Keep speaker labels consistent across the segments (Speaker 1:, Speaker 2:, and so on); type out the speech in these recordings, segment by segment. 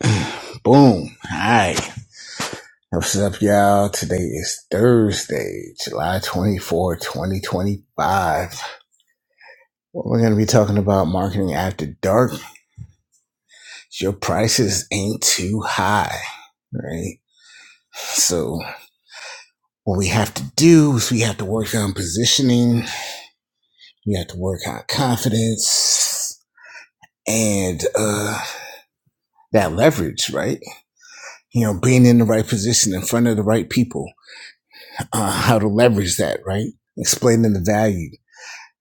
Speaker 1: Boom. Hi. What's up, y'all? Today is Thursday, July 24, 2025. we're going to be talking about marketing after dark. Your prices ain't too high, right? So what we have to do is we have to work on positioning. We have to work on confidence and, uh, that leverage, right? You know, being in the right position in front of the right people, uh, how to leverage that, right? Explaining the value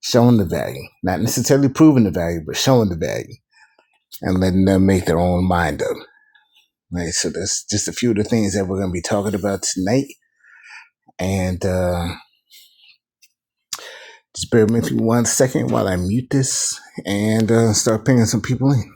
Speaker 1: showing the value, not necessarily proving the value, but showing the value and letting them make their own mind up. Right. So that's just a few of the things that we're going to be talking about tonight. And, uh, just bear with me for one second while I mute this and uh, start pinging some people in.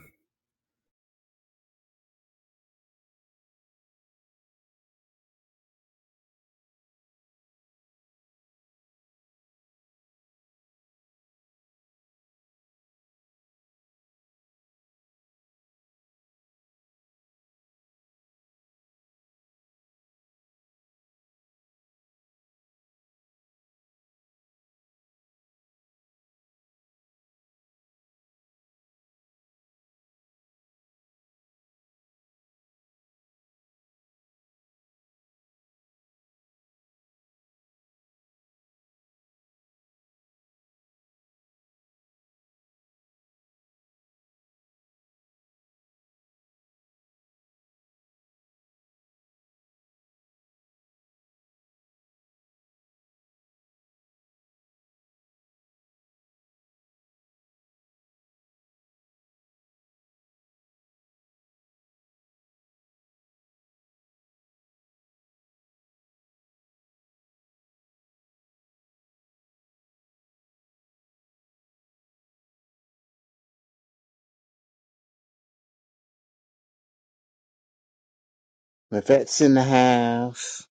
Speaker 1: Livette's in the house.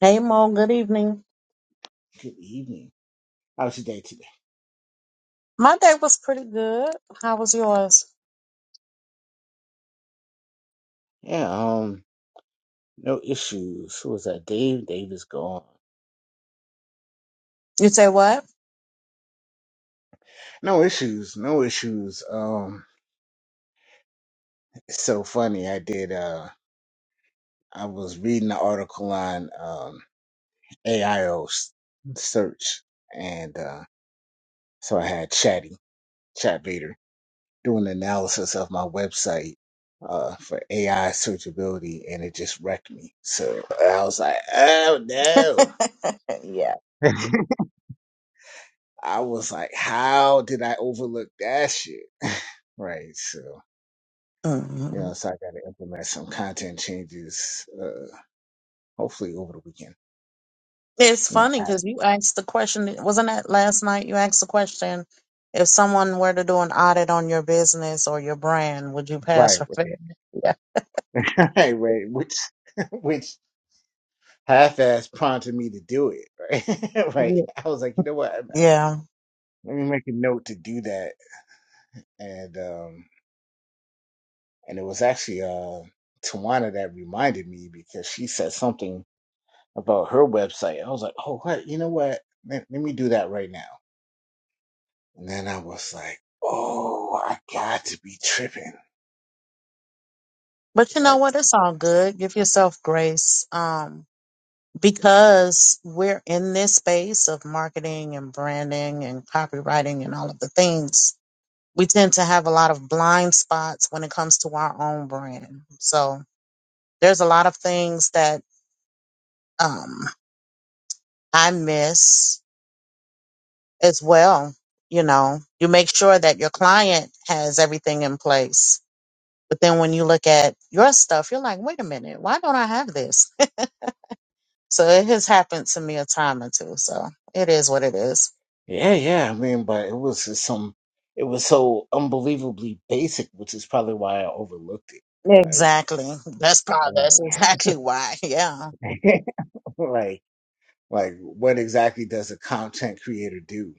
Speaker 2: Hey Mo, good evening.
Speaker 1: Good evening. How was your day today?
Speaker 2: My day was pretty good. How was yours?
Speaker 1: Yeah, um, no issues. Who was that? Dave? Dave is gone.
Speaker 2: You say what?
Speaker 1: No issues. No issues. Um, it's so funny. I did. Uh, I was reading an article on um, AIO search, and uh, so I had Chatty Chat Vader do an analysis of my website uh, for AI searchability, and it just wrecked me. So I was like, "Oh no!"
Speaker 2: yeah.
Speaker 1: I was like, "How did I overlook that shit?" Right. So you
Speaker 2: hmm
Speaker 1: know, so I got to implement some content changes, uh, hopefully over the weekend.
Speaker 2: It's
Speaker 1: You know,
Speaker 2: funny
Speaker 1: I-
Speaker 2: because you asked the question. Wasn't that last night? You asked the question: if someone were to do an audit on your business or your brand, would you
Speaker 1: right,
Speaker 2: pass or fail? Yeah.
Speaker 1: right, right. Which, which half-ass prompted me to do it. Right, right.
Speaker 2: Yeah.
Speaker 1: I was like, you know what?
Speaker 2: Yeah.
Speaker 1: Let me make a note to do that. And um, and it was actually uh Tawana that reminded me because she said something about her website. I was like, oh, what? You know what? Let, let me do that right now. And then I was like, oh, I got to be tripping.
Speaker 2: But you know
Speaker 1: Like,
Speaker 2: what? It's all good. Give yourself grace. Um, because we're in this space of marketing and branding and copywriting and all of the things. we tend to have a lot of blind spots when it comes to our own brand. So there's a lot of things that um, I miss as well. You know, you make sure that your client has everything in place. But then when you look at your stuff, you're like, wait a minute, why don't I have this? so it has happened to me a time or two. So it is what it is.
Speaker 1: yeah, yeah. I mean, but it was just some. It was so unbelievably basic, which is probably why I overlooked it.
Speaker 2: Exactly. That's probably, that's
Speaker 1: Right,
Speaker 2: exactly why. Yeah.
Speaker 1: like, like. Like, what exactly does a content creator do?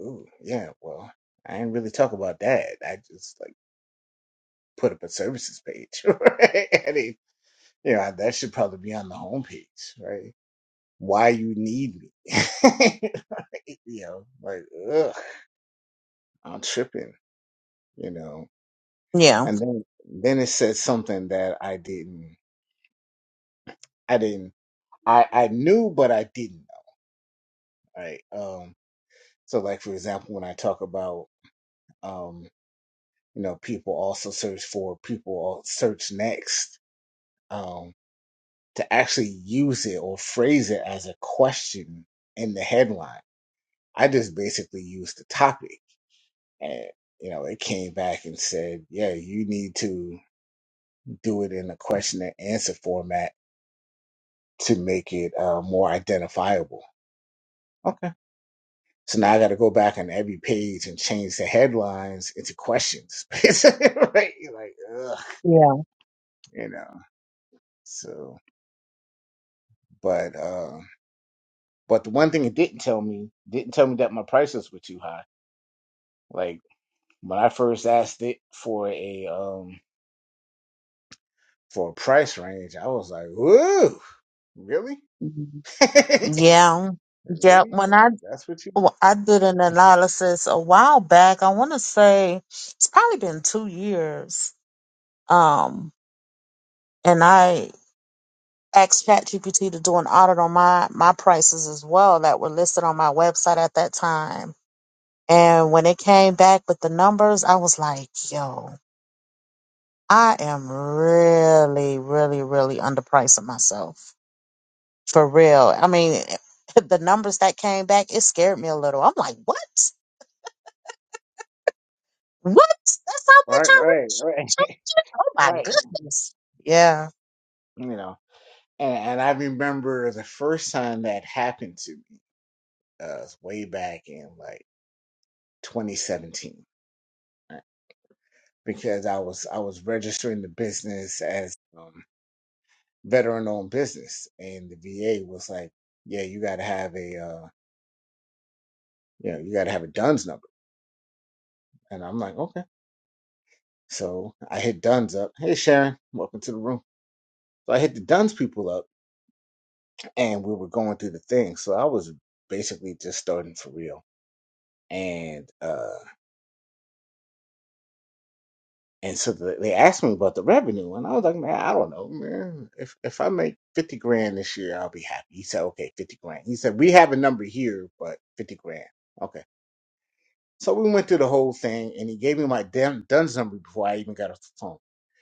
Speaker 1: Ooh, yeah, well, I didn't really talk about that. I just like put up a services page, right? I mean, you know, that should probably be on the homepage, right? Why you need me? you know, like, ugh, I'm tripping, you know.
Speaker 2: Yeah.
Speaker 1: And then, then it said something that I didn't, I didn't, I, I knew, but I didn't know, right? Um, so like, for example, when I talk about, um. you know people also search for people search next um to actually use it or phrase it as a question in the headline i just basically used the topic and you know it came back and said yeah you need to do it in a question and answer format to make it uh, more identifiable okay so now I got to go back on every page and change the headlines into questions, right? You're Like, ugh,
Speaker 2: Yeah.
Speaker 1: you know. So, but um But the one thing it didn't tell me didn't tell me that my prices were too high. Like when I first asked it for a um for a price range, I was like, "Whoa, really?
Speaker 2: Mhm. Yeah. Yep.
Speaker 1: really?
Speaker 2: When
Speaker 1: That-
Speaker 2: I
Speaker 1: That's what you
Speaker 2: Well, I did an analysis a while back. I want to say it's probably been two years. Um, and I asked ChatGPT to do an audit on my my prices as well that were listed on my website at that time. And when it came back with the numbers, I was like, "Yo, I am really, really, really underpricing myself for real." I mean, the numbers that came back, it scared me a little. I'm like, "What? What? That's how much
Speaker 1: right,
Speaker 2: I
Speaker 1: right,
Speaker 2: reach?"
Speaker 1: right,
Speaker 2: Oh my
Speaker 1: right."
Speaker 2: goodness. Yeah.
Speaker 1: You know, and and I remember the first time that happened to me uh, was way back in like 2017 right? because I was I was registering the business as um, veteran owned business and the VA was like, yeah, you got to have a, uh, you know, you got to have a Dunn's number. And I'm like, okay. So I hit Dunn's up. Hey, Sharon, welcome to the room. So I hit the Dunn's people up and we were going through the thing. So I was basically just starting for real. And, uh, and so th- they asked me about the revenue, and I was like, "Man, I don't know, man. If if I make fifty grand this year, I'll be happy." He said, "Okay, fifty grand." He said, "We have a number here, but fifty grand." Okay. So we went through the whole thing, and he gave me my damn DUNS number before I even got off the phone.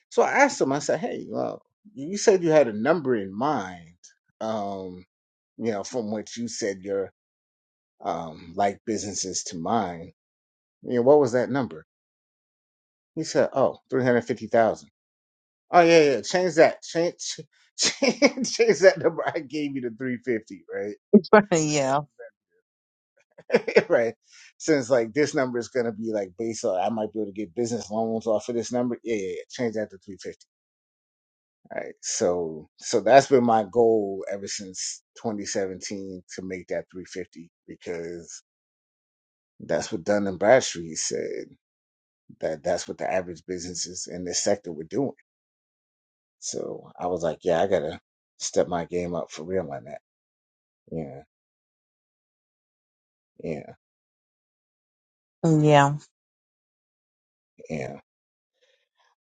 Speaker 1: So I asked him, I said, "Hey, well, you said you had a number in mind, um, you know, from which you said your um, like businesses to mine. You know, what was that number?" He said, "Oh, three hundred fifty thousand. Oh yeah, yeah, change that, change, change, change that number I gave you to three fifty, right?"
Speaker 2: yeah.
Speaker 1: right? Since like this number is gonna be like based on I might be able to get business loans off of this number. Yeah, yeah, yeah. Change that to three fifty. All right. So so that's been my goal ever since twenty seventeen to make that three fifty because that's what Dun and Bradstreet said. That that's what the average businesses in this sector were doing. So I was like, yeah, I gotta step my game up for real on that. Yeah, yeah,
Speaker 2: Yeah.
Speaker 1: yeah.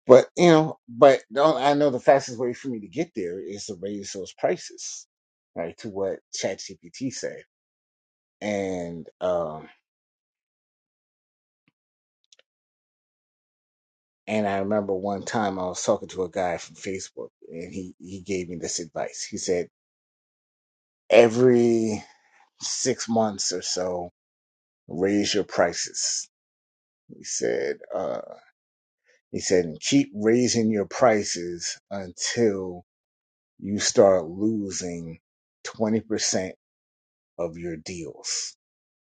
Speaker 1: But you know, but the only- I know the fastest way for me to get there is to raise those prices, right? To what ChatGPT said. And um and I remember one time I was talking to a guy from Facebook and he he gave me this advice. He said, every six months or so, raise your prices. He said, uh he said, and keep raising your prices until you start losing twenty percent of your deals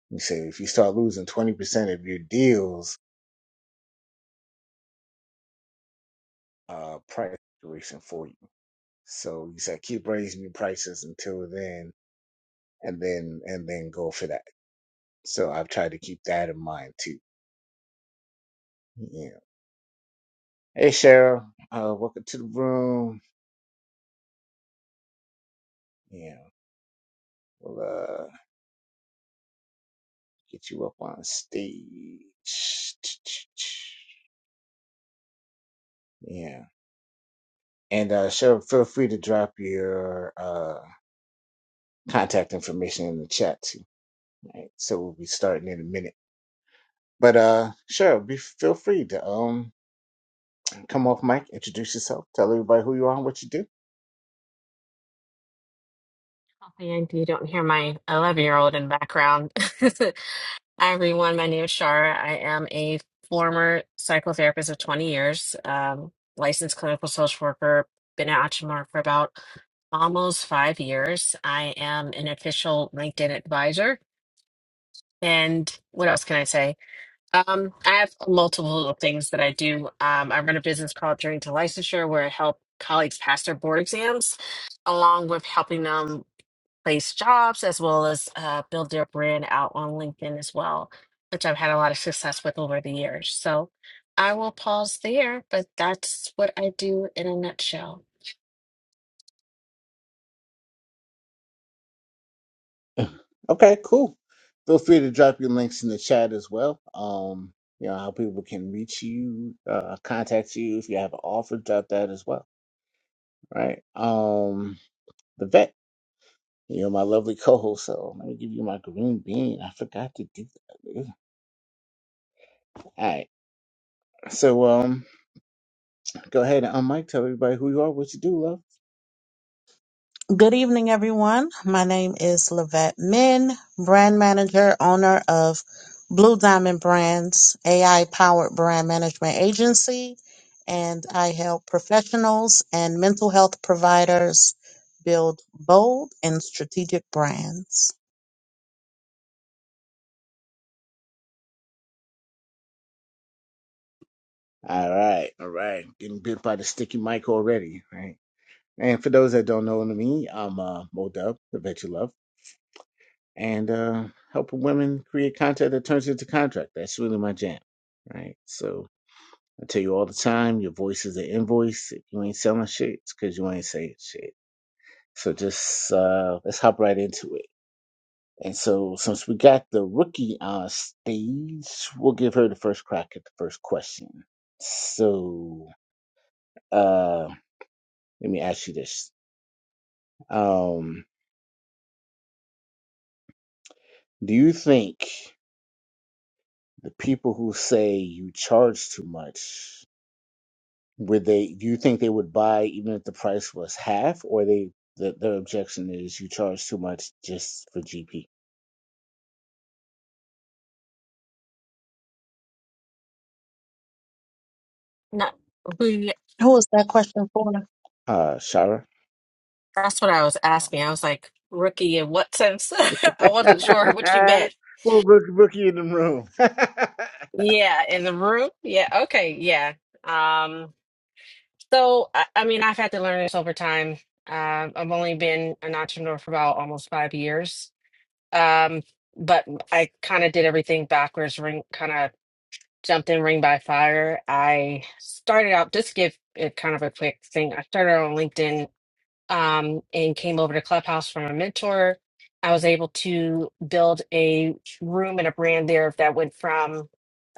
Speaker 1: You say if you start losing 20% of your deals, uh, price duration for you. So you said, keep raising your prices until then, and then, and then go for that. So I've tried to keep that in mind too. Yeah. Hey, Cheryl, uh, welcome to the room. Yeah. We'll, uh, get you up on stage. Yeah. And, uh, Cheryl, feel free to drop your, uh, contact information in the chat too. Right. So we'll be starting in a minute. But uh, sure, be feel free to um come off mic, introduce yourself, tell everybody who you are and what you do.
Speaker 3: And you don't hear my 11 year old in background. Hi, everyone. My name is Shara. I am a former psychotherapist of 20 years, um, licensed clinical social worker, been an entrepreneur for about almost five years. I am an official LinkedIn advisor. And what else can I say? Um, I have multiple things that I do. Um, I run a business called Journey to Licensure, where I help colleagues pass their board exams, along with helping them place jobs as well as uh, build their brand out on LinkedIn as well, which I've had a lot of success with over the years. So I will pause there, but that's what I do in a nutshell.
Speaker 1: Okay, cool. Feel free to drop your links in the chat as well. Um, you know how people can reach you, uh, contact you if you have an offer, drop that as well. Right. Um, the vet, you're my lovely co-host, so let me give you my green bean. I forgot to do that. All right. So um, go ahead and unmic, tell everybody who you are, what you do, love.
Speaker 2: Good evening, everyone. My name is Lavette Min, brand manager, owner of Blue Diamond Brands, AI powered brand management agency. And I help professionals and mental health providers build bold and strategic brands.
Speaker 1: All right, all right. Getting bit by the sticky mic already, right? And for those that don't know me, I'm uh, Mo Dub, the vet you love, and uh, helping women create content that turns into contract. That's really my jam, right? So I tell you all the time, your voice is an invoice. If you ain't selling shit, it's because you ain't saying shit. So just uh, let's hop right into it. And so since we got the rookie on stage, we'll give her the first crack at the first question. So. um, Let me ask you this. Um, do you think the people who say you charge too much, would they, do you think they would buy even if the price was half or they, the, their objection is you charge too much just for GP?
Speaker 3: Not we.
Speaker 2: Who was that question for?
Speaker 1: Uh, Shara?
Speaker 3: That's what I was asking. I was like, rookie in what sense? I wasn't sure what you meant.
Speaker 1: well, rook, rookie in the room.
Speaker 3: Yeah, in the room. Yeah. Okay. Yeah. Um. So I, I mean, I've had to learn this over time. Um, I've only been an entrepreneur for about almost five years Um, but I kind of did everything backwards, ring kind of jumped in ring by fire. I started out just to give it kind of a quick thing. I started on LinkedIn um and came over to Clubhouse from a mentor. I was able to build a room and a brand there that went from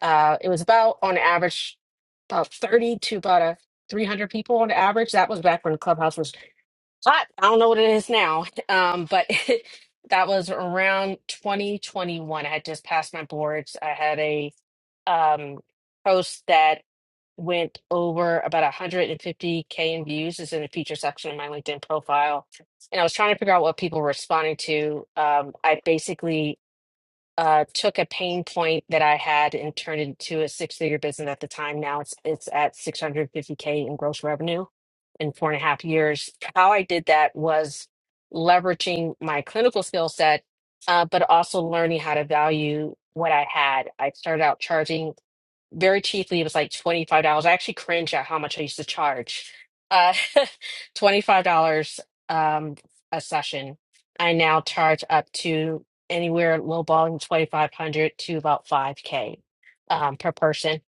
Speaker 3: uh it was about on average about 30 to about a 300 people on average. That was back when Clubhouse was I, I don't know what it is now, um, but that was around 2021. I had just passed my boards. I had a um, post that went over about 150k in views. Is in the feature section of my LinkedIn profile, and I was trying to figure out what people were responding to. Um, I basically uh, took a pain point that I had and turned it into a six-figure business at the time. Now it's it's at 650K in gross revenue in four and a half years. How I did that was leveraging my clinical skill set, uh, but also learning how to value what I had. I started out charging very cheaply. It was like $25. I actually cringe at how much I used to charge. Uh, $25 um, a session. I now charge up to anywhere low balling 2500 to about 5K um, per person.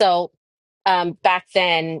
Speaker 3: So um, back then,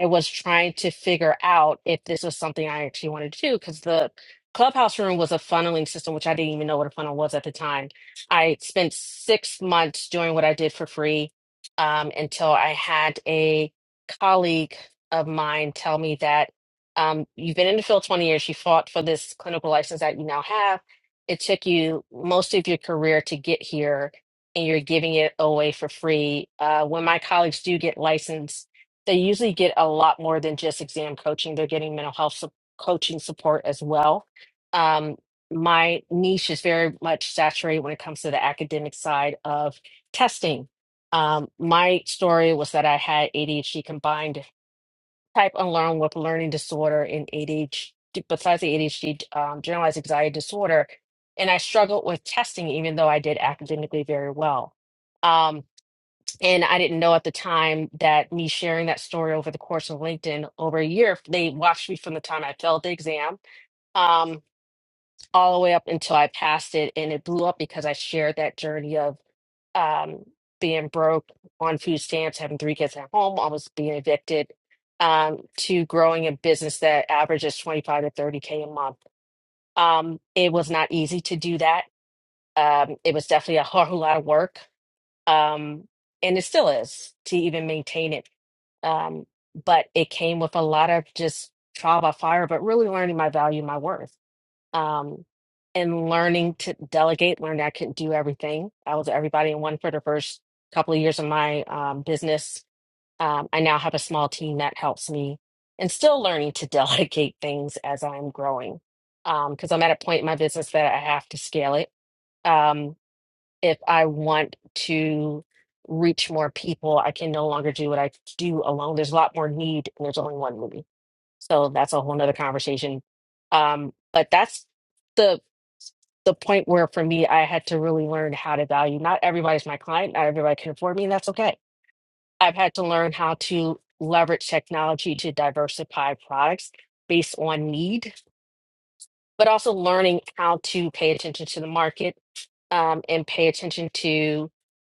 Speaker 3: I was trying to figure out if this was something I actually wanted to do because the clubhouse room was a funneling system, which I didn't even know what a funnel was at the time. I spent six months doing what I did for free um, until I had a colleague of mine tell me that um, you've been in the field 20 years, you fought for this clinical license that you now have. It took you most of your career to get here, and you're giving it away for free. Uh, when my colleagues do get licensed, they usually get a lot more than just exam coaching. They're getting mental health sup- coaching support as well. Um, my niche is very much saturated when it comes to the academic side of testing. Um, my story was that I had ADHD combined type unlearn with learning disorder and ADHD, besides the ADHD, um, generalized anxiety disorder. And I struggled with testing, even though I did academically very well. Um, and I didn't know at the time that me sharing that story over the course of LinkedIn over a year, they watched me from the time I failed the exam um, all the way up until I passed it. And it blew up because I shared that journey of um, being broke on food stamps, having three kids at home, almost being evicted, um, to growing a business that averages 25 to 30K a month. Um, it was not easy to do that. Um, it was definitely a whole lot of work. Um, and it still is to even maintain it um, but it came with a lot of just trial by fire, but really learning my value, my worth, um, and learning to delegate. Learning I couldn't do everything. I was everybody in one for the first couple of years of my um, business. Um, I now have a small team that helps me, and still learning to delegate things as I'm growing, because I'm at a point in my business that I have to scale it. Um, if I want to reach more people, I can no longer do what I do alone. There's a lot more need, and there's only one movie. So that's a whole nother conversation. Um, but that's the the point where for me, I had to really learn how to value. Not everybody's my client. Not everybody can afford me, and that's okay. I've had to learn how to leverage technology to diversify products based on need, but also learning how to pay attention to the market um, and pay attention to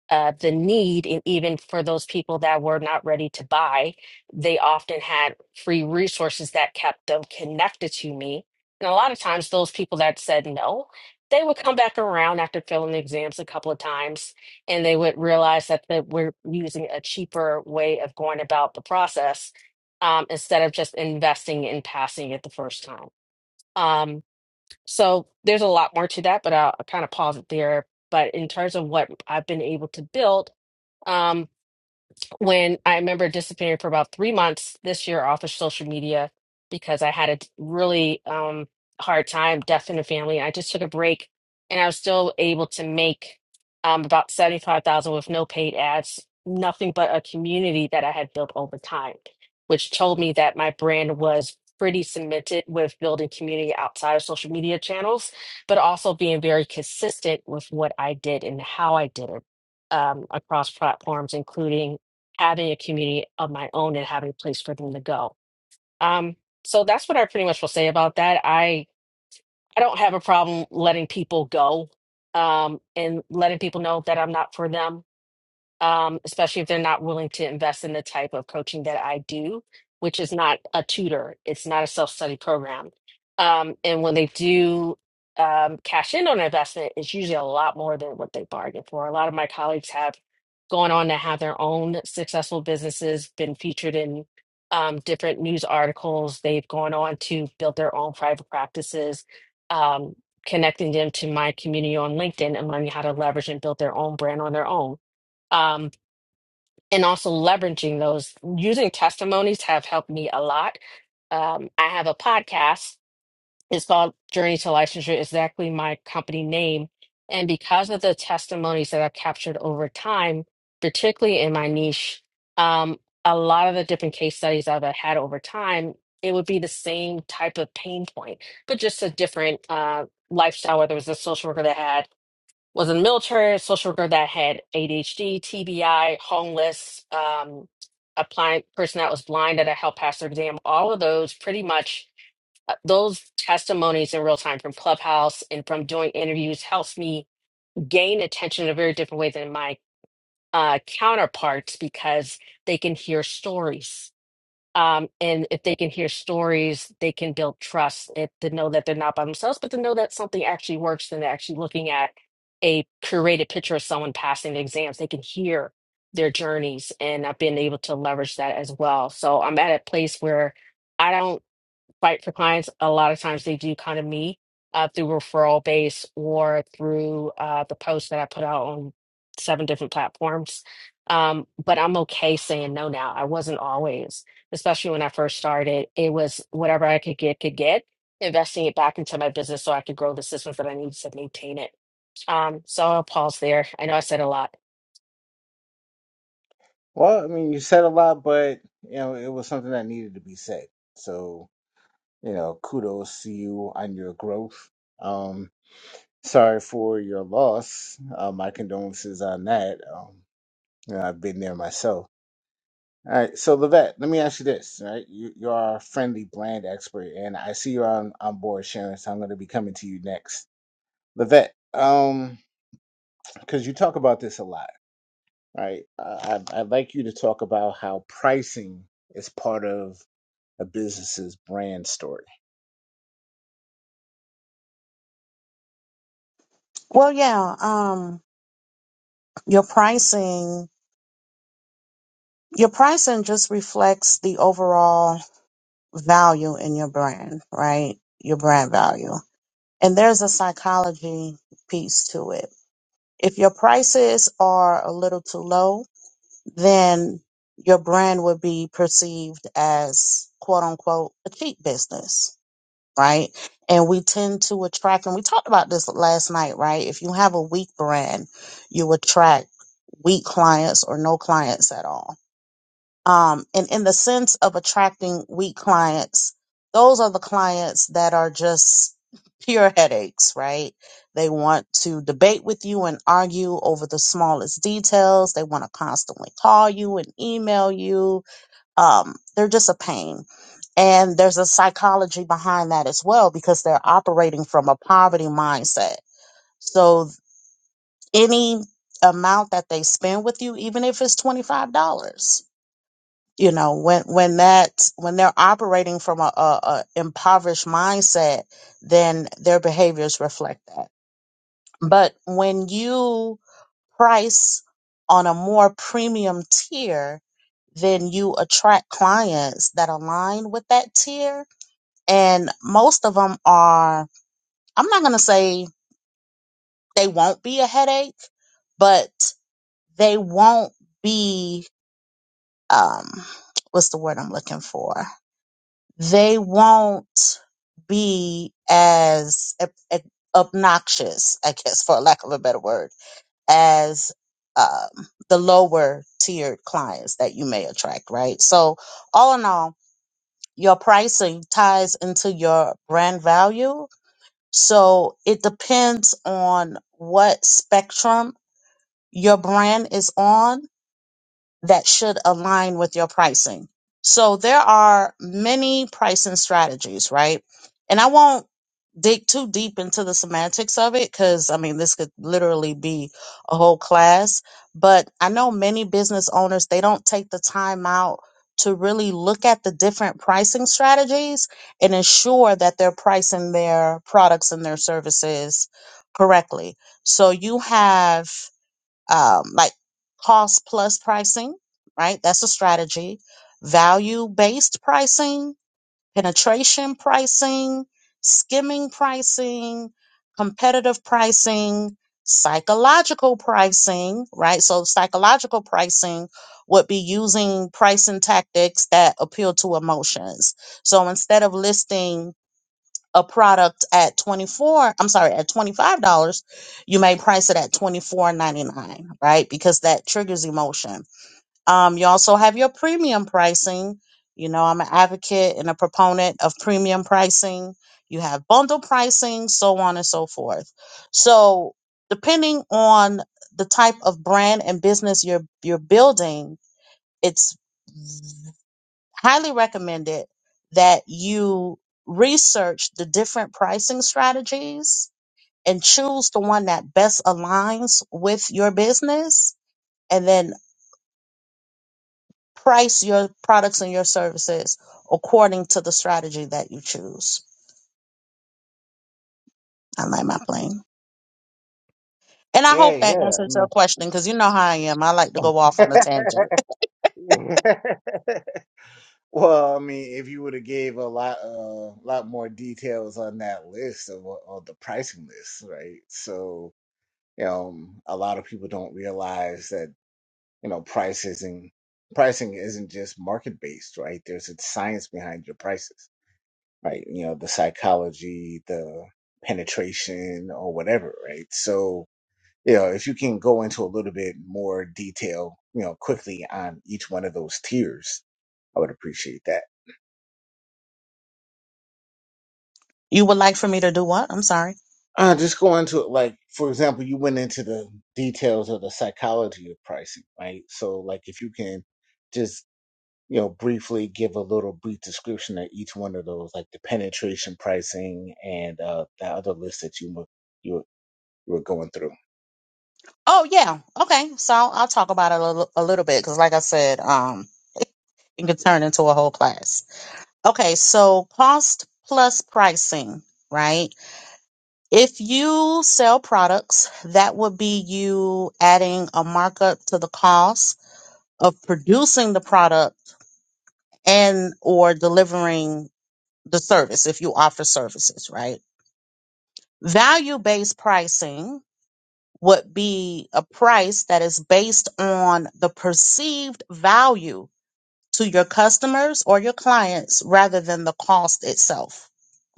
Speaker 3: uh, the need, and even for those people that were not ready to buy, they often had free resources that kept them connected to me. And a lot of times, those people that said no, they would come back around after failing the exams a couple of times, and they would realize that they were using a cheaper way of going about the process um, instead of just investing and passing it the first time. Um, so there's a lot more to that, but I'll kind of pause it there. But in terms of what I've been able to build, um, when I remember disappearing for about three months this year off of social media because I had a really um, hard time, deaf in the family. I just took a break and I was still able to make um, about 75,000 with no paid ads, nothing but a community that I had built over time, which told me that my brand was pretty cemented with building community outside of social media channels, but also being very consistent with what I did and how I did it um, across platforms, including having a community of my own and having a place for them to go. Um, so that's what I pretty much will say about that. I I don't have a problem letting people go um, and letting people know that I'm not for them um, especially if they're not willing to invest in the type of coaching that I do, which is not a tutor, it's not a self study program. Um, and when they do um, cash in on an investment, it's usually a lot more than what they bargained for. A lot of my colleagues have gone on to have their own successful businesses, been featured in um, different news articles. They've gone on to build their own private practices. Um, connecting them to my community on LinkedIn and learning how to leverage and build their own brand on their own Um, and also leveraging those using testimonies have helped me a lot. Um, I have a podcast. It's called Journey to Licensure, exactly my company name. And because of the testimonies that I've captured over time, particularly in my niche, um, a lot of the different case studies I've had over time, it would be the same type of pain point, but just a different uh, lifestyle, whether it was a social worker that had was in the military, a social worker that had ADHD, TBI, homeless, um, a blind person that was blind that I helped pass their exam. All of those pretty much uh, those testimonies in real time from Clubhouse and from doing interviews helps me gain attention in a very different way than my uh, counterparts because they can hear stories um, and if they can hear stories, they can build trust it, to know that they're not by themselves, but to know that something actually works and they're actually looking at a curated picture of someone passing the exams. They can hear their journeys and I've been able to leverage that as well. So I'm at a place where I don't fight for clients, a lot of times they do kind of me uh, through referral base or through uh, the posts that I put out on seven different platforms. Um, but I'm okay saying no now. I wasn't always, especially when I first started. It was whatever I could get, could get, investing it back into my business so I could grow the systems that I needed to maintain it. Um, so I'll pause there. I know I said a lot.
Speaker 1: well, I mean, you said a lot, but you know, it was something that needed to be said. So, you know, kudos to you on your growth. Um, Sorry for your loss. Uh, my condolences on that. Um, you know, I've been there myself. All right, so Levette, let me ask you this, right? You, you are a friendly brand expert, and I see you're on, on board, Sharon, so I'm going to be coming to you next. Levette, um, because you talk about this a lot, right? Uh, I, I'd like you to talk about how pricing is part of a business's brand story.
Speaker 2: Well, yeah, um, your pricing, your pricing just reflects the overall value in your brand, right? Your brand value. And there's a psychology piece to it. If your prices are a little too low, then your brand would be perceived as quote unquote a cheap business, right? And we tend to attract, and we talked about this last night, right? If you have a weak brand, you attract weak clients or no clients at all um, and in the sense of attracting weak clients, those are the clients that are just pure headaches, right? They want to debate with you and argue over the smallest details. They want to constantly call you and email you. Um, they're just a pain. And there's a psychology behind that as well because they're operating from a poverty mindset. So any amount that they spend with you, even if it's $25. you know when when that when they're operating from a, a, a impoverished mindset then their behaviors reflect that but when you price on a more premium tier then you attract clients that align with that tier and most of them are i'm not going to say they won't be a headache but they won't be um what's the word i'm looking for they won't be as ob- ob- obnoxious, I guess, for lack of a better word, as um, the lower tiered clients that you may attract, right? So, all in all, your pricing ties into your brand value. So, it depends on what spectrum your brand is on that should align with your pricing. So there are many pricing strategies, right? And I won't dig too deep into the semantics of it because I mean, this could literally be a whole class. But I know many business owners, they don't take the time out to really look at the different pricing strategies and ensure that they're pricing their products and their services correctly. So you have um, like cost plus pricing, right? That's a strategy. Value based pricing, penetration pricing, skimming pricing, competitive pricing, psychological pricing, right? So, psychological pricing would be using pricing tactics that appeal to emotions. So, instead of listing a product at 24 i'm sorry at $25 you may price it at twenty four ninety nine, right because that triggers emotion um, you also have your premium pricing you know i'm an advocate and a proponent of premium pricing you have bundle pricing so on and so forth so depending on the type of brand and business you're you're building it's highly recommend it that you research the different pricing strategies and choose the one that best aligns with your business and then price your products and your services according to the strategy that you choose. I like my plane. And I
Speaker 1: Yeah,
Speaker 2: hope that
Speaker 1: yeah. I
Speaker 2: answers your
Speaker 1: mean,
Speaker 2: question because you know how I am. I like to go off on a tangent.
Speaker 1: Well, I mean, if you would have gave a lot, uh, lot more details on that list of what, on the pricing list, right? So, you know, um, a lot of people don't realize that you know price isn't pricing isn't just market based, right? There's a science behind your prices, right? You know, the psychology, the penetration, or whatever, right? So, you know, if you can go into a little bit more detail, you know, quickly on each one of those tiers, I would appreciate that.
Speaker 2: You would like for me to do what? I'm sorry.
Speaker 1: Uh, just go into it, like for example, you went into the details of the psychology of pricing, right? So, like, if you can just you know briefly give a little brief description of each one of those, like the penetration pricing and uh the other list that you were you were, you were going through.
Speaker 2: Oh, yeah. Okay. So I'll talk about it a little, a little bit because, like I said, um, it can turn into a whole class. Okay, so cost plus pricing, right? If you sell products, that would be you adding a markup to the cost of producing the product and or delivering the service if you offer services, right? Value-based pricing would be a price that is based on the perceived value to your customers or your clients rather than the cost itself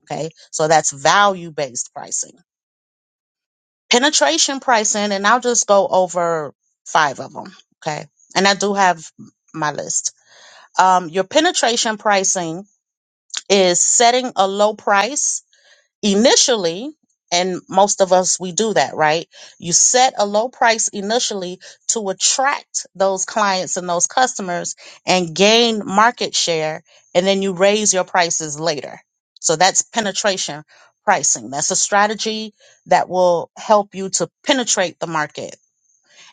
Speaker 2: Okay. So that's value based pricing. Penetration pricing, and I'll just go over five of them. Okay. And I do have my list. Um, your penetration pricing is setting a low price initially and most of us we do that right you set a low price initially to attract those clients and those customers and gain market share and then you raise your prices later so that's penetration pricing that's a strategy that will help you to penetrate the market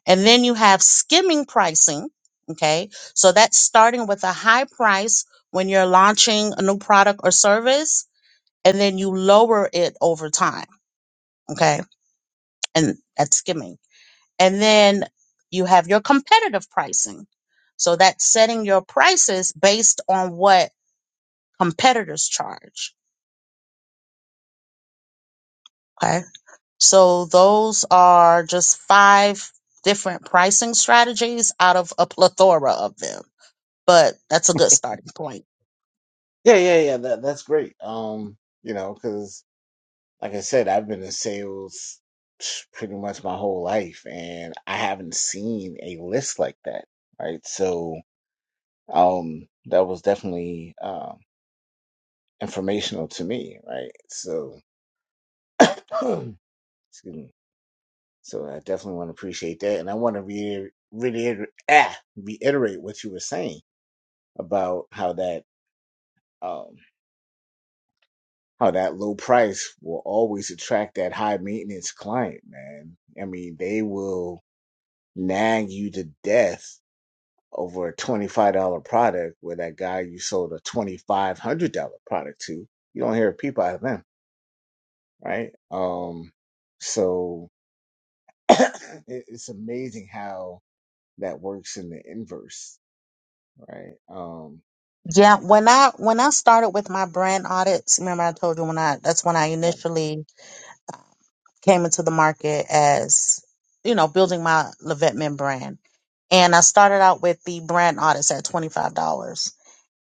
Speaker 2: and then you have skimming pricing okay so that's starting with a high price when you're launching a new product or service and then you lower it over time. Okay. And that's skimming. And then you have your competitive pricing. So that's setting your prices based on what competitors charge. Okay. So those are just five different pricing strategies out of a plethora of them, but that's a good starting point.
Speaker 1: Yeah, yeah, yeah. That that's great. Um, you know, because like I said, I've been in sales pretty much my whole life, and I haven't seen a list like that, right? So Um, that was definitely uh, informational to me, right? So, excuse me. So I definitely want to appreciate that, and I want to re- reiter- ah, reiterate what you were saying about how that um, how that low price will always attract that high maintenance client, man. I mean, they will nag you to death over a twenty five dollar product where that guy you sold a twenty five hundred dollar product to, you don't hear a peep out of them right? Um, so it, it's amazing how that works in the inverse, right? Um,
Speaker 2: Yeah, when I when I started with my brand audits, remember I told you when I that's when I
Speaker 1: but-
Speaker 2: initially came into the market as, you know, building my Levette Men brand. And I started out with the brand audits at $25.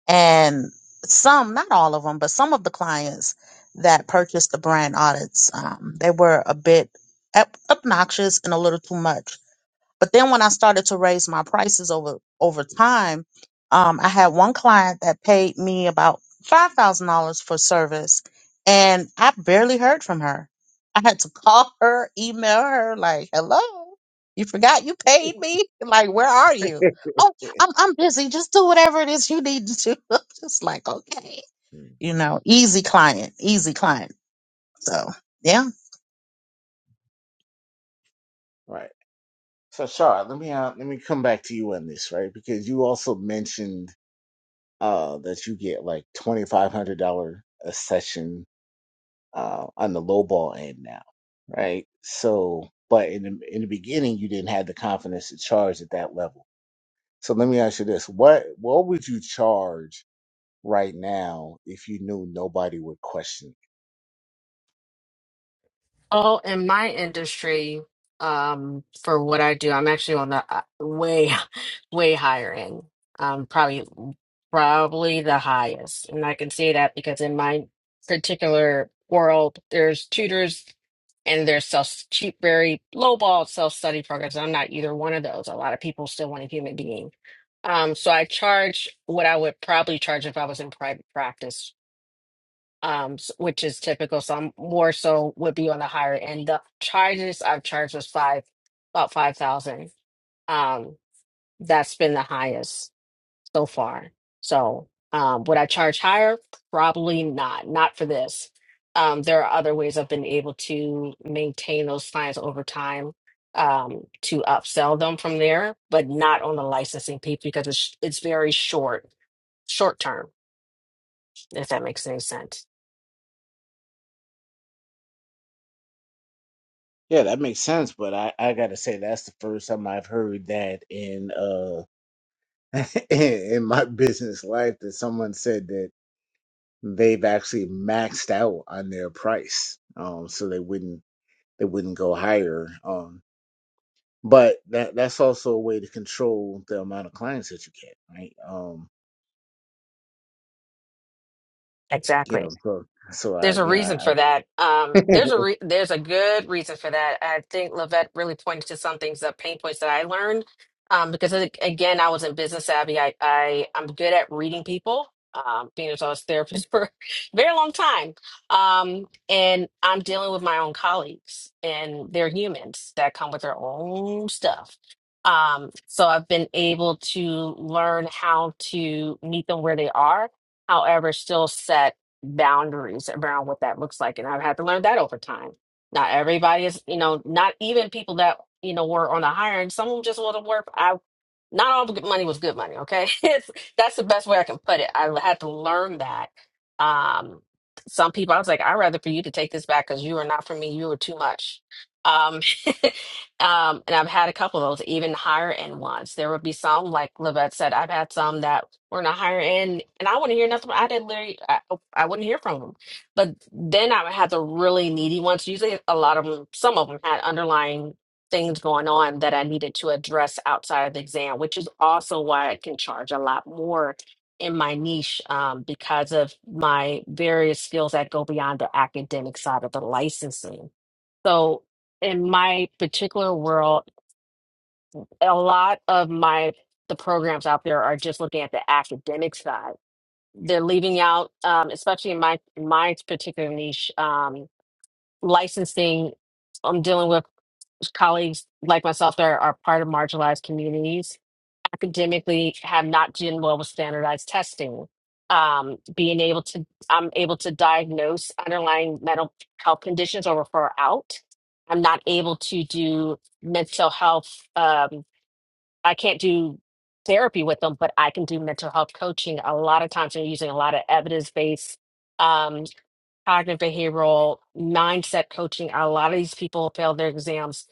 Speaker 2: And some, not all of them, but some of the clients that purchased the brand audits, um, they were a bit ob- obnoxious and a little too much. But then when I started to raise my prices over over time, um, I had one client that paid me about five thousand dollars for service, and I barely heard from her. I had to call her, email her, like, "Hello, you forgot you paid me? Like, where are you? Oh, I'm I'm busy. Just do whatever it is you need to do." I'm just like, okay,
Speaker 1: mm,
Speaker 2: you know, easy client, easy client. So yeah,
Speaker 1: right. So, Shar, let me uh, let me come back to you on this, right? Because you also mentioned uh, that you get like twenty five hundred dollar a session uh, on the low ball end now, right? So, but in the, in the beginning, you didn't have the confidence to charge at that level. So, let me ask you this: what what would you charge? right now, if you knew nobody would question it.
Speaker 3: Oh, in my industry, um, for what I do, I'm actually on the uh, way, way higher end. Um, probably, probably the highest, and I can say that because in my particular world, there's tutors and there's self cheap, very lowball self study programs. I'm not either one of those. A lot of people still want a human being. Um, so I charge what I would probably charge if I was in private practice um, s- which is typical. So I'm more so would be on the higher end. The charges I've charged was five, about five thousand. Um, that's been the highest so far. So um, would I charge higher? Probably not. Not for this. Um, there are other ways I've been able to maintain those clients over time um, to upsell them from there, but not on the licensing piece because it's it's very short, short term if that makes any sense.
Speaker 1: Yeah, that makes sense, but I, I gotta say that's the first time I've heard that in uh in my business life that someone said that they've actually maxed out on their price. Um so they wouldn't they wouldn't go higher. Um but that that's also a way to control the amount of clients that you get, right? Um you
Speaker 3: Exactly.
Speaker 1: know, so so I
Speaker 3: There's a
Speaker 1: you
Speaker 3: reason for that. Um,
Speaker 1: know
Speaker 3: there's a re- there's a good reason for that. I think Levette really pointed to some things, the pain points that I learned. Um, because a- again, I was in business savvy. I, I I'm good at reading people. Um, being as I was a therapist for a very long time, um, and I'm dealing with my own colleagues, and they're humans that come with their own stuff. Um, so I've been able to learn how to meet them where they are, however, still set boundaries around what that looks like. And I've had to learn that over time. Not everybody is, you know, not even people that, you know, were on the higher end. Some of them just want to work. I, not all the good money was good money. Okay. It's, that's the best way I can put it. I had to learn that. Um, some people, I was like, I'd rather for you to take this back because you are not for me. You are too much. Um, um, and I've had a couple of those, even higher end ones. There would be some, like Livette said, I've had some that were in a higher end, and I wouldn't hear nothing. I didn't literally. I wouldn't hear from them. But then I would have the really needy ones. Usually, a lot of them, some of them had underlying things going on that I needed to address outside of the exam, which is also why I can charge a lot more in my niche um, because of my various skills that go beyond the academic side of the licensing. So, in my particular world, a lot of my the programs out there are just looking at the academic side they're leaving out, um, especially in my my particular niche, um, licensing. I'm dealing with colleagues like myself that are, are part of marginalized communities academically have not done well with standardized testing um, being able to i'm able to diagnose underlying mental health conditions or refer out i'm not able to do mental health Um, I can't do therapy with them, but I can do mental health coaching. A lot of times they're using a lot of evidence-based um, cognitive behavioral mindset coaching. A lot of these people fail their exams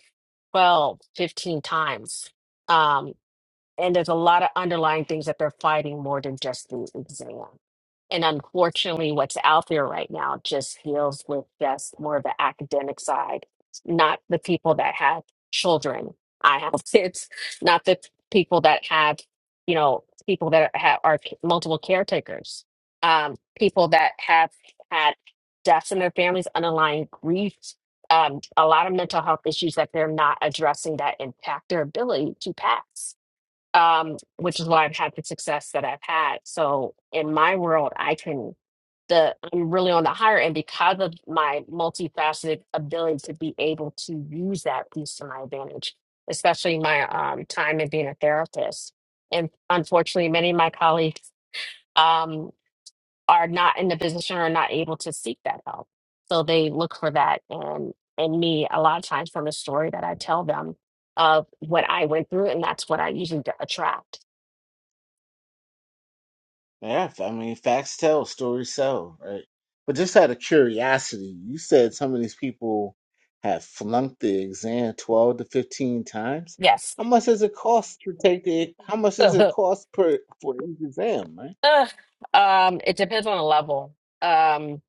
Speaker 3: 12, 15 times. Um, and there's a lot of underlying things that they're fighting more than just the exam. And unfortunately, what's out there right now just deals with just more of the academic side, not the people that have children. I have kids, not the people that have, you know, people that have, are c- multiple caretakers, um, people that have had deaths in their families, underlying grief, um, a lot of mental health issues that they're not addressing that impact their ability to pass um, which is why I've had the success that I've had. So in my world, I can the I'm really on the higher end because of my multifaceted ability to be able to use that piece to my advantage, especially my um, time in being a therapist. And unfortunately, many of my colleagues um, are not in the position or not able to seek that help. So they look for that and in me a lot of times from the story that I tell them of what I went through, and that's what I usually attract.
Speaker 1: Yeah, I mean, facts tell, stories sell, right? But just out of curiosity, you said some of these people have flunked the exam 12 to 15 times.
Speaker 3: Yes.
Speaker 1: How much does it cost to take the, how much does it cost per for each exam, right?
Speaker 3: Ugh. um, it depends on the level. Um,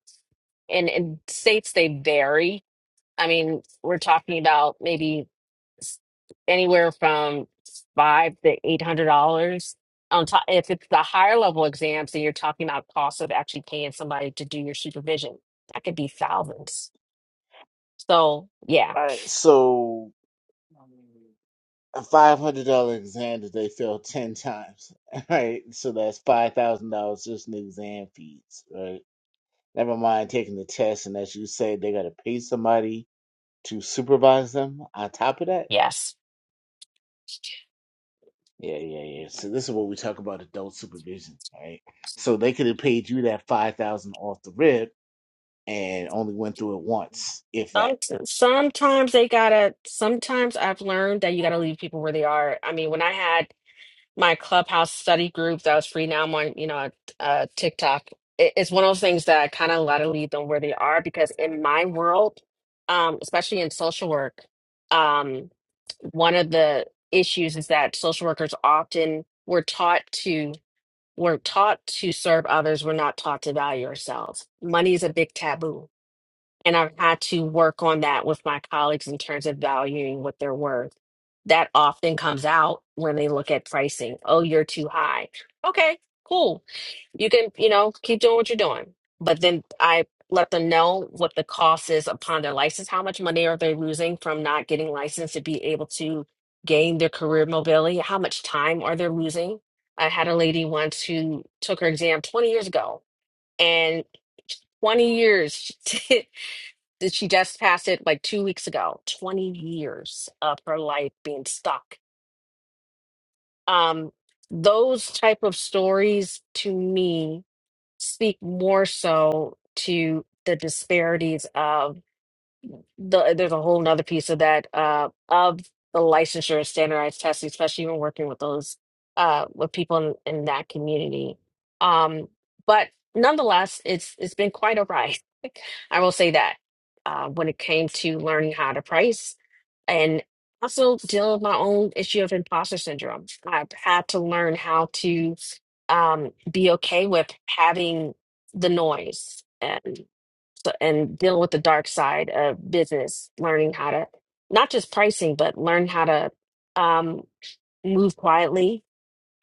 Speaker 3: and in states, they vary. I mean, we're talking about maybe s- anywhere from five to eight hundred dollars. On top, if it's the higher level exams, then you're talking about cost of actually paying somebody to do your supervision. That could be thousands. So, yeah.
Speaker 1: All right, so a $500 exam that they fail 10 times, All right? So that's $5,000 just in exam fees, right? Never mind taking the test, and as you said, they got to pay somebody to supervise them on top of that
Speaker 3: Yes.
Speaker 1: Yeah, yeah, yeah. So this is what we talk about adult supervision, right? So they could have paid you that five thousand off the rip and only went through it once, if that.
Speaker 3: Some, sometimes they gotta, sometimes I've learned that you gotta leave people where they are. I mean, when I had my clubhouse study group that was free, now I'm on, you know, uh, uh, TikTok. It, it's one of those things that I kind of gotta leave them where they are because in my world, um, especially in social work, um, one of the issues is that social workers often were taught to We're taught to serve others. We're not taught to value ourselves. Money is a big taboo. And I've had to work on that with my colleagues in terms of valuing what they're worth. That often comes out when they look at pricing. Oh, you're too high. Okay, cool you can, you know, keep doing what you're doing. But then I let them know what the cost is upon their license. How much money are they losing from not getting licensed to be able to gain their career mobility? How much time are they losing? I had a lady once who took her exam 20 years ago and 20 years she did- she just passed it like two weeks ago 20 years of her life being stuck um those type of stories to me speak more so to the disparities of the, there's a whole nother piece of that uh, of the licensure and standardized testing, especially when working with those uh, with people in, in that community. Um, but nonetheless, it's it's been quite a ride. I will say that uh, when it came to learning how to price and also deal with my own issue of imposter syndrome. I've had to learn how to um, be okay with having the noise. and so, and dealing with the dark side of business, learning how to not just pricing, but learn how to um, move quietly,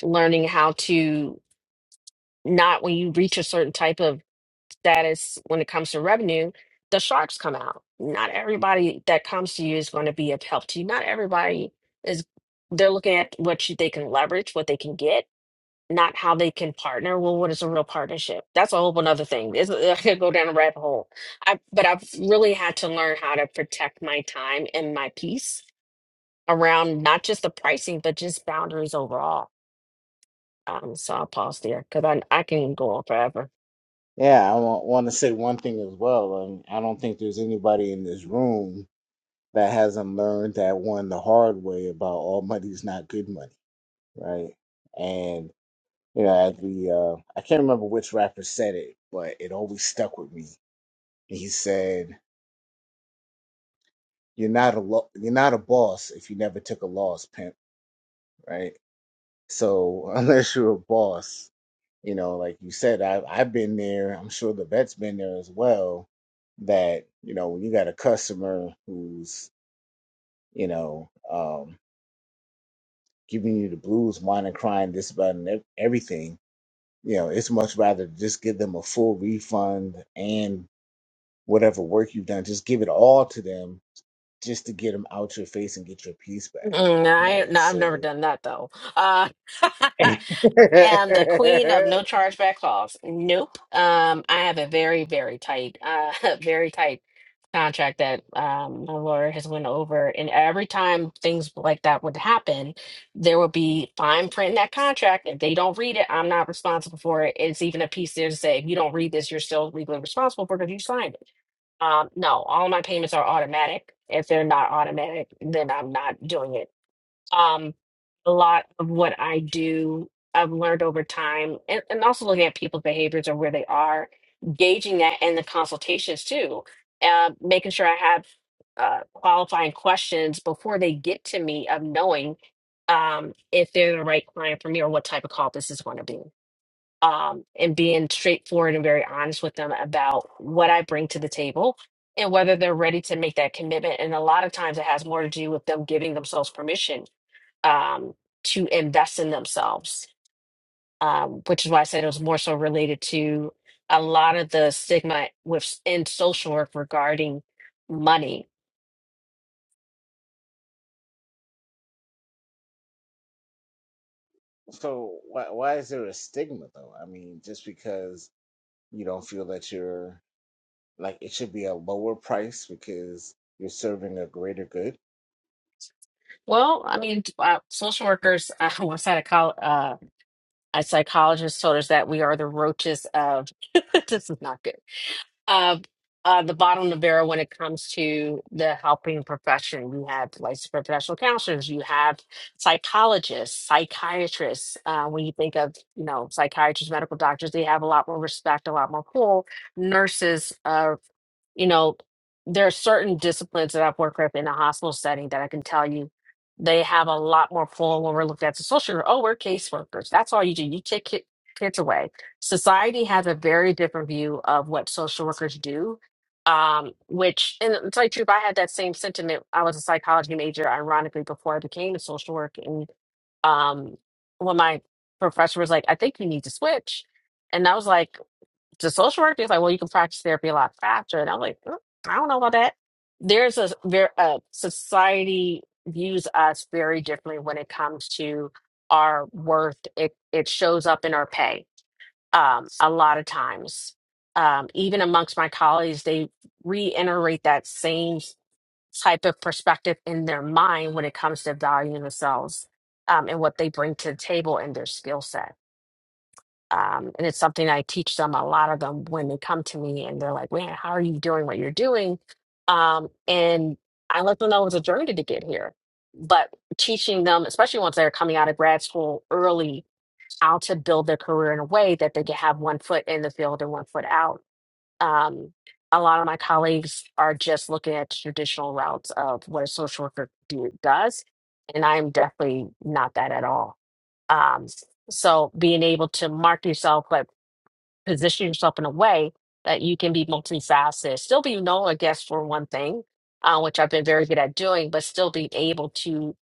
Speaker 3: learning how to not when you reach a certain type of status when it comes to revenue, the sharks come out. Not everybody that comes to you is going to be of help to you. Not everybody is, they're looking at what you, they can leverage, what they can get not how they can partner. Well, what is a real partnership? That's a whole another thing. It's, I could go down a rabbit hole. I, but I've really had to learn how to protect my time and my peace around not just the pricing, but just boundaries overall. Um, so I'll pause there because I I can go on forever.
Speaker 1: Yeah, I want to say one thing as well. Um, I don't think there's anybody in this room that hasn't learned that one the hard way about all money's not good money, right? And you know, at the uh, I can't remember which rapper said it, but it always stuck with me. He said, "You're not a lo- you're not a boss if you never took a loss, pimp." Right? So unless you're a boss, you know, like you said, I, I've been there. I'm sure the vet's been there as well. That you know, when you got a customer who's you know um, giving you the blues, whining, crying, this, about and ev- everything, you know, it's much rather just give them a full refund and whatever work you've done, just give it all to them, just to get them out your face and get your piece back,
Speaker 3: Mm, no, I,
Speaker 1: right?
Speaker 3: no, I've never
Speaker 1: So.
Speaker 3: done that though. Uh, I am the queen of no chargeback calls. Nope. Um, I have a very, very tight, uh, very tight contract that um, my lawyer has went over, and every time things like that would happen, there would be fine print in that contract. If they don't read it, I'm not responsible for it. It's even a piece there to say if you don't read this, you're still legally responsible for it because you signed it. Um, no, all my payments are automatic. If they're not automatic, then I'm not doing it um, a lot of what I do, I've learned over time, and, and also looking at people's behaviors or where they are, gauging that in the consultations too, uh, making sure I have uh, qualifying questions before they get to me of knowing um, if they're the right client for me or what type of call this is going to be. Um, and being straightforward and very honest with them about what I bring to the table and whether they're ready to make that commitment. And a lot of times it has more to do with them giving themselves permission um, to invest in themselves, um, which is why I said it was more so related to a lot of the stigma within social work regarding money.
Speaker 1: So why why is there a stigma though? I mean, just because you don't feel that you're like it should be a lower price because you're serving a greater good.
Speaker 3: Well, I mean, uh, social workers. Uh, once had a, col- uh, a psychologist told us that we are the roaches of. this is not good uh, uh, the bottom of the barrel when it comes to the helping profession. You have licensed professional counselors, you have psychologists, psychiatrists. Uh, when you think of you know psychiatrists, medical doctors, they have a lot more respect, a lot more pull. Nurses, uh, you know, there are certain disciplines that I've worked with in a hospital setting that I can tell you. They have a lot more pull when we're looking at the social. Oh, we're caseworkers. That's all you do. You take ki- kids away Society has a very different view of what social workers do, um, which, and to tell you the truth, I had that same sentiment. I was a psychology major, ironically, before I became a social worker. And um, when my professor was like, I think you need to switch. And I was like, to social work? He's like, well, you can practice therapy a lot faster. And I'm like, "Mm, I don't know about that. There's a, ver- uh society views us very differently when it comes to our worth. It, it shows up in our pay um, a lot of times. Um, even amongst my colleagues, they reiterate that same type of perspective in their mind when it comes to valuing themselves um, and what they bring to the table and their skill set. Um, and it's something I teach them a lot of them when they come to me and they're like, man, how are you doing what you're doing? Um, and I let them know it was a journey to get here. But teaching them, especially once they're coming out of grad school early how to build their career in a way that they can have one foot in the field and one foot out. Um, a lot of my colleagues are just looking at traditional routes of what a social worker do, does, and I'm definitely not that at all. Um, so being able to market yourself, but position yourself in a way that you can be multifaceted, still be known, I guess, for one thing, uh, which I've been very good at doing, but still be able to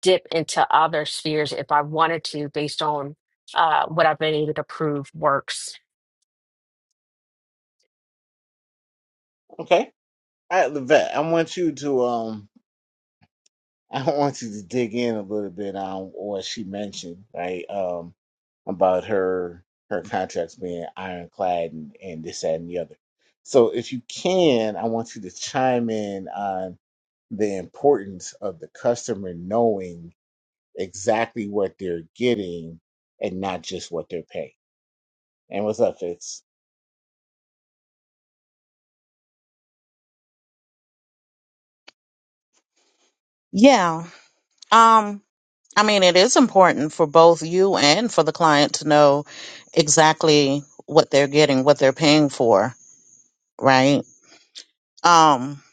Speaker 3: dip into other spheres if I wanted to, based on uh, what I've been able to prove works.
Speaker 1: Okay. all right, Levette, I want you to um I want you to dig in a little bit on what she mentioned, right? Um about her her contracts being ironclad and, and this, that and the other. So if you can, I want you to chime in on the importance of the customer knowing exactly what they're getting and not just what they're paying. And what's up, Fitz?
Speaker 2: yeah. Um, I mean, it is important for both you and for the client to know exactly what they're getting, what they're paying for, right? Um,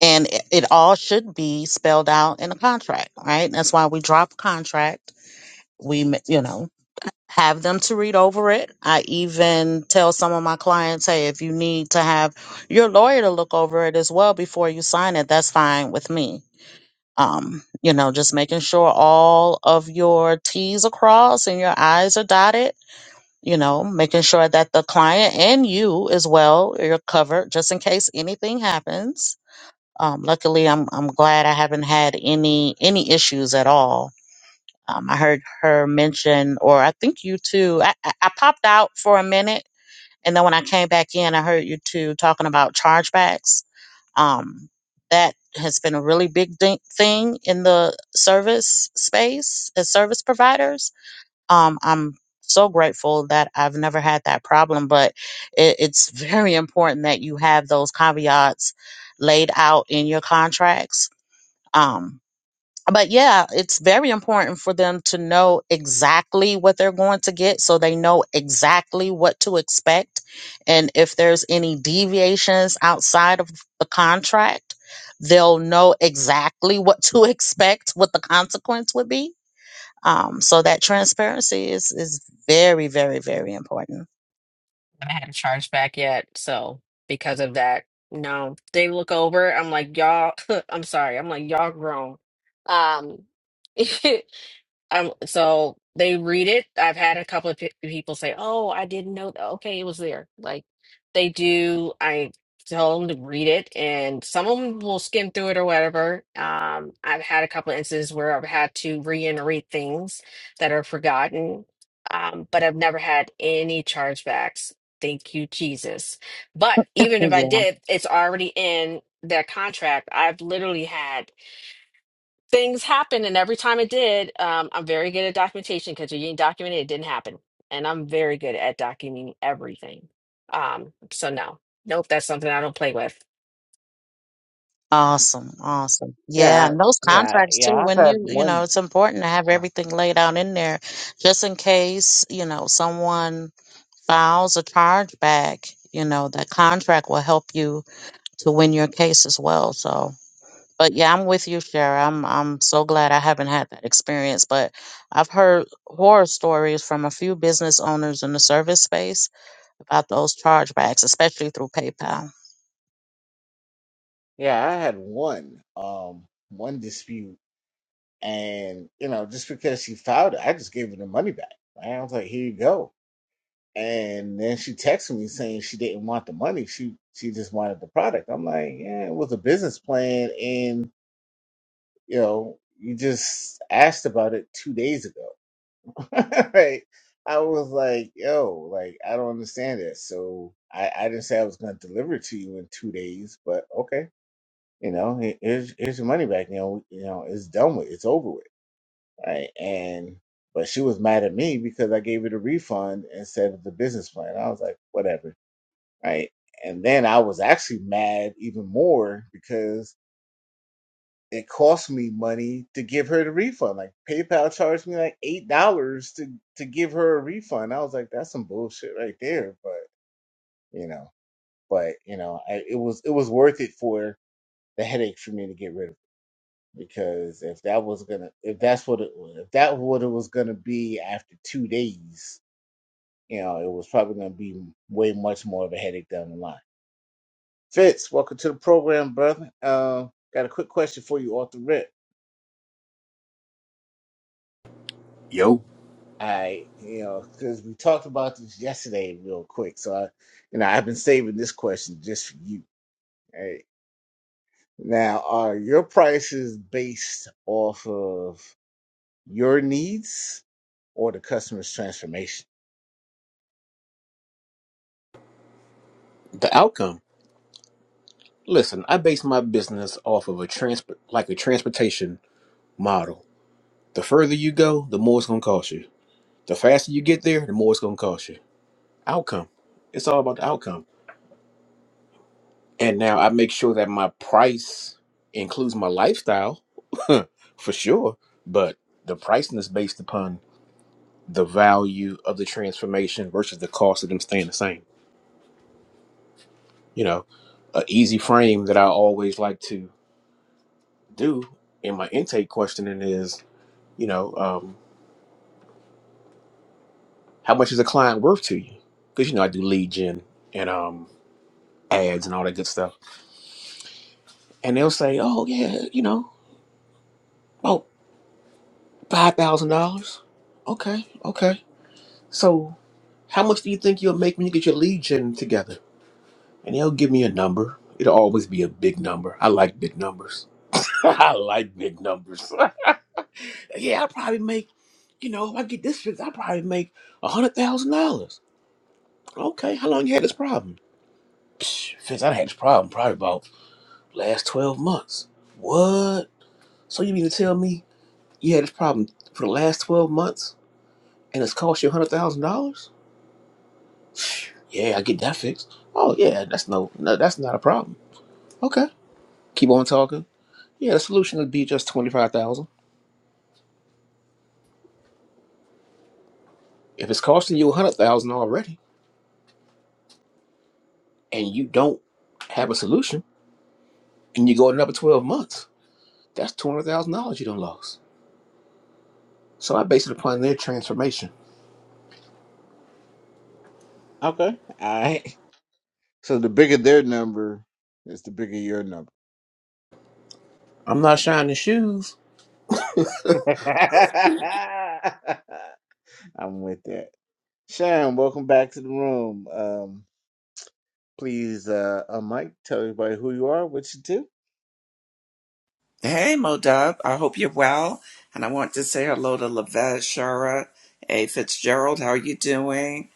Speaker 2: and it, it all should be spelled out in a contract, right? That's why we drop a contract. We, ma- you know, have them to read over it. I even tell some of my clients, hey, if you need to have your lawyer to look over it as well before you sign it, that's fine with me um, you know, just making sure all of your T's are crossed and your I's are dotted, you know, making sure that the client and you as well, you're covered just in case anything happens. Um, luckily, I'm, I'm glad I haven't had any, any issues at all. Um, I heard her mention, or I think you two, I, I I popped out for a minute. And then when I came back in, I heard you two talking about chargebacks um, that has been a really big di- thing in the service space as service providers. Um, I'm so grateful that I've never had that problem, but it, it's very important that you have those caveats laid out in your contracts. Um, but yeah, it's very important for them to know exactly what they're going to get so they know exactly what to expect. And if there's any deviations outside of the contract, they'll know exactly what to expect, what the consequence would be. Um, so that transparency is, is very, very, very important.
Speaker 3: I haven't charged back yet, so because of that, no. They look over. I'm like, y'all. I'm sorry. I'm like, y'all grown. Um, Um, so they read it. I've had a couple of pe people say, "Oh, I didn't know that." Okay, it was there. Like they do. I tell them to read it, and some of them will skim through it or whatever. Um, I've had a couple of instances where I've had to reiterate things that are forgotten, um, but I've never had any chargebacks. Thank you, Jesus. But even if I did, it's already in their contract. I've literally had things happen and every time it did um, i'm very good at documentation because you didn't document it it didn't happen and i'm very good at documenting everything um, so no nope that's something i don't play with
Speaker 2: Awesome, awesome. Yeah,
Speaker 1: Yeah,
Speaker 2: and those
Speaker 1: yeah,
Speaker 2: contracts too,
Speaker 1: yeah. I've
Speaker 2: when
Speaker 1: had
Speaker 2: you, you know,
Speaker 1: one.
Speaker 2: it's important to have
Speaker 1: Uh,
Speaker 2: everything laid out in there just in case, you know, someone files a charge back, you know, that contract will help you to win your case as well. So, but yeah, I'm with you, Shara. I'm I'm so glad I haven't had that experience, but I've heard horror stories from a few business owners in the service space about those chargebacks, especially through PayPal.
Speaker 1: Yeah, I had one, um, one dispute, and you know, just because she filed it, I just gave her the money back. Right? I was like, "Here you go." And then she texted me saying she didn't want the money; she she just wanted the product. I'm like, "Yeah, it was a business plan, and you know, you just asked about it two days ago." right? I was like, yo, like I don't understand this. So I, I didn't say I was gonna deliver it to you in two days, but okay, you know, he- here's here's your money back. You know, you know, it's done with, it's over with, right? And but she was mad at me because I gave her the refund instead of the business plan. I was like, whatever, right? And then I was actually mad even more because it cost me money to give her the refund. Like PayPal charged me like eight dollars to to give her a refund. I was like, that's some bullshit right there. But you know, but you know, I, it was it was worth it for the headache for me to get rid of it because if that was gonna if that's what it was if that what it was gonna be after two days, you know, it was probably gonna be way much more of a headache down the line. Fitz, welcome to the program, brother. Uh, got a quick question for you off the rip.
Speaker 4: Yo,
Speaker 1: I, you know, because we talked about this yesterday real quick. So, I, you know, I've been saving this question just for you. Right? Now, are your prices based off of your needs or the customer's transformation?
Speaker 4: the outcome. Listen, I base my business off of a transport, like a transportation model. The further you go, the more it's gonna cost you. The faster you get there, the more it's gonna cost you. Outcome. It's all about the outcome. And now I make sure that my price includes my lifestyle, for sure. But the pricing is based upon the value of the transformation versus the cost of them staying the same. You know, a easy frame that I always like to do in my intake questioning is, you know, um, how much is a client worth to you? Because, you know, I do lead gen and um, ads and all that good stuff. And they'll say, oh, yeah, you know, about $5,000. Okay, okay. So how much do you think you'll make when you get your lead gen together? And they'll give me a number. It'll always be a big number. I like big numbers. I like big numbers. yeah, i probably make, you know, if I get this fixed, i probably make a $100,000. Okay, how long you had this problem? Psh, Fitz, I done had this problem probably about last 12 months. What? So you mean to tell me you had this problem for the last 12 months and it's cost you $100,000? Yeah, I get that fixed. Oh, yeah, that's no, no, that's not a problem. Okay, keep on talking. Yeah, the solution would be just 25000 If it's costing you 100000 already and you don't have a solution and you go another 12 months, that's $200,000 you don't lose. So I base it upon their transformation.
Speaker 1: Okay. All right. So the bigger their number is the bigger your number.
Speaker 4: I'm not shining shoes.
Speaker 1: I'm with that. Sharon, welcome back to the room. Um, please, uh, Mike, tell everybody who you are, what you do.
Speaker 5: Hey, Modub. I hope you're well. And I want to say hello to Lavette, Shara. Hey, Fitzgerald, how are you doing?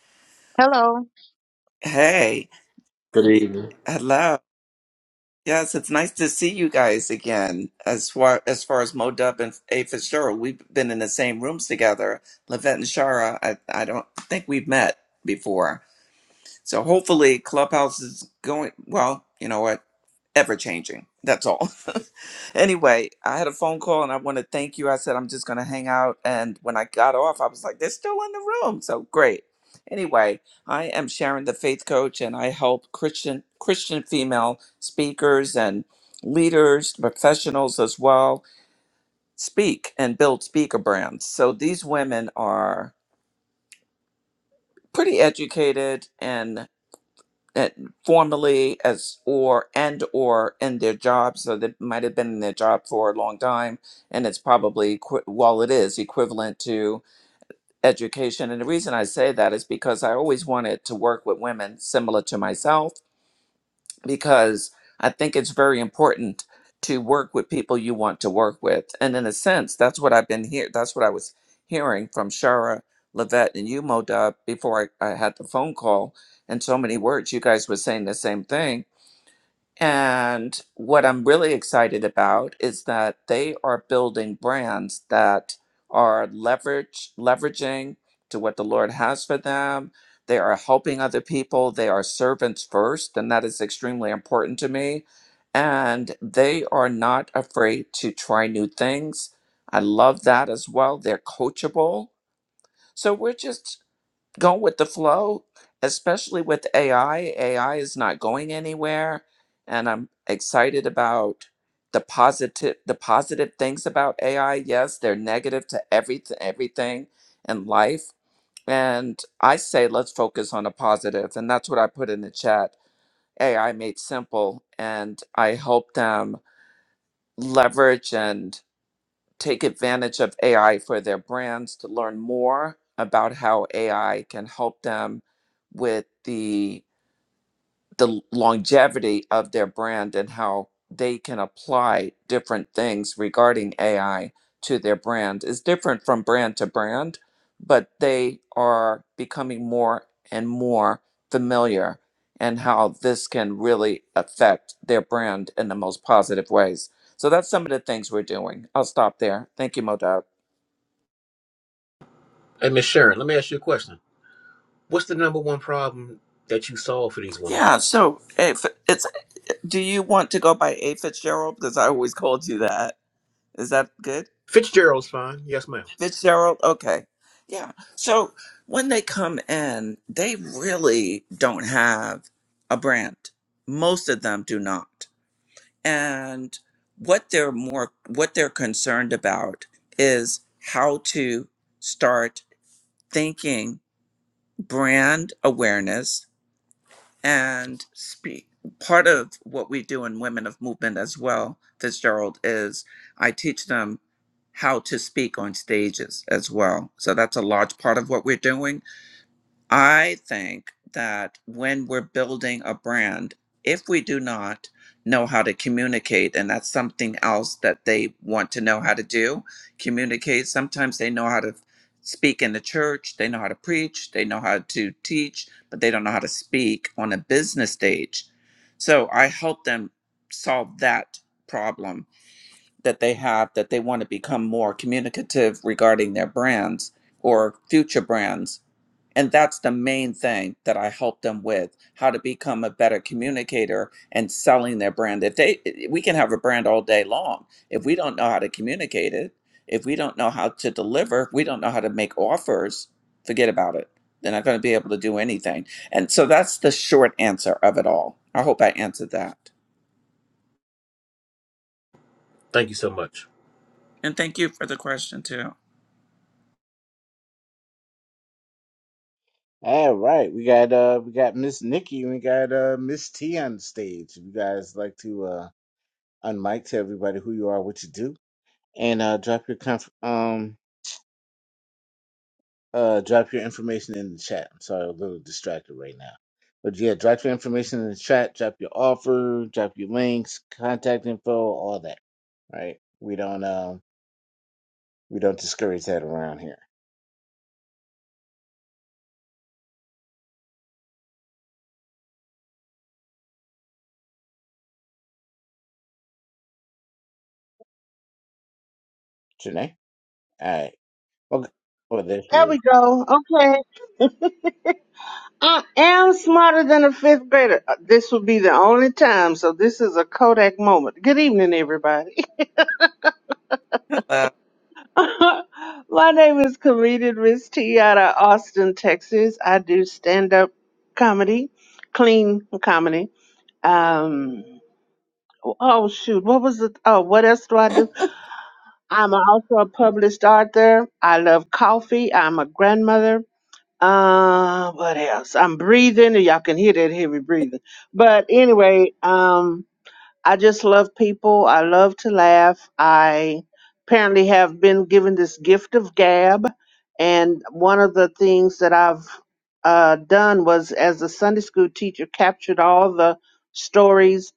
Speaker 2: Hello.
Speaker 5: Hey,
Speaker 4: Good evening.
Speaker 5: hello. Yes, it's nice to see you guys again. As far as, far as Modub and A. Fitzgerald, we've been in the same rooms together. Lavette and Shara, I, I don't think we've met before. So hopefully Clubhouse is going well, you know what? Ever changing. That's all. anyway, I had a phone call and I want to thank you. I said I'm just gonna hang out and when I got off, I was like, they're still in the room. So great. Anyway, I am Sharon the Faith Coach and I help Christian Christian female speakers and leaders, professionals as well, speak and build speaker brands. So these women are pretty educated and. that formally as or and or in their job so they might have been in their job for a long time and it's probably equi- while it is equivalent to education and the reason i say that is because i always wanted to work with women similar to myself because I think it's very important to work with people you want to work with. And in a sense, that's what I've been here. That's what I was hearing from Shara, Levette, and you, Moda, before I, I had the phone call. And so many words, you guys were saying the same thing and what I'm really excited about is that they are building brands that are leverage leveraging to what the Lord has for them. They are helping other people. They are servants first, and that is extremely important to me. And they are not afraid to try new things. I love that as well. They're coachable. So we're just go with the flow, especially with AI. AI is not going anywhere, and I'm excited about the positive the positive things about AI. Yes, they're negative to everything everything in life, and I say let's focus on the positive, and that's what I put in the chat. AI made simple, and I help them leverage and take advantage of AI for their brands to learn more about how AI can help them with the the longevity of their brand and how they can apply different things regarding AI to their brand is different from brand to brand, but they are becoming more and more familiar and how this can really affect their brand in the most positive ways. So that's some of the things we're doing. I'll stop there. Thank you, Modab.
Speaker 4: Hey, Miss Sharon, let me ask you a question. What's the number one problem that you solve for these women?
Speaker 5: Yeah. So if it's, do you want to go by A Fitzgerald? Because I always called you that. Is that good?
Speaker 4: Fitzgerald's fine. Yes, ma'am.
Speaker 5: Fitzgerald. Okay. Yeah. So when they come in, they really don't have a brand. Most of them do not. And what they're more what they're concerned about is how to start thinking brand awareness and speak. Part of what we do in Women of Movement as well, Fitzgerald, is I teach them how to speak on stages as well. So that's a large part of what we're doing I think that when we're building a brand, if we do not know how to communicate, and that's something else that they want to know how to do communicate. Sometimes they know how to speak in the church, they know how to preach, they know how to teach, but they don't know how to speak on a business stage. So I help them solve that problem that they have that they want to become more communicative regarding their brands or future brands and that's the main thing that I help them with how to become a better communicator and selling their brand. If they, eh, we can have a brand all day long. If we don't know how to communicate it, if we don't know how to deliver, if we don't know how to make offers, forget about it. They're not going to be able to do anything. And so that's the short answer of it all. I hope I answered that.
Speaker 4: Thank you so much.
Speaker 5: And thank you for the question, too.
Speaker 1: All right, we got uh we got Miss Nikki and we got uh Miss T on the stage. If you guys like to uh unmic to everybody who you are, what you do, and uh drop your conf- um uh drop your information in the chat. I'm sorry, I'm a little distracted right now. But yeah, drop your information in the chat, drop your offer, drop your links, contact info, all that. Right? We don't um we don't discourage that around here. Janae? All right. Okay. Well there she
Speaker 6: There we
Speaker 1: is.
Speaker 6: go. Okay. I am smarter than a fifth grader. Uh, This will be the only time, so this is a Kodak moment. Good evening, everybody.
Speaker 5: Hello.
Speaker 6: My name is comedian Miss T out of Austin, Texas. I do stand up comedy, clean comedy. Um, oh shoot, what was it? Oh, what else do I do? I'm also a published author. I love coffee. I'm a grandmother. Uh, what else? I'm breathing, and y'all can hear that heavy breathing. But anyway, um, I just love people. I love to laugh. I apparently have been given this gift of gab, and one of the things that I've uh, done was, as a Sunday school teacher, captured all the stories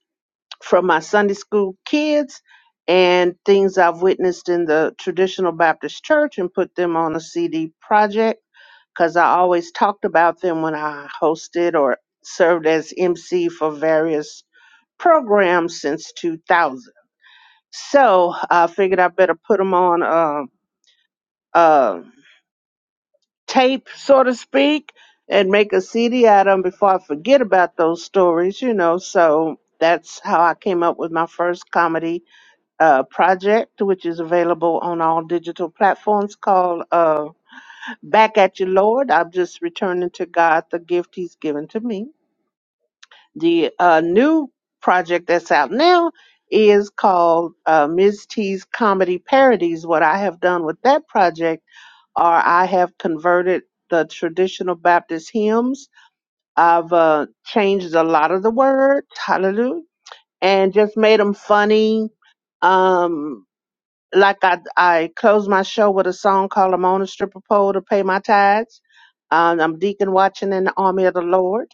Speaker 6: from my Sunday school kids and things I've witnessed in the traditional Baptist church and put them on a CD project because I always talked about them when I hosted or served as MC for various programs since 2000. So I figured I better put them on um uh, tape, so to speak, and make a CD out of them before I forget about those stories, you know. So that's how I came up with my first comedy uh, project, which is available on all digital platforms called. Uh, back at you, Lord. I'm just returning to God the gift He's given to me. The uh, new project that's out now is called uh, Ms. T's Comedy Parodies. What I have done with that project are I have converted the traditional Baptist hymns. I've uh, changed a lot of the words, hallelujah, and just made them funny. Um, like I I close my show with a song called "I'm on a stripper pole to pay my tithes." Um, I'm deacon watching in the army of the Lord.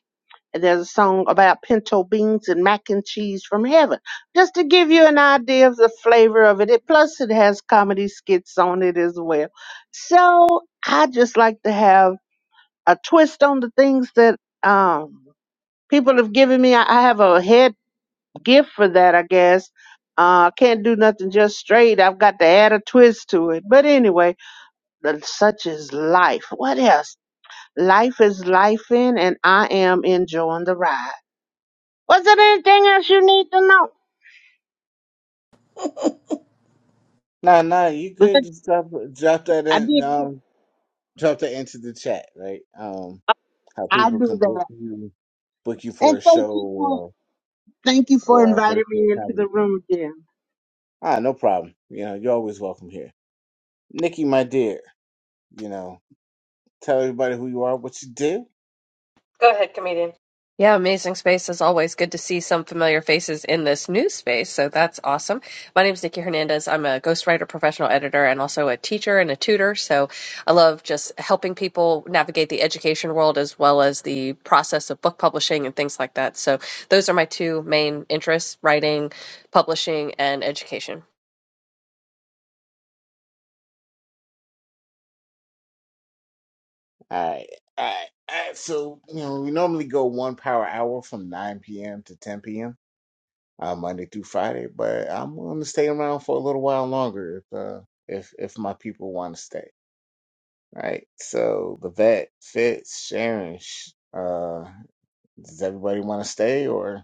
Speaker 6: And there's a song about pinto beans and mac and cheese from heaven, just to give you an idea of the flavor of it. it plus, it has comedy skits on it as well. So I just like to have a twist on the things that um, people have given me. I, I have a head gift for that, I guess. Uh, can't do nothing just straight. I've got to add a twist to it. But anyway, the- such is life. What else? Life is life in, and I am enjoying the ride. Was there anything else you need to know?
Speaker 1: Nah, nah, you
Speaker 6: Was
Speaker 1: could
Speaker 6: it-
Speaker 1: just drop drop that
Speaker 6: I,
Speaker 1: in. um. jump to into the chat, right? Um, how
Speaker 6: I,
Speaker 1: people can book you, book you for
Speaker 6: and
Speaker 1: a
Speaker 6: thank
Speaker 1: show
Speaker 6: you for
Speaker 1: or
Speaker 6: thank you for
Speaker 1: or a
Speaker 6: inviting
Speaker 1: virtual
Speaker 6: me into the
Speaker 1: comedy thing.
Speaker 6: room again.
Speaker 1: Ah, no problem. You know, you're always welcome here, Nikki, my dear. You know, tell everybody who you are, what you do.
Speaker 7: Go ahead, comedian. Yeah, amazing space as always. Good to see some familiar faces in this new space, so that's awesome. My name is Nikki Hernandez. I'm a ghostwriter, professional editor, and also a teacher and a tutor. So I love just helping people navigate the education world as well as the process of book publishing and things like that. So those are my two main interests writing, publishing, and education.
Speaker 1: All right, all right, all right. So you know, we normally go one power hour from 9 p.m. to 10 p.m. Uh, Monday through Friday, but I'm going to stay around for a little while longer if uh, if if my people want to stay. right? So the vet, Fitz, Sharon, sh- uh, does everybody want to stay or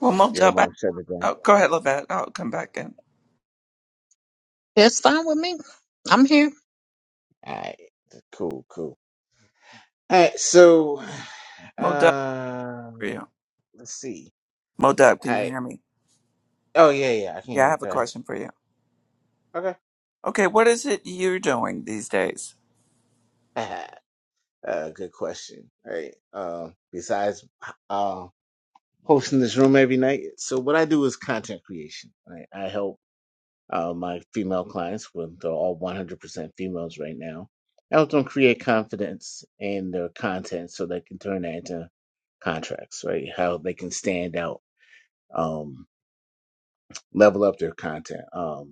Speaker 5: Well,
Speaker 1: y'all
Speaker 5: Modub, I,
Speaker 1: want to shut it down?
Speaker 5: oh, go ahead, Lavette. I'll come back in.
Speaker 2: It's fine with me. I'm here.
Speaker 1: All right, cool, cool. All right, so
Speaker 5: Modub
Speaker 1: uh,
Speaker 5: for you.
Speaker 1: let's see.
Speaker 5: Modub,
Speaker 1: All
Speaker 5: can you
Speaker 1: right.
Speaker 5: hear me?
Speaker 1: Oh yeah, yeah. I can
Speaker 5: Yeah,
Speaker 1: hear
Speaker 5: I
Speaker 1: you.
Speaker 5: have a
Speaker 1: Go ahead.
Speaker 5: question for you. Okay, what is it you're doing these days?
Speaker 1: Okay. uh, good question. All right. Um, besides uh, hosting this room every night, so what I do is content creation. Right? I help. uh, my female clients, when they're all 100% females right now. I help them create confidence in their content so they can turn that into contracts, right? How they can stand out, um, level up their content. um,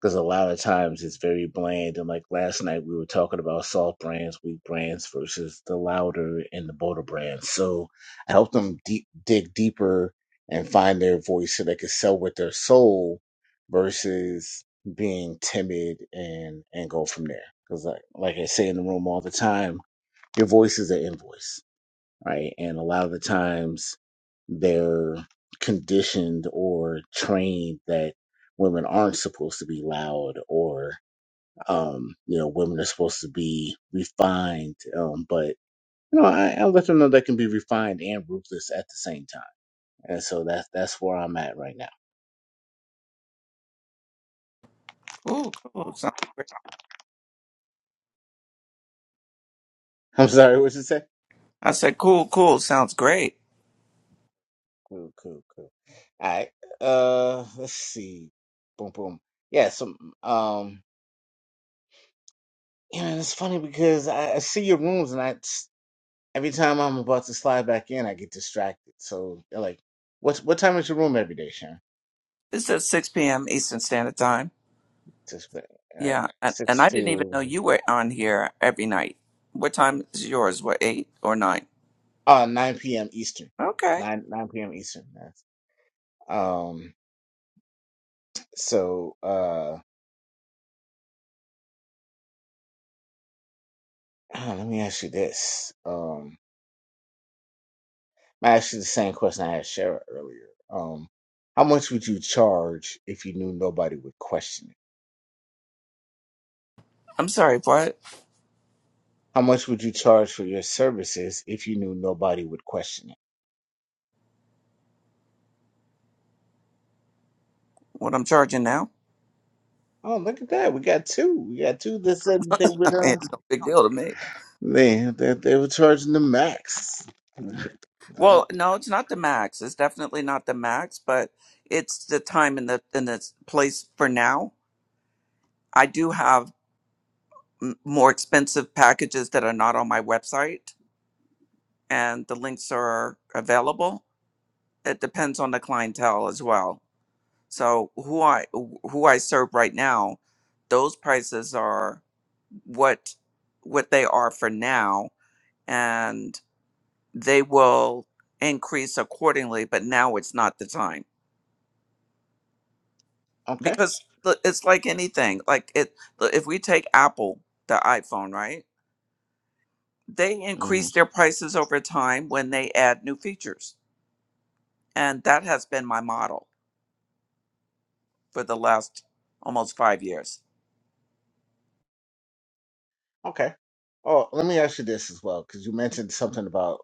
Speaker 1: because a lot of times it's very bland. And like last night, we were talking about soft brands, weak brands versus the louder and the bolder brands. So I help them deep, dig deeper and find their voice so they can sell with their soul versus being timid and and go from there. Because like like I say in the room all the time, your voice is an invoice right? And a lot of the times they're conditioned or trained that women aren't supposed to be loud or um you know women are supposed to be refined um but you know I, I let them know they can be refined and ruthless at the same time and so that's that's where i'm at right now
Speaker 5: Cool, cool. Sounds great.
Speaker 1: i'm sorry what you say
Speaker 5: I said, cool, cool. Sounds great.
Speaker 1: cool cool cool all right uh let's see boom boom yeah so um you know it's funny because I, I see your rooms and I every time I'm about to slide back in, I get distracted. So they're like, what's what time is your room every day, Sharon?
Speaker 5: This is at 6 p.m. Eastern Standard Time.
Speaker 1: Just all right,
Speaker 5: Yeah, and, and
Speaker 1: six
Speaker 5: I didn't even know
Speaker 1: to
Speaker 5: you were on here every night. What time is yours? What, 8 or 9?
Speaker 1: uh nine p.m. Eastern,
Speaker 5: Okay.
Speaker 1: nine nine p.m. Eastern. That's, um, so uh, let me ask you this. Um, I asked you the same question I asked Shara earlier. Um, how much would you charge if you knew nobody would question it?
Speaker 5: I'm sorry, what?
Speaker 1: How much would you charge for your services if you knew nobody would question it?
Speaker 5: What I'm charging now?
Speaker 1: Oh, look at that. We got two. We got two that said that they
Speaker 5: I
Speaker 1: would
Speaker 5: mean,
Speaker 1: um
Speaker 5: it's no big deal to me.
Speaker 1: they that they were charging the max. Right.
Speaker 5: Well, no, it's not the max. It's definitely not the max, but it's the time and the, and the place for now. I do have m- more expensive packages that are not on my website and the links are available. It depends on the clientele as well. So who I who I serve right now, those prices are what what they are for now, and they will increase accordingly. But now it's not the time
Speaker 1: Okay.
Speaker 5: because the- it's like anything. Like it, if we take Apple, the iPhone, right? They
Speaker 1: hmm
Speaker 5: increase their prices over time when they add new features, and that has been my model for the last almost five years.
Speaker 1: Okay. Oh, let me ask you this as well, because you mentioned something about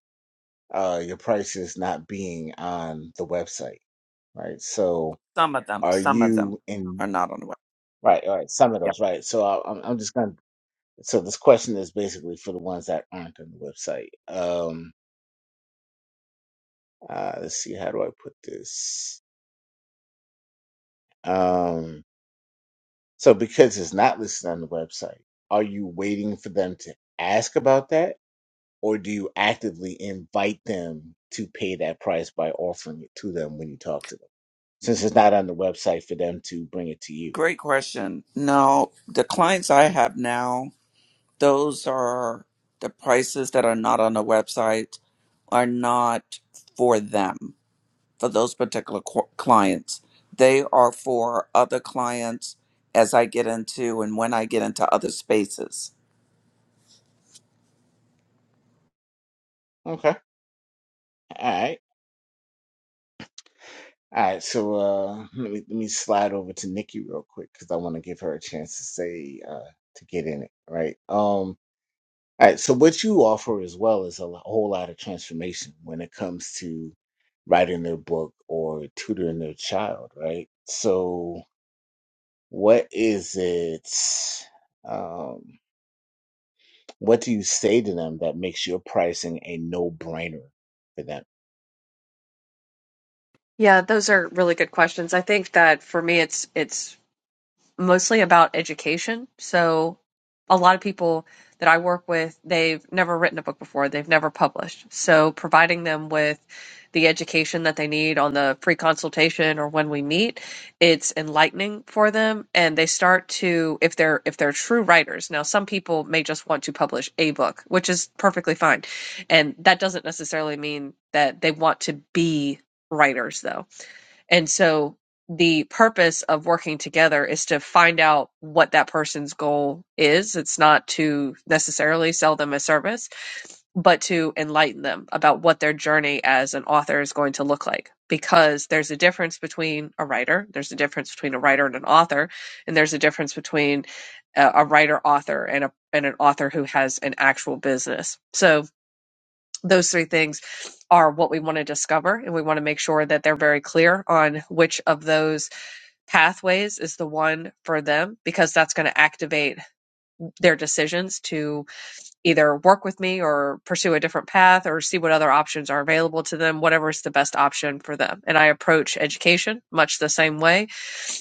Speaker 1: uh your prices not being on the website, right? So
Speaker 5: Some of them,
Speaker 1: are
Speaker 5: some of them
Speaker 1: you in
Speaker 5: are not on the web.
Speaker 1: right, all right, some of those, right? So I, I'm I'm just gonna so this question is basically for the ones that aren't on the website. Um uh let's see, how do I put this? Um, So because it's not listed on the website, are you waiting for them to ask about that? Or do you actively invite them to pay that price by offering it to them when you talk to them? Since it's not on the website for them to bring it to you.
Speaker 5: Great question. No, the clients I have now, those are the prices that are not on the website are not for them, for those particular qu- clients. They are for other clients as I get into and when I get into other spaces.
Speaker 1: Okay. All right. All right. So uh, let, me, let me slide over to Nikki real quick because I want to give her a chance to say, uh, to get in it. Right. Um. All right. So what you offer as well is a lo- whole lot of transformation when it comes to writing their book or tutoring their child, right? So what is it? Um, what do you say to them that makes your pricing a no-brainer for them?
Speaker 7: Yeah, those are really good questions. I think that for me, it's it's mostly about education. So a lot of people that I work with, they've never written a book before, they've never published. So providing them with the education that they need on the free consultation or when we meet, it's enlightening for them and they start to if they're if they're true writers. Now some people may just want to publish a book, which is perfectly fine. And that doesn't necessarily mean that they want to be writers though and so the purpose of working together is to find out what that person's goal is. It's not to necessarily sell them a service, but to enlighten them about what their journey as an author is going to look like. Because there's a difference between a writer, there's a difference between a writer and an author, and there's a difference between a, a writer author and a and an author who has an actual business. So those three things are what we want to discover and we want to make sure that they're very clear on which of those pathways is the one for them because that's going to activate their decisions to either work with me or pursue a different path or see what other options are available to them, whatever is the best option for them. And I approach education much the same way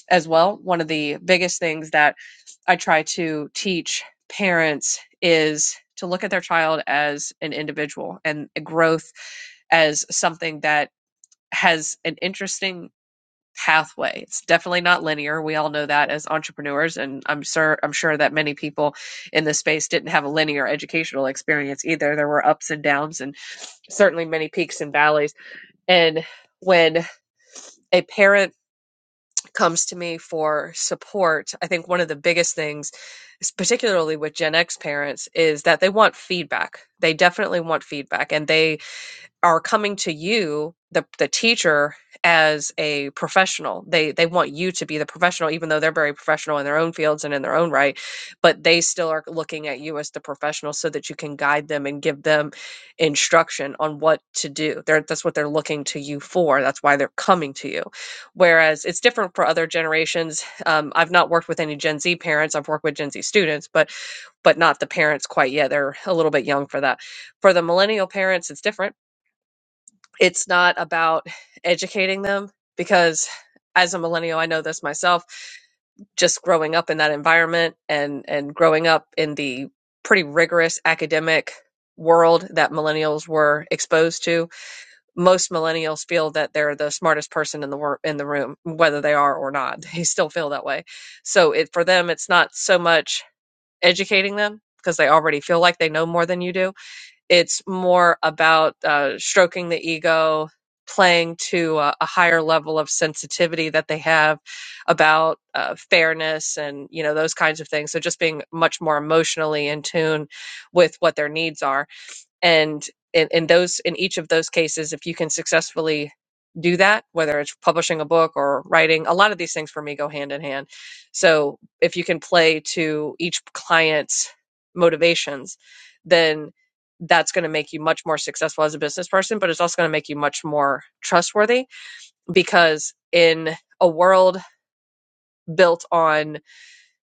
Speaker 7: as well. One of the biggest things that I try to teach parents is to look at their child as an individual and growth as something that has an interesting pathway. It's definitely not linear. We all know that as entrepreneurs, and I'm sure I'm sure that many people in this space didn't have a linear educational experience either. There were ups and downs, and certainly many peaks and valleys. And when a parent comes to me for support, I think one of the biggest things, particularly with Gen X parents, is that they want feedback. They definitely want feedback, and they are coming to you the the teacher as a professional they they want you to be the professional even though they're very professional in their own fields and in their own right but they still are looking at you as the professional so that you can guide them and give them instruction on what to do they're, that's what they're looking to you for that's why they're coming to you whereas it's different for other generations um, i've not worked with any gen z parents i've worked with gen z students but but not the parents quite yet they're a little bit young for that for the millennial parents it's different it's not about educating them because as a millennial i know this myself just growing up in that environment and and growing up in the pretty rigorous academic world that millennials were exposed to most millennials feel that they're the smartest person in the wor- in the room whether they are or not they still feel that way so it for them it's not so much educating them because they already feel like they know more than you do it's more about uh, stroking the ego, playing to a, a higher level of sensitivity that they have about uh, fairness and you know those kinds of things. So just being much more emotionally in tune with what their needs are and in, in those in each of those cases if you can successfully do that whether it's publishing a book or writing a lot of these things for me go hand in hand so if you can play to each client's motivations then that's going to make you much more successful as a business person but it's also going to make you much more trustworthy because in a world built on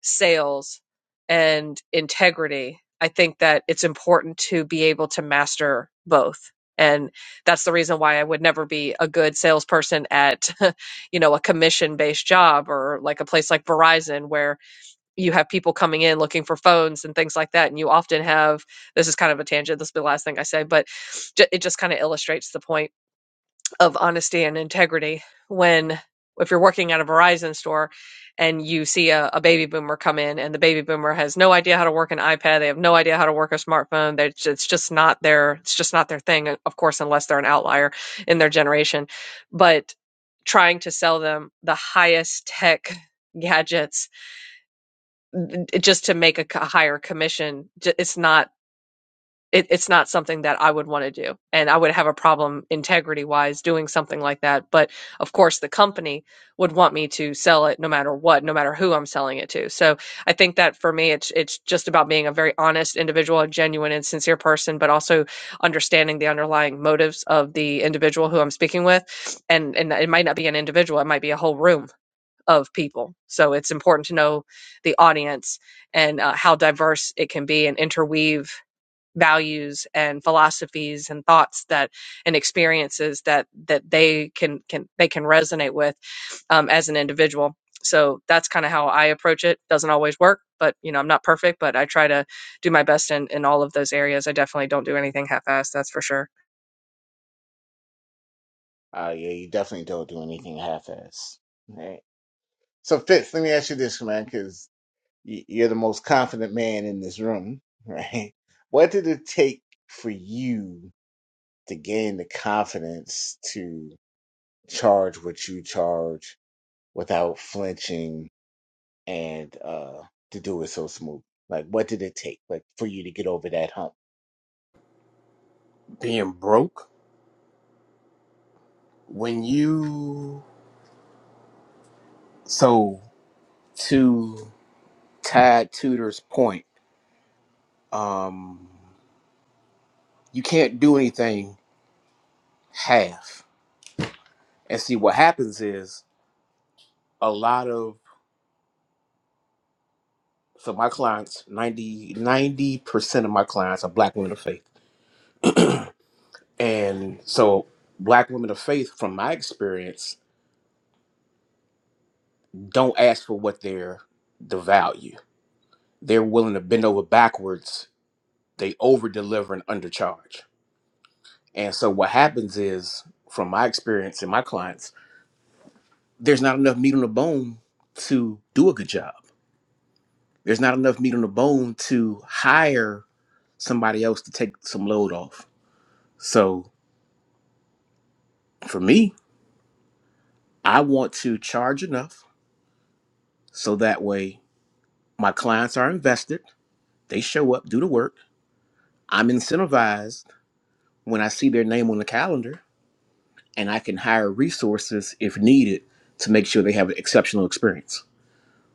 Speaker 7: sales and integrity, I think that it's important to be able to master both. And that's the reason why I would never be a good salesperson at, you know, a commission based job or like a place like Verizon where you have people coming in looking for phones and things like that. And you often have, this is kind of a tangent, this will be the last thing I say, but it just kind of illustrates the point of honesty and integrity when if you're working at a Verizon store and you see a, a baby boomer come in and the baby boomer has no idea how to work an iPad, they have no idea how to work a smartphone. They, it's just not their it's just not their thing, of course, unless they're an outlier in their generation. But trying to sell them the highest tech gadgets just to make a a higher commission, it's not it, it's not something that I would want to do. And I would have a problem integrity wise doing something like that. But of course, the company would want me to sell it no matter what, no matter who I'm selling it to. So I think that for me, it's, it's just about being a very honest individual, a genuine and sincere person, but also understanding the underlying motives of the individual who I'm speaking with. And, and it might not be an individual, it might be a whole room of people. So it's important to know the audience and uh, how diverse it can be and interweave values and philosophies and thoughts that and experiences that that they can can they can resonate with um, as an individual so that's kind of how i approach it doesn't always work but you know i'm not perfect but i try to do my best in in all of those areas i definitely don't do anything half-assed that's for sure
Speaker 1: Uh, yeah, you definitely don't do anything half-ass, right? So Fitz, let me ask you this, man, because you're the most confident man in this room, right? What did it take for you? to gain the confidence to charge what you charge without flinching and uh to do it so smooth like what did it take like for you to get over that hump
Speaker 4: Being broke. When you so to Tad Tudor's point, um, you can't do anything half. And see what happens is a lot of so my clients, 90 percent of my clients are black women of faith. And so black women of faith, from my experience, don't ask for what they're the value. They're willing to bend over backwards. They over deliver and undercharge. And so what happens is, from my experience and my clients, there's not enough meat on the bone to do a good job. There's not enough meat on the bone to hire somebody else to take some load off. So for me, I want to charge enough so that way my clients are invested They show up, do the work. I'm incentivized when I see their name on the calendar, and I can hire resources if needed to make sure they have an exceptional experience.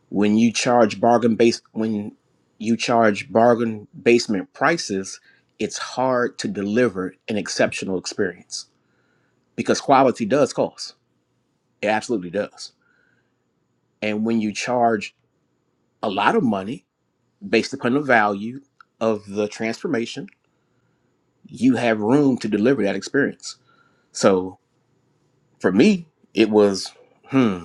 Speaker 4: When you charge bargain base when you charge bargain basement prices, it's hard to deliver an exceptional experience because quality does cost. It absolutely does. And when you charge a lot of money based upon the value of the transformation, you have room to deliver that experience. So For me, it was, hmm,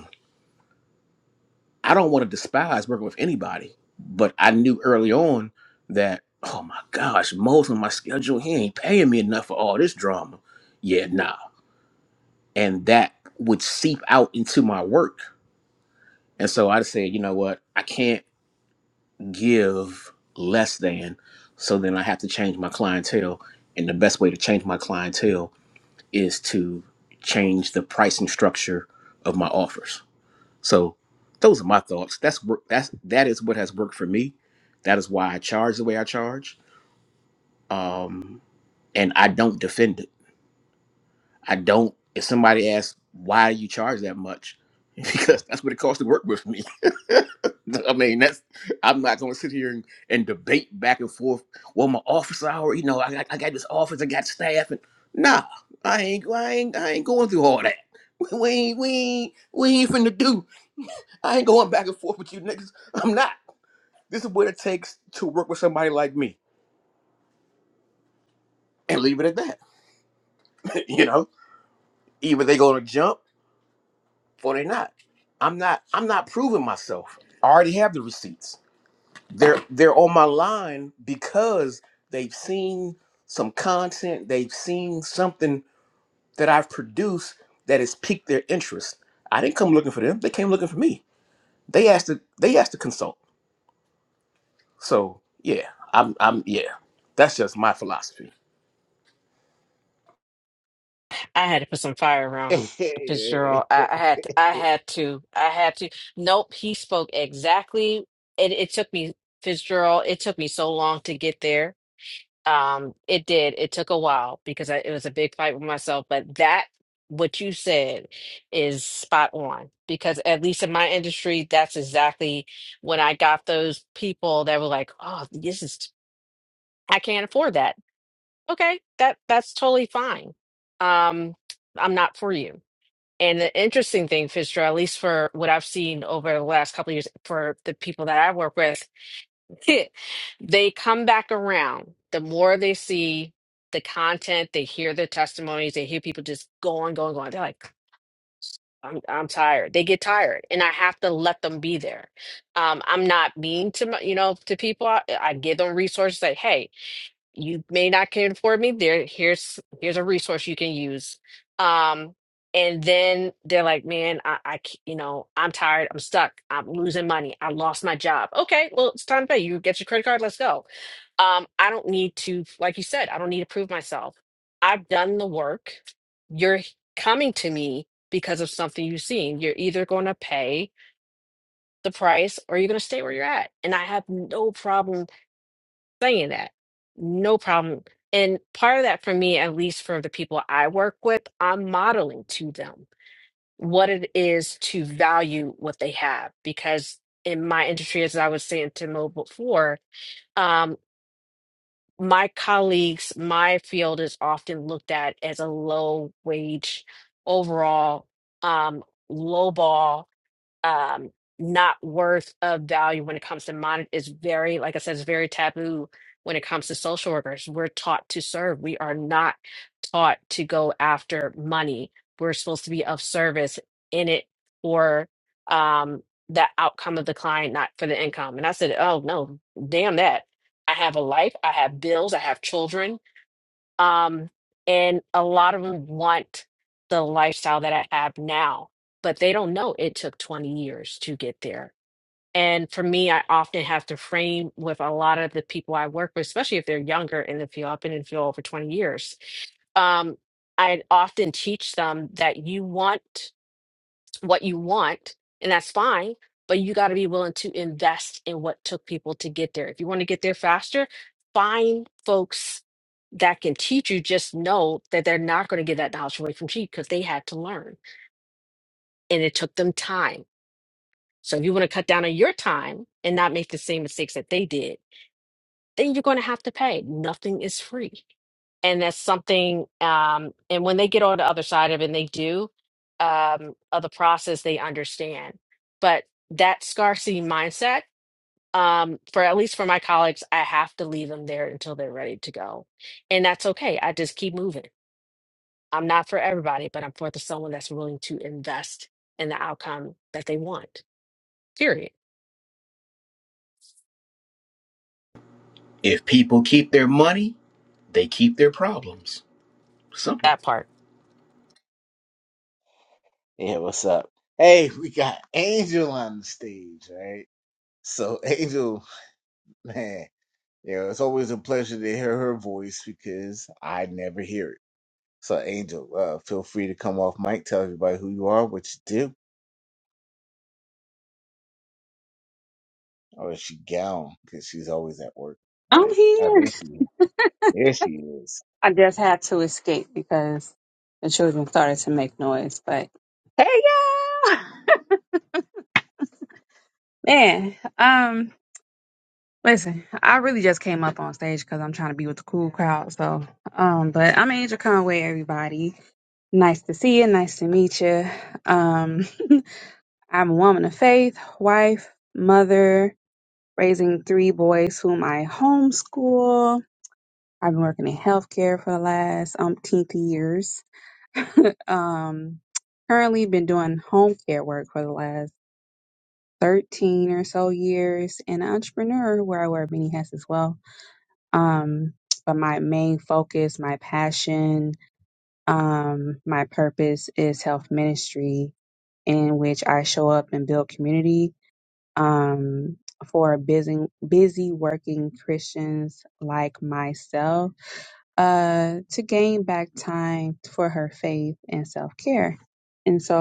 Speaker 4: I don't want to despise working with anybody, but I knew early on that, oh my gosh, Mo's on my schedule. He ain't paying me enough for all this drama. Yeah, nah. And that would seep out into my work. And so I just said, you know what? I can't give less than. So then I have to change my clientele. And the best way to change my clientele is to change the pricing structure of my offers. So those are my thoughts. That's wor- that's that is what has worked for me. That is why I charge the way I charge. Um, and I don't defend it. I don't. If somebody asks why do you charge that much, because that's what it costs to work with me. I mean, that's I'm not going to sit here and, and debate back and forth. Well, my office hour, you know, I, got- I got this office, I got staff, and nah, I ain't, I ain't, I ain't going through all that. We ain't, we ain't, we ain't finna do. I ain't going back and forth with you niggas. I'm not. This is what it takes to work with somebody like me. And leave it at that. you know? Either they gonna jump or they not. I'm not I'm not proving myself. I already have the receipts. They're they're on my line because they've seen some content, they've seen something that I've produced that has piqued their interest. I didn't come looking for them. They came looking for me. They asked to they asked to consult. So yeah, I'm I'm yeah. That's just my philosophy.
Speaker 3: i had to put some fire around
Speaker 1: yeah
Speaker 3: fitzgerald i, I had to, i had to i had to nope he spoke exactly it, it took me fitzgerald it took me so long to get there Um, it did. It took a while because I, it was a big fight with myself, but that what you said is spot on because at least in my industry, that's exactly when I got those people that were like, "Oh, this is I can't afford that." Okay, that that's totally fine. Um, I'm not for you. And the interesting thing, Fisher, at least for what I've seen over the last couple of years, for the people that I work with they come back around. The more they see the content, they hear the testimonies, they hear people just going, going, going. They're like, I'm, I'm tired. They get tired, and I have to let them be there. Um, I'm not mean to my- you know to people. I, I give them resources. Like, hey, you may not can afford me there here's here's a resource you can use um and then they're like man i i c- you know i'm tired i'm stuck i'm losing money i lost my job okay well it's time to pay you get your credit card let's go um i don't need to like you said i don't need to prove myself i've done the work you're h- coming to me because of something you've seen you're either going to pay the price or you're going to stay where you're at and i have no problem saying that. No problem. And part of that for me, at least for the people I work with, I'm modeling to them what it is to value what they have. Because in my industry, as I was saying to Mo before, um, my colleagues, my field is often looked at as a low wage overall, um, low ball um not worth of value when it comes to money is very like i said it's very taboo when it comes to social workers we're taught to serve we are not taught to go after money we're supposed to be of service in it for um the outcome of the client not for the income and i said oh no damn that i have a life i have bills i have children um, and a lot of them want the lifestyle that I have now, but they don't know it took 20 years to get there. And for me, I often have to frame with a lot of the people I work with, especially if they're younger in the field. I've been in the field over 20 years. Um, I often teach them that you want what you want, and that's fine, but you got to be willing to invest in what took people to get there. If you want to get there faster, find folks that can teach you. Just know that they're not going to give that knowledge away from you because they had to learn and it took them time. So if you want to cut down on your time and not make the same mistakes that they did, then you're going to have to pay. Nothing is free and that's something um and when they get on the other side of it and they do um of the process they understand but that scarcity mindset um for at least for my colleagues i have to leave them there until they're ready to go and that's okay i just keep moving i'm not for everybody but i'm for the someone that's willing to invest in the outcome that they want period
Speaker 4: If people keep their money, they keep their problems. Simple.
Speaker 3: that part
Speaker 1: what's up hey we got angel on the stage right so angel man you know it's always a pleasure to hear her voice because i never hear it so angel uh feel free to come off mic tell everybody who you are what you do Or is she gone Because she's always at work.
Speaker 8: I'm
Speaker 1: Right? Oh,
Speaker 8: here.
Speaker 1: there she is. There she is.
Speaker 8: I just had to escape because the children started to make noise. But hey, y'all! Man, um, listen, I really just came up on stage because I'm trying to be with the cool crowd. So, um, but I'm Angel Conway, everybody. Nice to see you. Nice to meet you. Um, I'm a woman of faith, wife, mother, raising three boys whom I homeschool. I've been working in healthcare for the last umpteen years. um currently been doing home care work for the last 13 or so years and an entrepreneur where I wear many hats as well. Um but my main focus, my passion, um my purpose is health ministry in which I show up and build community um for busy busy working Christians like myself uh to gain back time for her faith and self-care. and so.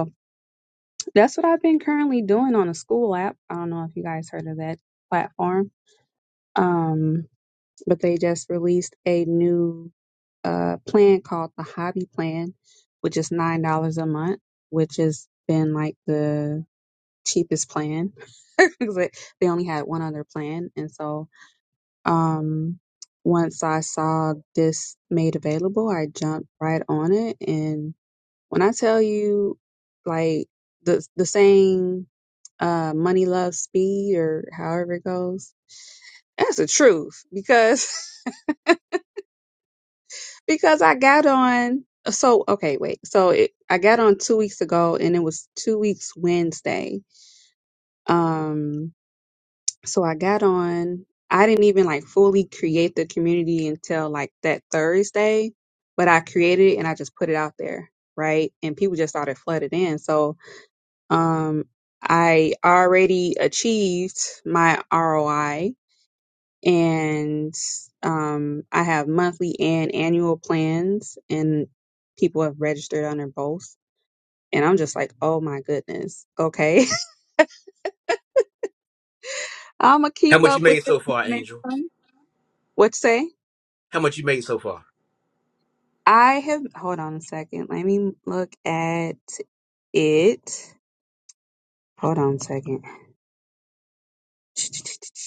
Speaker 8: That's what I've been currently doing on a school app. I don't know if you guys heard of that platform. Um, but they just released a new uh plan called the Hobby Plan, which is nine dollars a month, which has been like the cheapest plan because they they only had one other plan, and so um once I saw this made available, I jumped right on it, and when I tell you, like the the saying uh money love speed or however it goes that's the truth because because i got on so okay wait so it, i got on two weeks ago and it was two weeks wednesday um so i got on i didn't even like fully create the community until like that thursday but i created it and i just put it out there right and people just started flooded in so um i already achieved my roi and um, I have monthly and annual plans, and people have registered under both. And I'm just like, oh my goodness, okay, I'm gonna
Speaker 4: How
Speaker 8: keep
Speaker 4: much
Speaker 8: up
Speaker 4: you
Speaker 8: with
Speaker 4: made
Speaker 8: this
Speaker 4: so far,
Speaker 8: next
Speaker 4: Angel?
Speaker 8: time. What say?
Speaker 4: How much you made so far?
Speaker 8: I have. Hold on a second. Let me look at it. Hold on a second.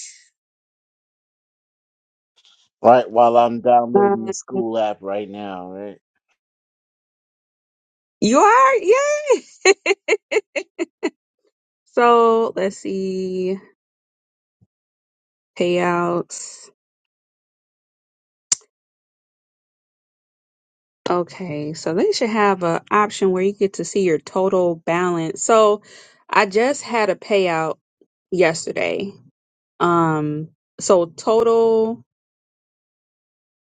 Speaker 1: Right while I'm downloading
Speaker 8: Um,
Speaker 1: the school app right now, right?
Speaker 8: you are, yay! so let's see payouts. Okay, so they should have an option where you get to see your total balance. So I just had a payout yesterday. Um, so total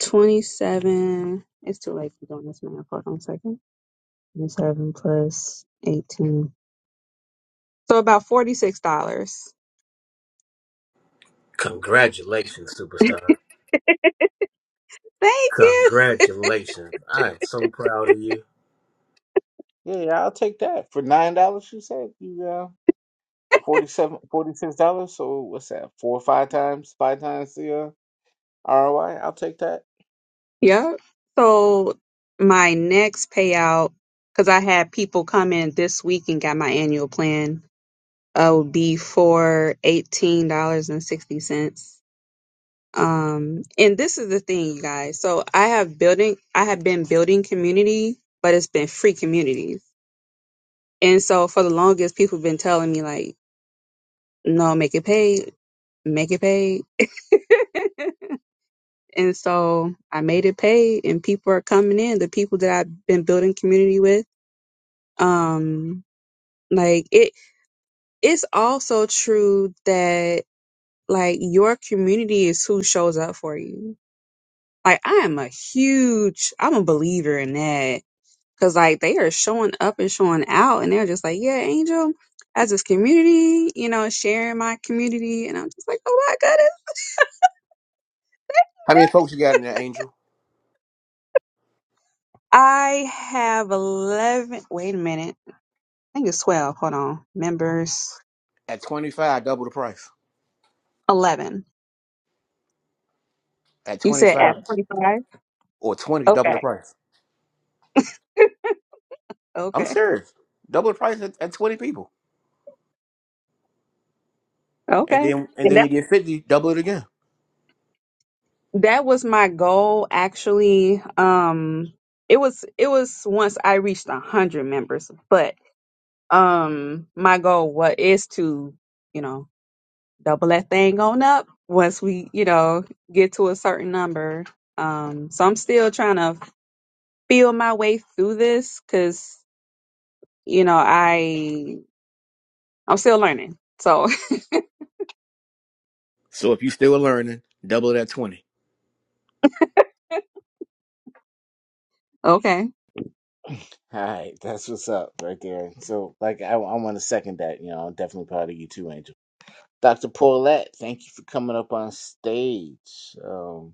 Speaker 8: 27. It's too late for doing this math. Hold on a second. 27 plus 18. So about $46.
Speaker 4: Congratulations, superstar.
Speaker 8: Thank you.
Speaker 4: Congratulations. I am so proud of you.
Speaker 1: Yeah, I'll take that. For nine dollars you said you uh forty seven forty six dollars, so what's that? Four or five times, five times the uh, ROI? I'll take that.
Speaker 8: Yep. So my next payout, because I had people come in this week and got my annual plan. uh, would be for eighteen dollars and sixty cents. Um, and this is the thing, you guys. So I have building, I have been building community, but it's been free communities. And so for the longest, people have been telling me like, no, make it paid, make it paid. and so I made it paid, and people are coming in. The people that I've been building community with, um, like it. It's also true that like your community is who shows up for you Like I am a huge, I'm a believer in that because like they are showing up and showing out, and they're just like, yeah, Angel has this community, you know, sharing my community, and I'm just like, oh my goodness,
Speaker 4: How many folks you got in there, Angel?
Speaker 8: I have eleven. Wait a minute, I think it's twelve. Hold on, members,
Speaker 4: At 25, double the price.
Speaker 8: eleven.
Speaker 4: At
Speaker 8: You said at
Speaker 4: 25
Speaker 8: forty five.
Speaker 4: or 20, double the
Speaker 8: Okay,
Speaker 4: price. I'm
Speaker 8: okay,
Speaker 4: serious. Double the price at, at 20 people. And
Speaker 8: okay.
Speaker 4: then and
Speaker 8: And
Speaker 4: then you
Speaker 8: that
Speaker 4: get 50, double it again.
Speaker 8: that was my goal actually. Um, it was it was once I reached a hundred members, but um my goal what is to you know double that thing on up once we you know get to a certain number um so i'm still trying to feel my way through this because you know i i'm still learning so
Speaker 4: So if you still learning, double it at 20.
Speaker 8: okay
Speaker 1: All right, that's what's up right there. So, like, I, I want to second that. You know, I'm definitely proud of you too, Angel. Dr. Paulette, thank you for coming up on stage. Um.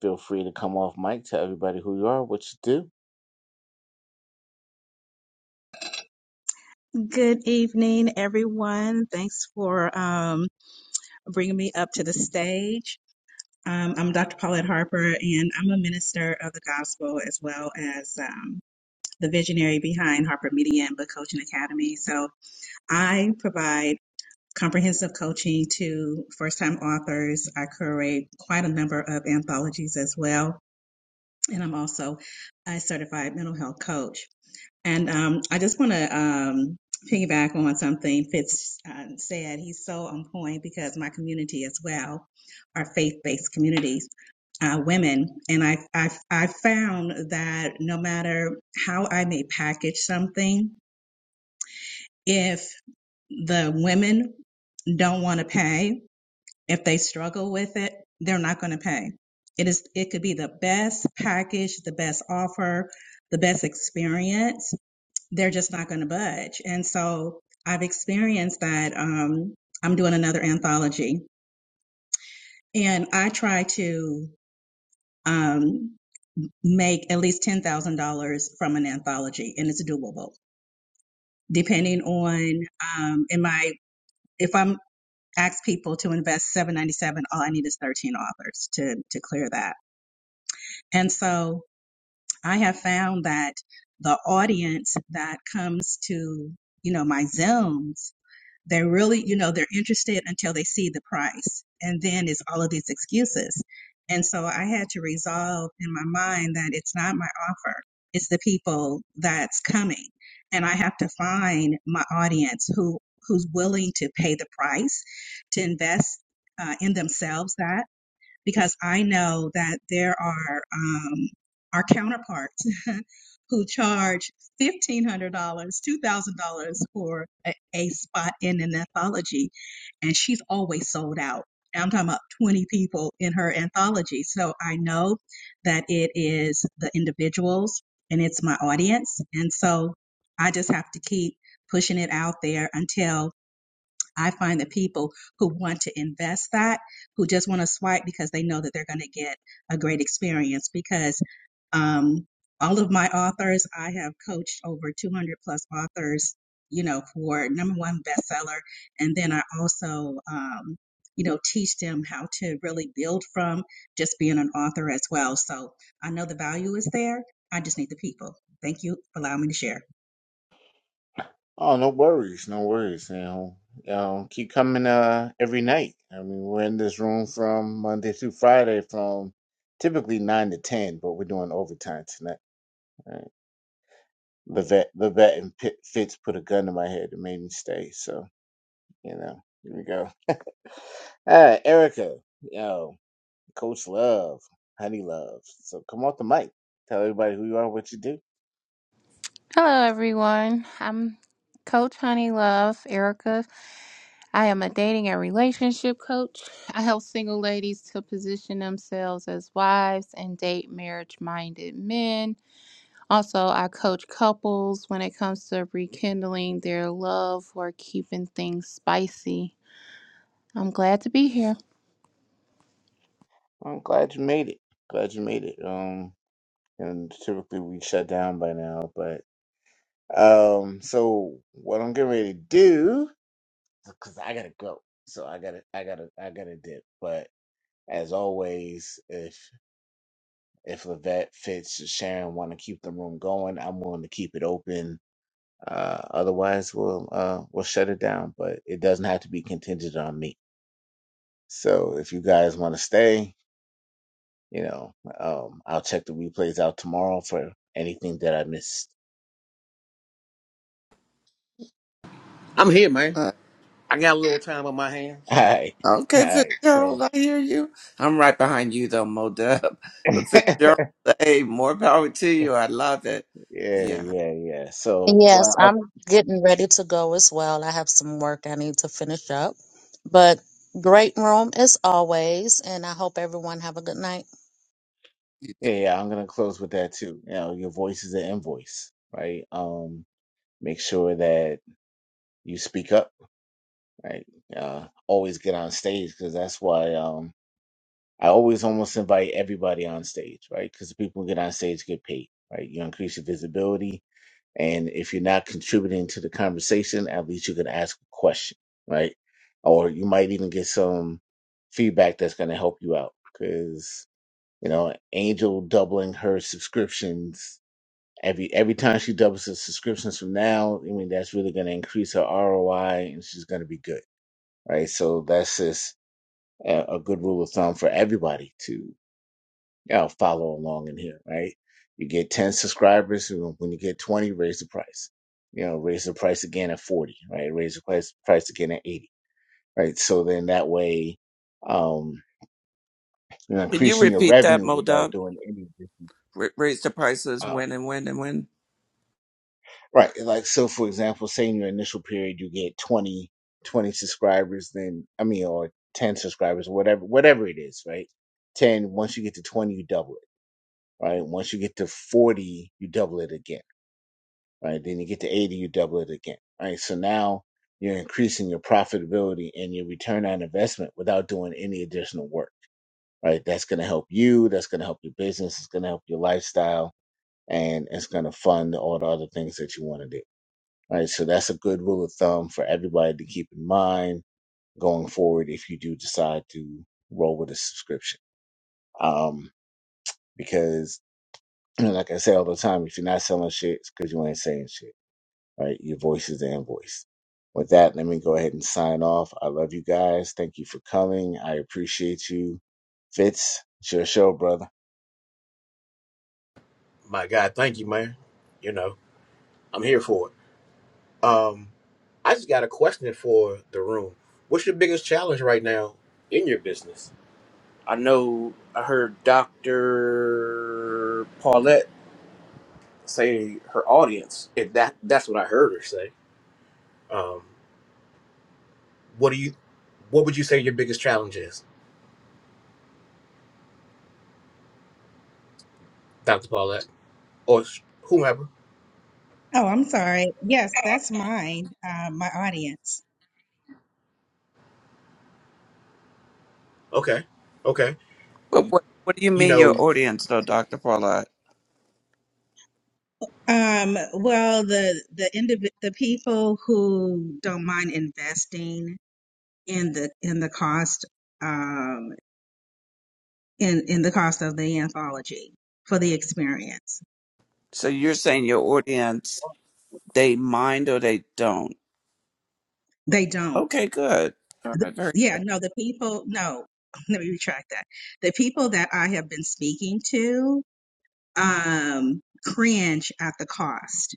Speaker 1: Feel free to come off mic, tell everybody who you are, what you do.
Speaker 9: Good evening, everyone. Thanks for um, bringing me up to the stage. Um, I'm Dr. Paulette Harper, and I'm a minister of the gospel as well as um, the visionary behind Harper Media and Book Coaching Academy. So I provide comprehensive coaching to first time authors. I curate quite a number of anthologies as well. And I'm also a certified mental health coach. And um, I just want to um, piggyback on something Fitz uh, said. He's so on point because my community as well are faith-based communities, uh, women, and I, I I found that no matter how I may package something, if the women don't want to pay, if they struggle with it, they're not going to pay. It is it could be the best package, the best offer, the best experience they're just not going to budge. And so I've experienced that. Um, I'm doing another anthology, and I try to um, make at least ten thousand dollars from an anthology, and it's doable. Depending on um, in my if I'm ask people to invest seven ninety seven, all I need is thirteen authors to to clear that. And so I have found that the audience that comes to you know my zooms They really, you know, they're interested until they see the price. And then it's all of these excuses. And so I had to resolve in my mind that it's not my offer, it's the people that's coming. And I have to find my audience who who's willing to pay the price to invest uh, in themselves that because I know that there are um, our counterparts who charge fifteen hundred dollars, two thousand dollars for a, a spot in an anthology, and she's always sold out. I'm talking about twenty people in her anthology, so I know that it is the individuals and it's my audience, and so I just have to keep pushing it out there until I find the people who want to invest that, who just want to swipe because they know that they're going to get a great experience, because um, all of my authors, I have coached over 200 plus authors, you know, for number one bestseller. And then I also, um, you know, teach them how to really build from just being an author as well. So I know the value is there. I just need the people. Thank you for allowing me to share.
Speaker 1: Oh, no worries, no worries. You know, you know, keep coming uh every night. I mean, we're in this room from Monday through Friday from typically nine to ten, but we're doing overtime tonight. All right. The vet, the vet, and Pit, Fitz put a gun to my head and made me stay. So you know, here we go. All right, Erica, yo, Coach Love, Honey Love. So come off the mic, tell everybody who you are, what you do.
Speaker 10: Hello, everyone. I'm Coach Honey Love, Erica. I am a dating and relationship coach. I help single ladies to position themselves as wives and date marriage minded men. Also, I coach couples when it comes to rekindling their love or keeping things spicy. I'm glad to be here.
Speaker 1: I'm glad you made it. Glad you made it. Um, and typically we shut down by now, but um, so what I'm getting ready to do, because I gotta go, so I gotta, I gotta, I gotta dip. But as always, if if Levette, Fitz, or Sharon want to keep the room going, I'm willing to keep it open. Uh, otherwise, we'll uh we'll shut it down. But it doesn't have to be contingent on me. So if you guys want to stay, You know, um, I'll check the replays out tomorrow for anything that I missed.
Speaker 4: I'm here, man. I got a little time on my hands.
Speaker 1: All right, all
Speaker 5: Okay,
Speaker 1: right. So
Speaker 5: Fitzgerald, I hear you. I'm right behind you though, Mo Dub. But
Speaker 1: yeah,
Speaker 5: Fitzgerald, hey, more power to you. I love it.
Speaker 1: yeah,
Speaker 5: Yeah.
Speaker 1: yeah. So well,
Speaker 2: Yes,
Speaker 1: I'll,
Speaker 2: I'm getting ready to go as well. I have some work I need to finish up. But great room as always, and I hope everyone have a good night.
Speaker 5: you too.
Speaker 1: yeah, yeah. I'm gonna close with that too. You know, your voice is an invoice, right? Um, make sure that you speak up, right? Uh, always get on stage because that's why um I always almost invite everybody on stage, right? Because the people who get on stage get paid, right? You increase your visibility, And if you're not contributing to the conversation, at least you can ask a question, right? Or you might even get some feedback that's going to help you out. Because, you know, Angel doubling her subscriptions every every time she doubles her subscriptions from now, I mean, that's really going to increase her ROI and she's going to be good, right? So that's just a, a good rule of thumb for everybody too I'll follow along in here, right? You get 10 subscribers. you know, When you get 20, raise the price. You know, raise the price again at 40, right? Raise the price, price again at 80, right? So then that way, um, you're
Speaker 5: Can you
Speaker 1: increasing your
Speaker 5: repeat that,
Speaker 1: revenue
Speaker 5: Mo
Speaker 1: without
Speaker 5: Dub?
Speaker 1: doing any.
Speaker 5: Ra- raise the prices,
Speaker 1: Wow.
Speaker 5: when and when and when.
Speaker 1: Right. Like, so for example, say in your initial period, you get 20 20 subscribers, then, I mean, or 10 subscribers, whatever, whatever it is, right? 10, once you get to 20, you double it, right? Once you get to 40, you double it again right? Then you get to 80, you double it again, right? So now you're increasing your profitability and your return on investment without doing any additional work, right? That's going to help you. That's going to help your business. It's going to help your lifestyle and it's going to fund all the other things that you want to do, right? So that's a good rule of thumb for everybody to keep in mind going forward if you do decide to roll with a subscription. Um, because like I say all the time, if you're not selling shit, it's because you ain't saying shit right? Your voice is the invoice. With that, let me go ahead and sign off. I love you guys. Thank you for coming. I appreciate you. Fitz, it's your show, brother.
Speaker 4: My God, thank you, man. You know, I'm here for it. Um, I just got a question for the room. What's your biggest challenge right now in your business? I know I heard Dr. Paulette say her audience. If that that's what I heard her say. Um, what do you what would you say your biggest challenge is, Dr. Paulette? Or sh- whomever.
Speaker 9: Oh, I'm sorry. Yes, that's mine, uh, my audience.
Speaker 4: Okay. Okay.
Speaker 5: But what what do you
Speaker 4: You
Speaker 5: mean
Speaker 4: know,
Speaker 5: your audience though, Dr. Paula?
Speaker 9: Um, well, the the indiv the people who don't mind investing in the in the cost um in in the cost of the anthology for the experience.
Speaker 5: So you're saying your audience, they mind or they don't.
Speaker 9: They don't.
Speaker 5: Okay, good. All
Speaker 9: Th-
Speaker 5: right, very
Speaker 9: Yeah, no, the people, no, let me retract that. The people that I have been speaking to um cringe at the cost.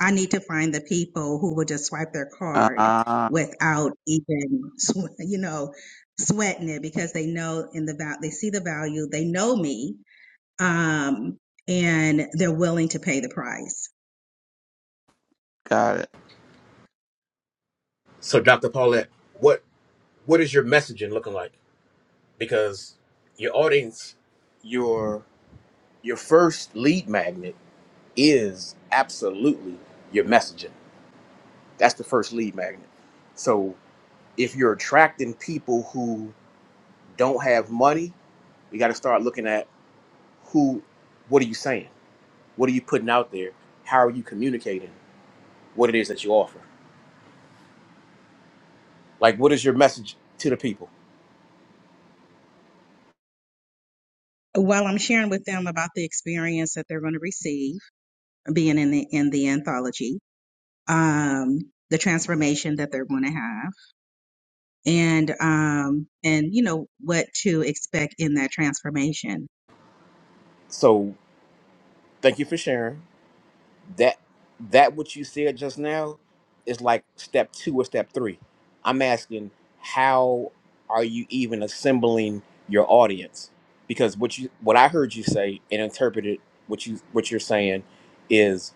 Speaker 9: I need to find the people who will just swipe their card
Speaker 5: Ah,
Speaker 9: without even, sw- you know, sweating it because they know in the val, they see the value, they know me, um, and they're willing to pay the price.
Speaker 5: got it.
Speaker 4: so Dr. Paulette, what what is your messaging looking like? because your audience, your your first lead magnet is absolutely your messaging. That's the first lead magnet. So if you're attracting people who don't have money, you got to start looking at who, what are you saying? What are you putting out there? How are you communicating what it is that you offer? Like, what is your message to the people?
Speaker 9: While I'm sharing with them about the experience that they're going to receive being in the in the anthology, um, the transformation that they're going to have, and um, and you know what to expect in that transformation.
Speaker 4: So thank you for sharing. that that what you said just now is like step two or step three. I'm asking how are you even assembling your audience? Because what you what I heard you say and interpreted what you what you're saying is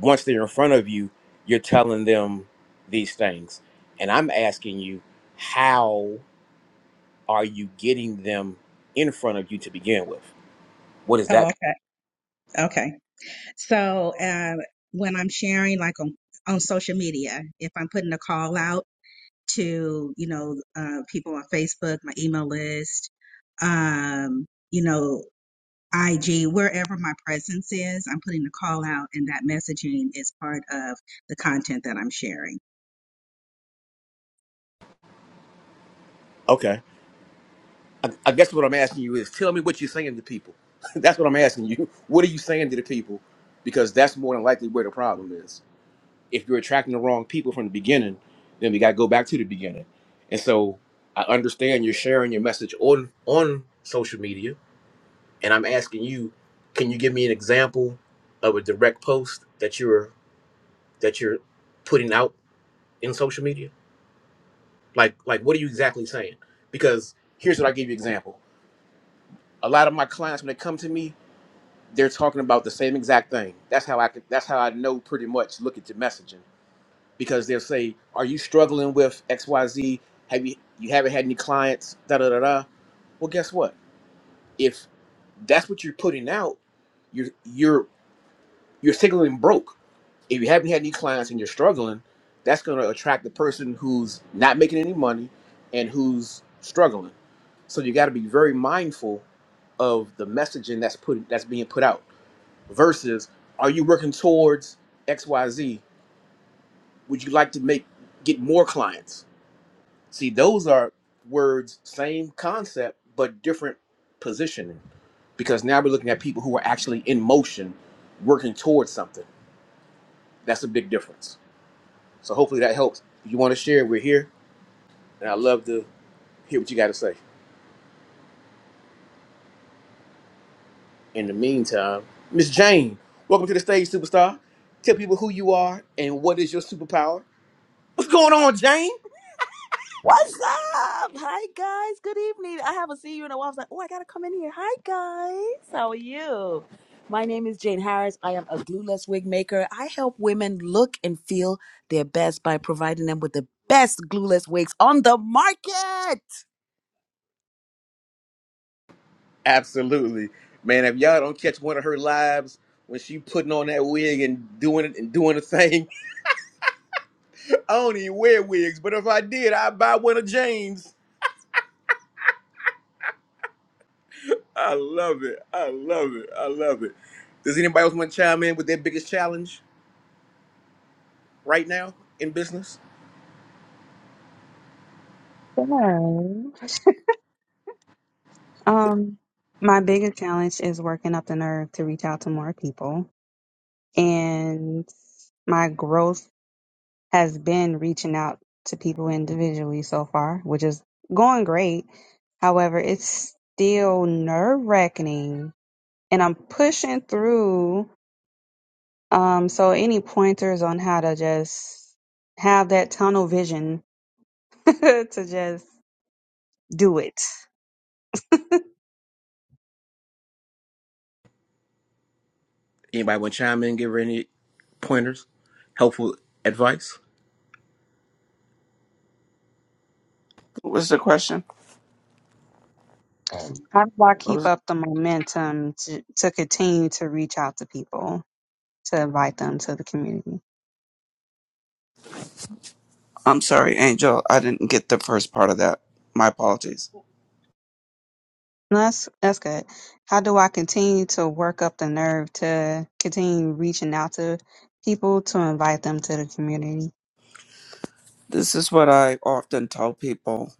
Speaker 4: once they're in front of you, you're telling them these things. And I'm asking you, how are you getting them in front of you to begin with? What is that?
Speaker 9: Oh, okay, okay. So uh, when I'm sharing, like on on social media, if I'm putting a call out to you know uh, people on Facebook, my email list, um, you know IG, wherever my presence is, I'm putting a call out, and that messaging is part of the content that I'm sharing.
Speaker 4: I, I guess what I'm asking you is tell me what you're saying to people. that's what I'm asking you. What are you saying to the people? Because that's more than likely where the problem is. If you're attracting the wrong people from the beginning, then we got to go back to the beginning. And so I understand you're sharing your message on on social media, and I'm asking you, can you give me an example of a direct post that you're that you're putting out in social media? Like like what are you exactly saying? Because here's what I give you example. A lot of my clients when they come to me, they're talking about the same exact thing. That's how I could, that's how I know pretty much look at your messaging because they'll say, "Are you struggling with XYZ? Have you you haven't had any clients?" Da da da da. Well, guess what? If that's what you're putting out, you're you're you're signaling broke. If you haven't had any clients and you're struggling, that's going to attract the person who's not making any money and who's struggling. So you got to be very mindful of the messaging that's put that's being put out versus are you working towards xyz would you like to make get more clients see those are words same concept but different positioning because now we're looking at people who are actually in motion working towards something that's a big difference so hopefully that helps if you want to share we're here and i love to hear what you got to say in the meantime miss jane welcome to the stage superstar tell people who you are and what is your superpower What's going on, Jane?
Speaker 11: What's up? Hi guys. Good evening. I haven't seen you in a while. I was like, oh, I gotta come in here. Hi guys. How are you? My name is Jane Harris. I am a glueless wig maker. I help women look and feel their best by providing them with the best glueless wigs on the market.
Speaker 4: Absolutely, man. If y'all don't catch one of her lives when she putting on that wig and doing it and doing the thing, I don't even wear wigs, but if I did, I'd buy one of Jane's. I love it. I love it. I love it. Does anybody else want to chime in with their biggest challenge right now in business?
Speaker 8: so, um my biggest challenge is working up the nerve to reach out to more people and my growth has been reaching out to people individually so far, which is going great. However, it's still nerve wracking and I'm pushing through. Um, so any pointers on how to just have that tunnel vision to just do it?
Speaker 4: Anybody want to chime in? Give her any pointers, helpful advice?
Speaker 5: What was the question?
Speaker 8: How do I
Speaker 5: What
Speaker 8: keep
Speaker 5: was
Speaker 8: up the momentum to, to continue to reach out to people to invite them to the community?
Speaker 5: I'm sorry, Angel. I didn't get the first part of that. My apologies.
Speaker 8: No, That's that's good. How do I continue to work up the nerve to continue reaching out to people to invite them to the community?
Speaker 5: This is what I often tell people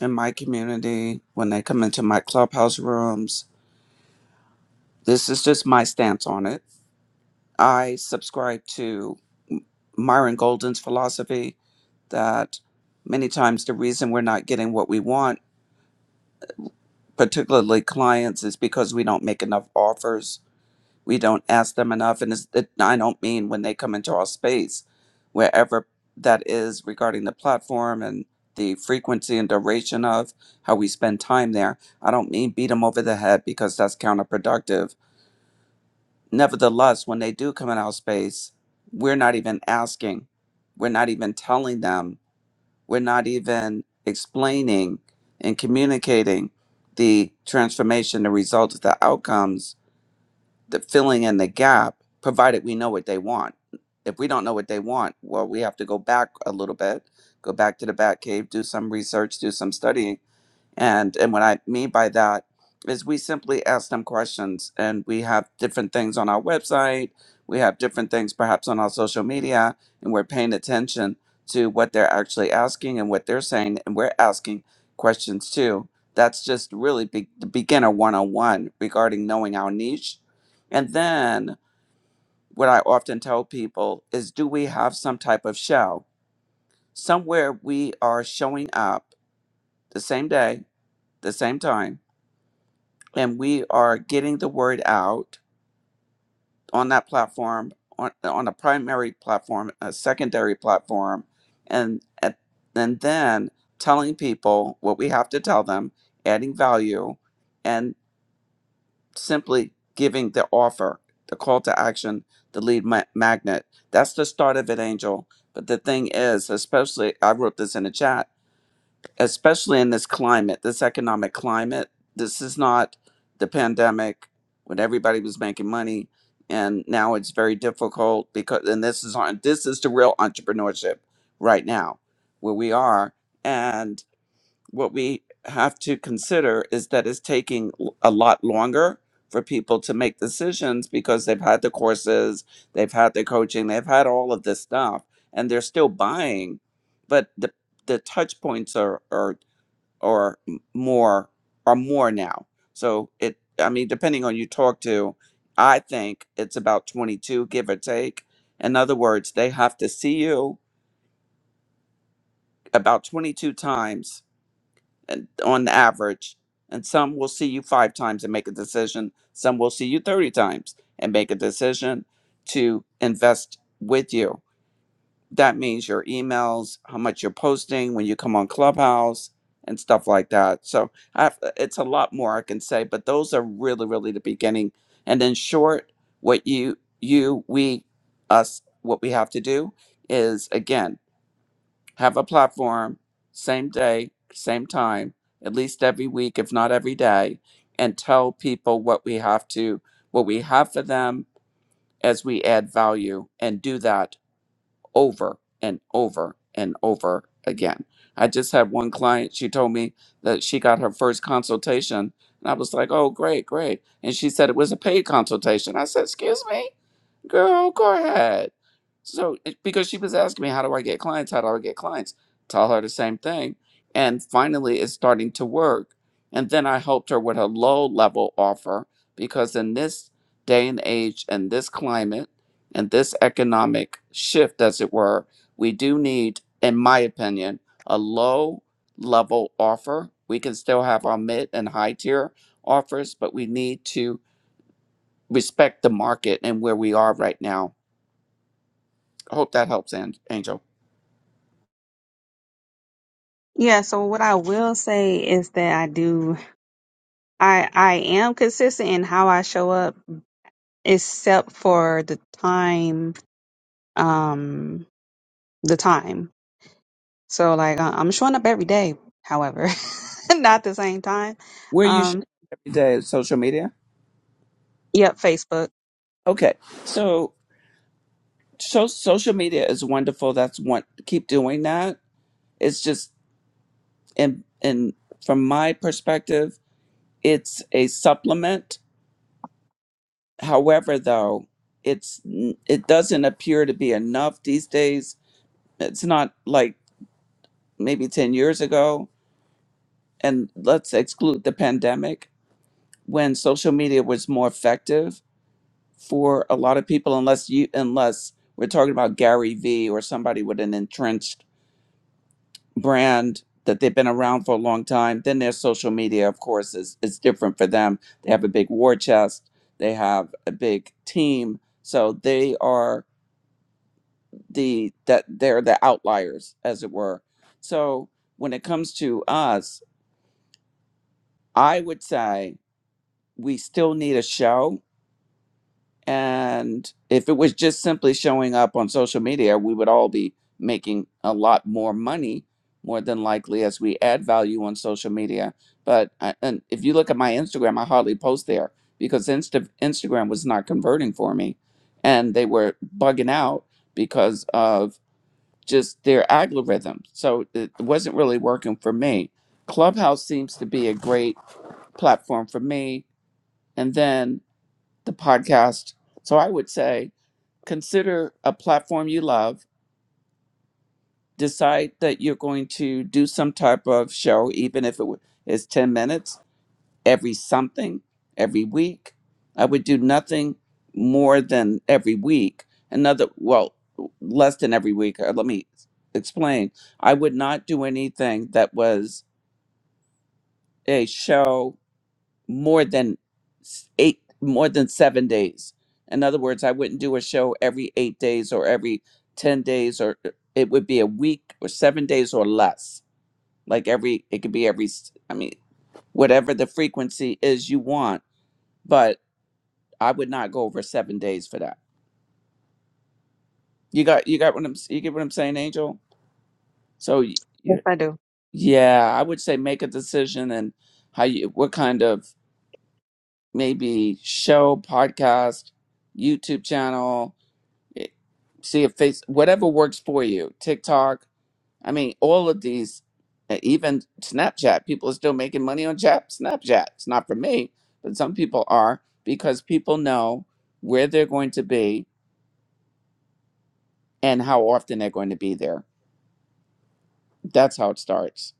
Speaker 5: in my community when they come into my clubhouse rooms. This is just my stance on it. I subscribe to Myron Golden's philosophy that many times the reason we're not getting what we want, particularly clients, is because we don't make enough offers we don't ask them enough and it's, it, i don't mean when they come into our space wherever that is regarding the platform and the frequency and duration of how we spend time there i don't mean beat them over the head because that's counterproductive nevertheless when they do come in our space we're not even asking we're not even telling them we're not even explaining and communicating the transformation the results the outcomes the filling in the gap, provided we know what they want. If we don't know what they want, well, we have to go back a little bit, go back to the Batcave, do some research, do some studying, and and what I mean by that is we simply ask them questions and we have different things on our website, we have different things perhaps on our social media, and we're paying attention to what they're actually asking and what they're saying, and we're asking questions too. That's just really be- the beginner one on one regarding knowing our niche. And then what I often tell people is do we have some type of show? Somewhere we are showing up the same day, the same time and we are getting the word out on that platform on, on a primary platform a secondary platform and at- and then telling people what we have to tell them adding value and simply giving the offer the call to action the lead ma- magnet that's the start of it angel but the thing is especially i wrote this in a chat especially in this climate, this economic climate. This is not the pandemic when everybody was making money, and now it's very difficult because. And this is on this is the real entrepreneurship right now, where we are, and what we have to consider is that it's taking l- a lot longer for people to make decisions because they've had the courses, they've had the coaching, they've had all of this stuff, and they're still buying, but the the touch points are are or m- more or more now. So it, I mean, depending on you talk to, I think it's about 22, give or take. In other words, they have to see you about 22 times and on average, and some will see you five times and make a decision. Some will see you 30 times and make a decision to invest with you. that means your emails, how much you're posting when you come on Clubhouse and stuff like that. So I have, it's a lot more I can say, but those are really, really the beginning. And in short, what you, you, we, us, what we have to do is again, have a platform, same day, same time, at least every week, if not every day, and tell people what we have to, what we have for them as we add value and do that over and over and over again. I just had one client, she told me that she got her first consultation, and I was like, oh, great, great. And she said it was a paid consultation. I said, excuse me, girl, go ahead. So, it- because she was asking me, how do I get clients? How do I get clients? Tell her the same thing. And finally, it's starting to work. And then I helped her with a low level offer because in this day and age and this climate, and this economic shift, as it were, we do need, in my opinion, a low level offer. We can still have our mid and high tier offers, but we need to respect the market and where we are right now. I hope that helps, An- Angel.
Speaker 8: Yeah, so what I will say is that I do I I am consistent in how I show up except for the time um the time so like I- i'm showing up every day however not the same time
Speaker 5: Where you show
Speaker 8: um
Speaker 5: up every day social media?
Speaker 8: yep facebook
Speaker 5: Okay, so so social media is wonderful. That's one. Keep doing that. It's just and and from my perspective. It's a supplement. However, though, it's it doesn't appear to be enough these days. It's not like maybe 10 years ago. And let's exclude the pandemic when social media was more effective for a lot of people unless you unless we're talking about Gary Vee or somebody with an entrenched brand that they've been around for a long time. Then their social media, of course, is is different for them. They have a big war chest. They have a big team. So they are the that they're the outliers, as it were. So when it comes to us, I would say we still need a show And if it was just simply showing up on social media, we would all be making a lot more money, more than likely, as we add value on social media. But I, and if you look at my Instagram, I hardly post there because Insta, Instagram was not converting for me. And they were bugging out because of just their algorithm. So it wasn't really working for me. Clubhouse seems to be a great platform for me. And then the podcast. So I would say consider a platform you love. Decide that you're going to do some type of show, even if it w- is 10 minutes every something, every week. I would do nothing more than every week. Another, well, less than every week. Uh, Let me explain. I would not do anything that was a show more than s- eight more than seven days in other words i wouldn't do a show every eight days or every 10 days or uh, it would be a week or seven days or less like every it could be every s- i mean whatever the frequency is you want but i would not go over seven days for that you got you got what i'm s- you get what i'm saying angel so y-
Speaker 8: yes
Speaker 5: y-
Speaker 8: i do
Speaker 5: yeah i would say make a decision and how you what kind of maybe show podcast youtube channel it- see if face whatever works for you tiktok i mean all of these uh, even snapchat people are still making money on chat snapchat it's not for me but some people are because people know where they're going to be and how often they're going to be there that's how it starts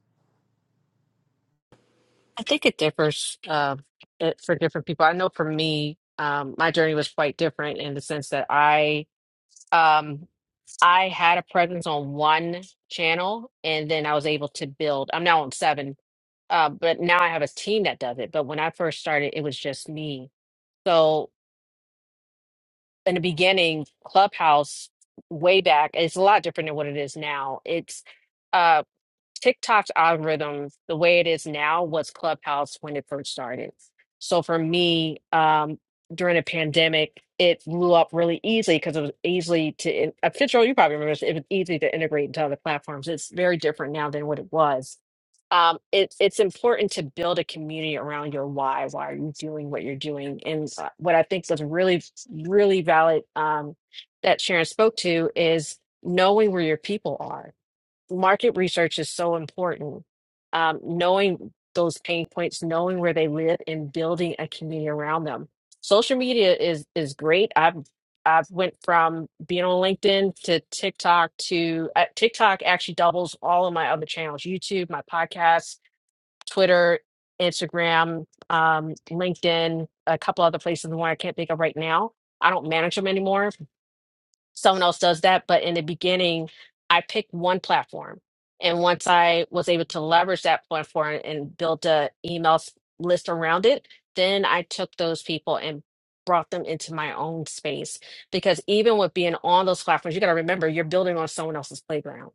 Speaker 3: i think it differs uh, it- for different people i know for me um, my journey was quite different in the sense that i Um, I had a presence on one channel and then I was able to build. I'm now on seven, uh, but now I have a team that does it. But when I first started, it was just me. So in the beginning, Clubhouse way back, it's a lot different than what it is now. It's uh, TikTok's algorithm, the way it is now, was Clubhouse when it first started. So for me, um, during the pandemic, it blew up really easily because it was easily to, in- I'm sure you probably remember this, it was easy to integrate into other platforms. It's very different now than what it was. Um, it, it's important to build a community around your why. Why are you doing what you're doing? And uh, what I think was really, really valid um, that Sharon spoke to is knowing where your people are market research is so important. Um, knowing those pain points, knowing where they live, and building a community around them. Social media is is great. I've I've went from being on LinkedIn to TikTok to uh, TikTok actually doubles all of my other channels: YouTube, my podcast, Twitter, Instagram, um, LinkedIn, a couple other places. The one I can't think of right now. I don't manage them anymore, someone else does that. But in the beginning, I picked one platform. And once I was able to leverage that platform and build a email s- list around it, then I took those people and brought them into my own space. Because even with being on those platforms, you got to remember you're building on someone else's playground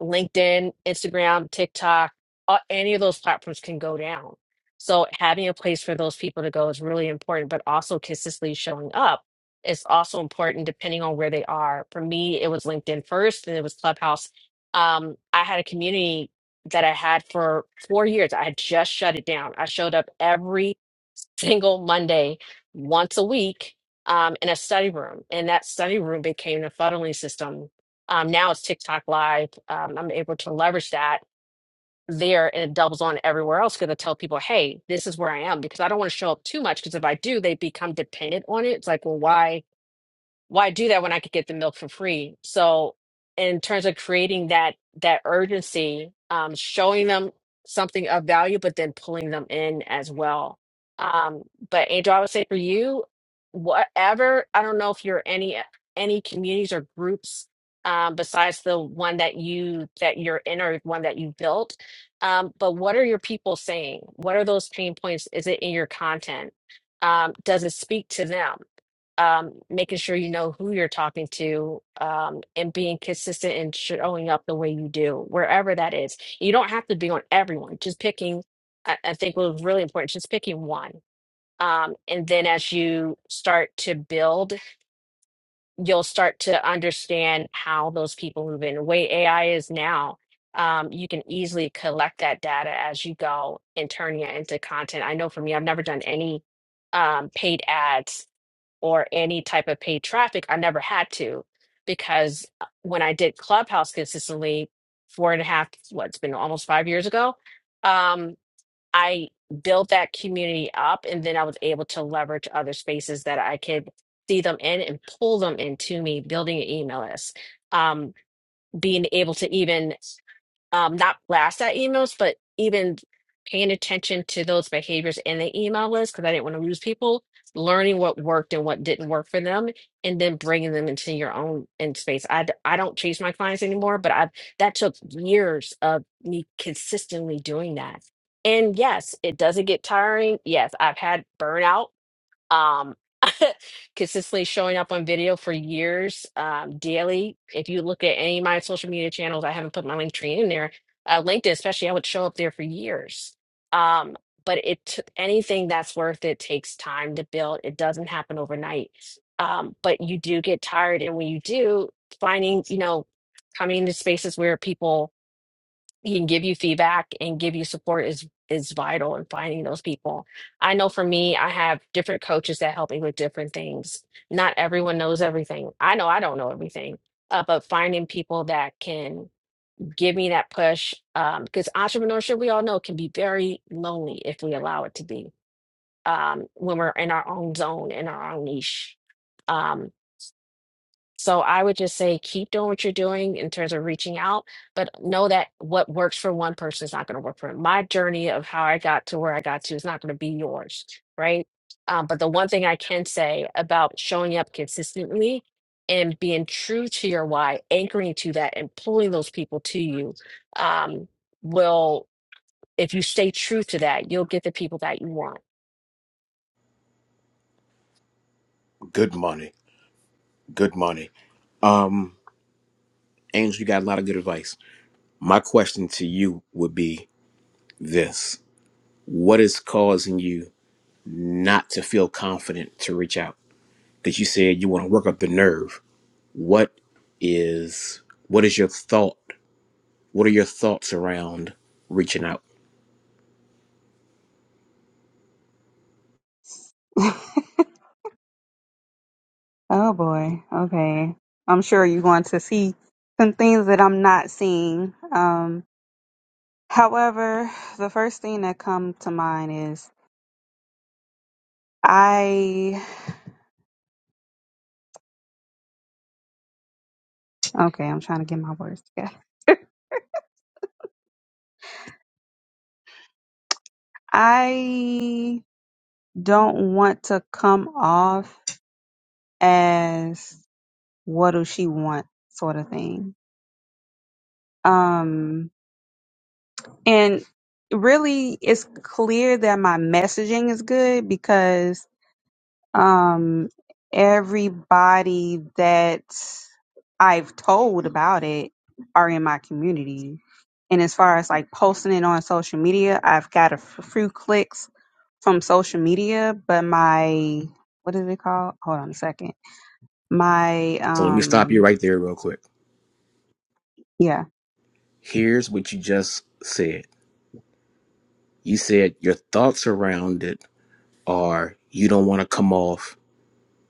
Speaker 3: LinkedIn, Instagram, TikTok, uh, any of those platforms can go down. So having a place for those people to go is really important, but also consistently showing up is also important depending on where they are. For me, it was LinkedIn first, then it was Clubhouse. Um, I had a community that I had for four years. I had just shut it down. I showed up every single Monday, once a week, um, in a study room, and that study room became the funneling system um, now it's TikTok Live. Um, I'm able to leverage that there and it doubles on everywhere else because I tell people, hey, this is where I am because I don't want to show up too much because if I do, they become dependent on it. It's like, well, why? why do that when I could get the milk for free? So, in terms of creating that that urgency, um, showing them something of value, but then pulling them in as well. Um, but Angel, I would say for you, whatever I don't know if you're any any communities or groups um, besides the one that you that you're in or one that you built. Um, but what are your people saying? What are those pain points? Is it in your content? Um, does it speak to them? um, making sure you know who you're talking to um, and being consistent and showing up the way you do, wherever that is. You don't have to be on everyone, just picking, I, I think what was really important, just picking one. Um, and then as you start to build, you'll start to understand how those people move in. The way AI is now, um, you can easily collect that data as you go and turn it into content. I know for me, I've never done any um, paid ads or any type of paid traffic. I never had to because uh, when I did Clubhouse consistently, four and a half, what, it's been almost five years ago, um, I built that community up and then I was able to leverage other spaces that I could see them in and pull them into me, building an email list, um, being able to even um, not blast out emails, but even paying attention to those behaviors in the email list because I didn't want to lose people, learning what worked and what didn't work for them, and then bringing them into your own in space. I, d- I don't chase my clients anymore, but I that took years of me consistently doing that. And yes, it doesn't get tiring. Yes, I've had burnout um consistently showing up on video for years um daily if you look at any of my social media channels i haven't put my link tree in there uh linkedin especially i would show up there for years um but it took anything that's worth it takes time to build it doesn't happen overnight um but you do get tired and when you do finding you know coming into spaces where people he can give you feedback and give you support is is vital in finding those people. I know for me, I have different coaches that help me with different things. Not everyone knows everything. I know I don't know everything, uh, but finding people that can give me that push because entrepreneurship, we all know, can be very lonely if we allow it to be um, when we're in our own zone, in our own niche. Um, so I would just say keep doing what you're doing in terms of reaching out, but know that what works for one person is not going to work for my journey of how I got to where I got to is not going to be yours, right? Um, but the one thing I can say about showing up consistently and being true to your why, anchoring to that, and pulling those people to you, um, will. If you stay true to that, you'll get the people that you want.
Speaker 4: Good money. Good money. Um, Angel, you got a lot of good advice. My question to you would be this What is causing you not to feel confident to reach out? That you said you want to work up the nerve. What is what is your thought? What are your thoughts around reaching out?
Speaker 8: oh boy okay i'm sure you're going to see some things that i'm not seeing um however the first thing that come to mind is i okay i'm trying to get my words together i don't want to come off as what does she want sort of thing. Um, and really, it's clear that my messaging is good because um, everybody that I've told about it are in my community. And as far as like posting it on social media, I've got a f- few clicks from social media, but my what is it called? Hold on a second my
Speaker 4: So let me stop you
Speaker 8: um
Speaker 4: right there real quick.
Speaker 8: yeah
Speaker 4: Here's what you just said. You said your thoughts around it are you don't want to come off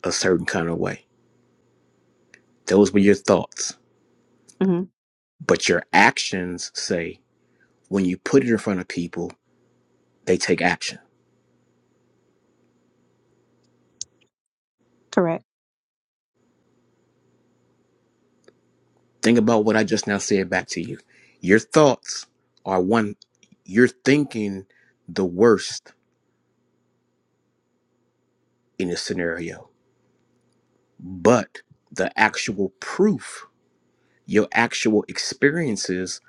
Speaker 4: a certain kind of way. Those were your thoughts
Speaker 8: hmm
Speaker 4: but your actions say When you put it in front of people, they take action.
Speaker 8: correct
Speaker 4: Think about what I just now said back to you. Your thoughts are one, you're thinking the worst in this scenario, but the actual proof, your actual experiences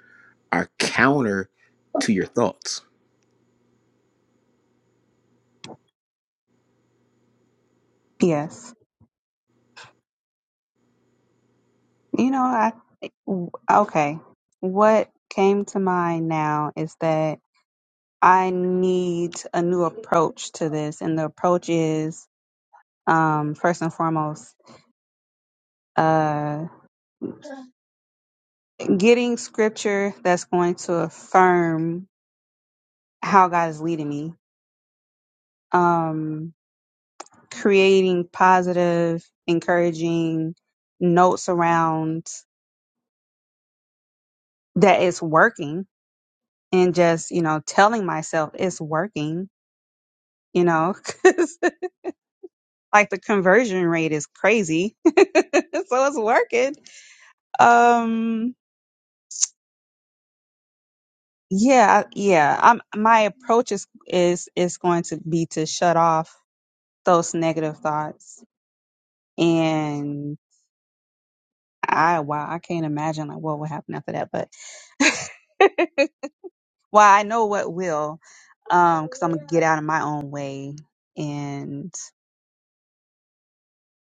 Speaker 4: are counter to your thoughts.
Speaker 8: yes you know i w- okay what came to mind now is that i need a new approach to this and the approach is um first and foremost uh getting scripture that's going to affirm how god is leading me um creating positive encouraging notes around that it's working and just, you know, telling myself it's working, you know, 'cause, like the conversion rate is crazy. so it's working. Um yeah, yeah. I'm my approach is is is going to be to shut off those negative thoughts and I wow, I can't imagine like what would happen after that, but well, I know what will um cuz I'm going to get out of my own way and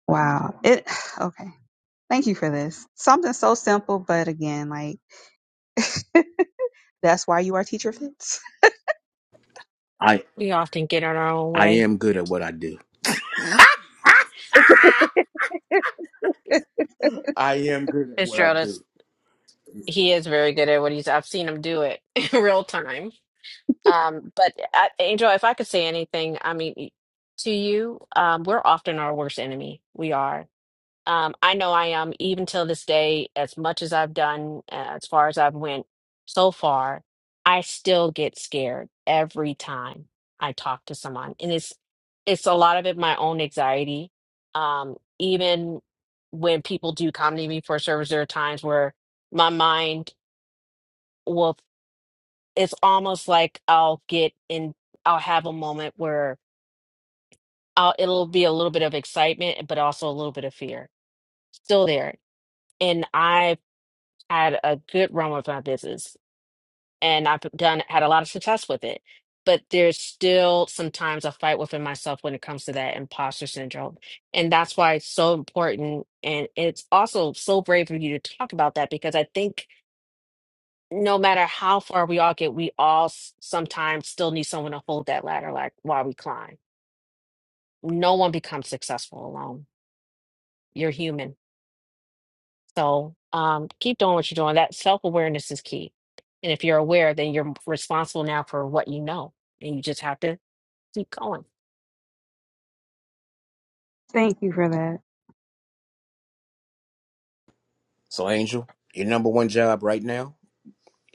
Speaker 8: wow. It okay. Thank you for this. Something so simple, but again, like that's why you are teacher fits.
Speaker 4: I
Speaker 3: We often get in our own
Speaker 4: I
Speaker 3: way.
Speaker 4: am good at what I do. I am good at what I
Speaker 3: Fitzgerald
Speaker 4: do.
Speaker 3: is he is very good at what he's. I've seen him do it in real time. Um, but I, Angel, if I could say anything, I mean, to you, um, we're often our worst enemy. We are. Um, I know I am, even till this day, as much as I've done, uh, as far as I've went so far, I still get scared every time I talk to someone. And it's it's a lot of it my own anxiety. Um, even when people do come to me for service, there are times where my mind will, it's almost like I'll get in, I'll have a moment where I'll, it'll be a little bit of excitement, but also a little bit of fear still there. And I had a good run with my business and I've done had a lot of success with it. But there's still sometimes a fight within myself when it comes to that imposter syndrome. And that's why it's so important. And it's also so brave of you to talk about that because I think no matter how far we all get, we all s- sometimes still need someone to hold that ladder like while we climb. No one becomes successful alone. You're human. So um, keep doing what you're doing. That self awareness is key. And if you're aware, then you're responsible now for what you know, and you just have to keep going.
Speaker 8: Thank you for that.
Speaker 4: So, Angel, your number one job right now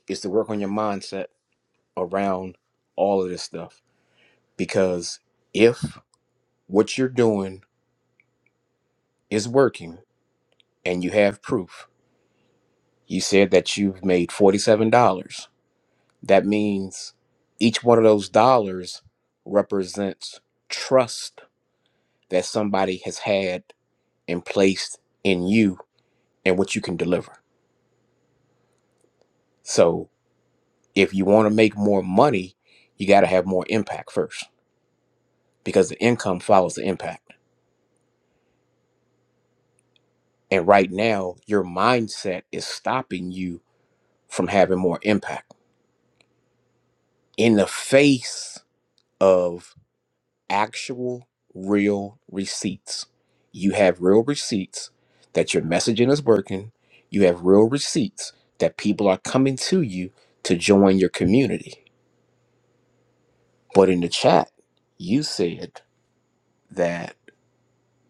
Speaker 4: is to work on your mindset. around all of this stuff because if what you're doing is working and you have proof, you said that you've made $47. That means each one of those dollars represents trust that somebody has had and placed in you and what you can deliver. So if you want to make more money, you got to have more impact first because the income follows the impact. And right now, your mindset is stopping you from having more impact in the face of actual real receipts. You have real receipts that your messaging is working. You have real receipts that people are coming to you to join your community. But in the chat, you said that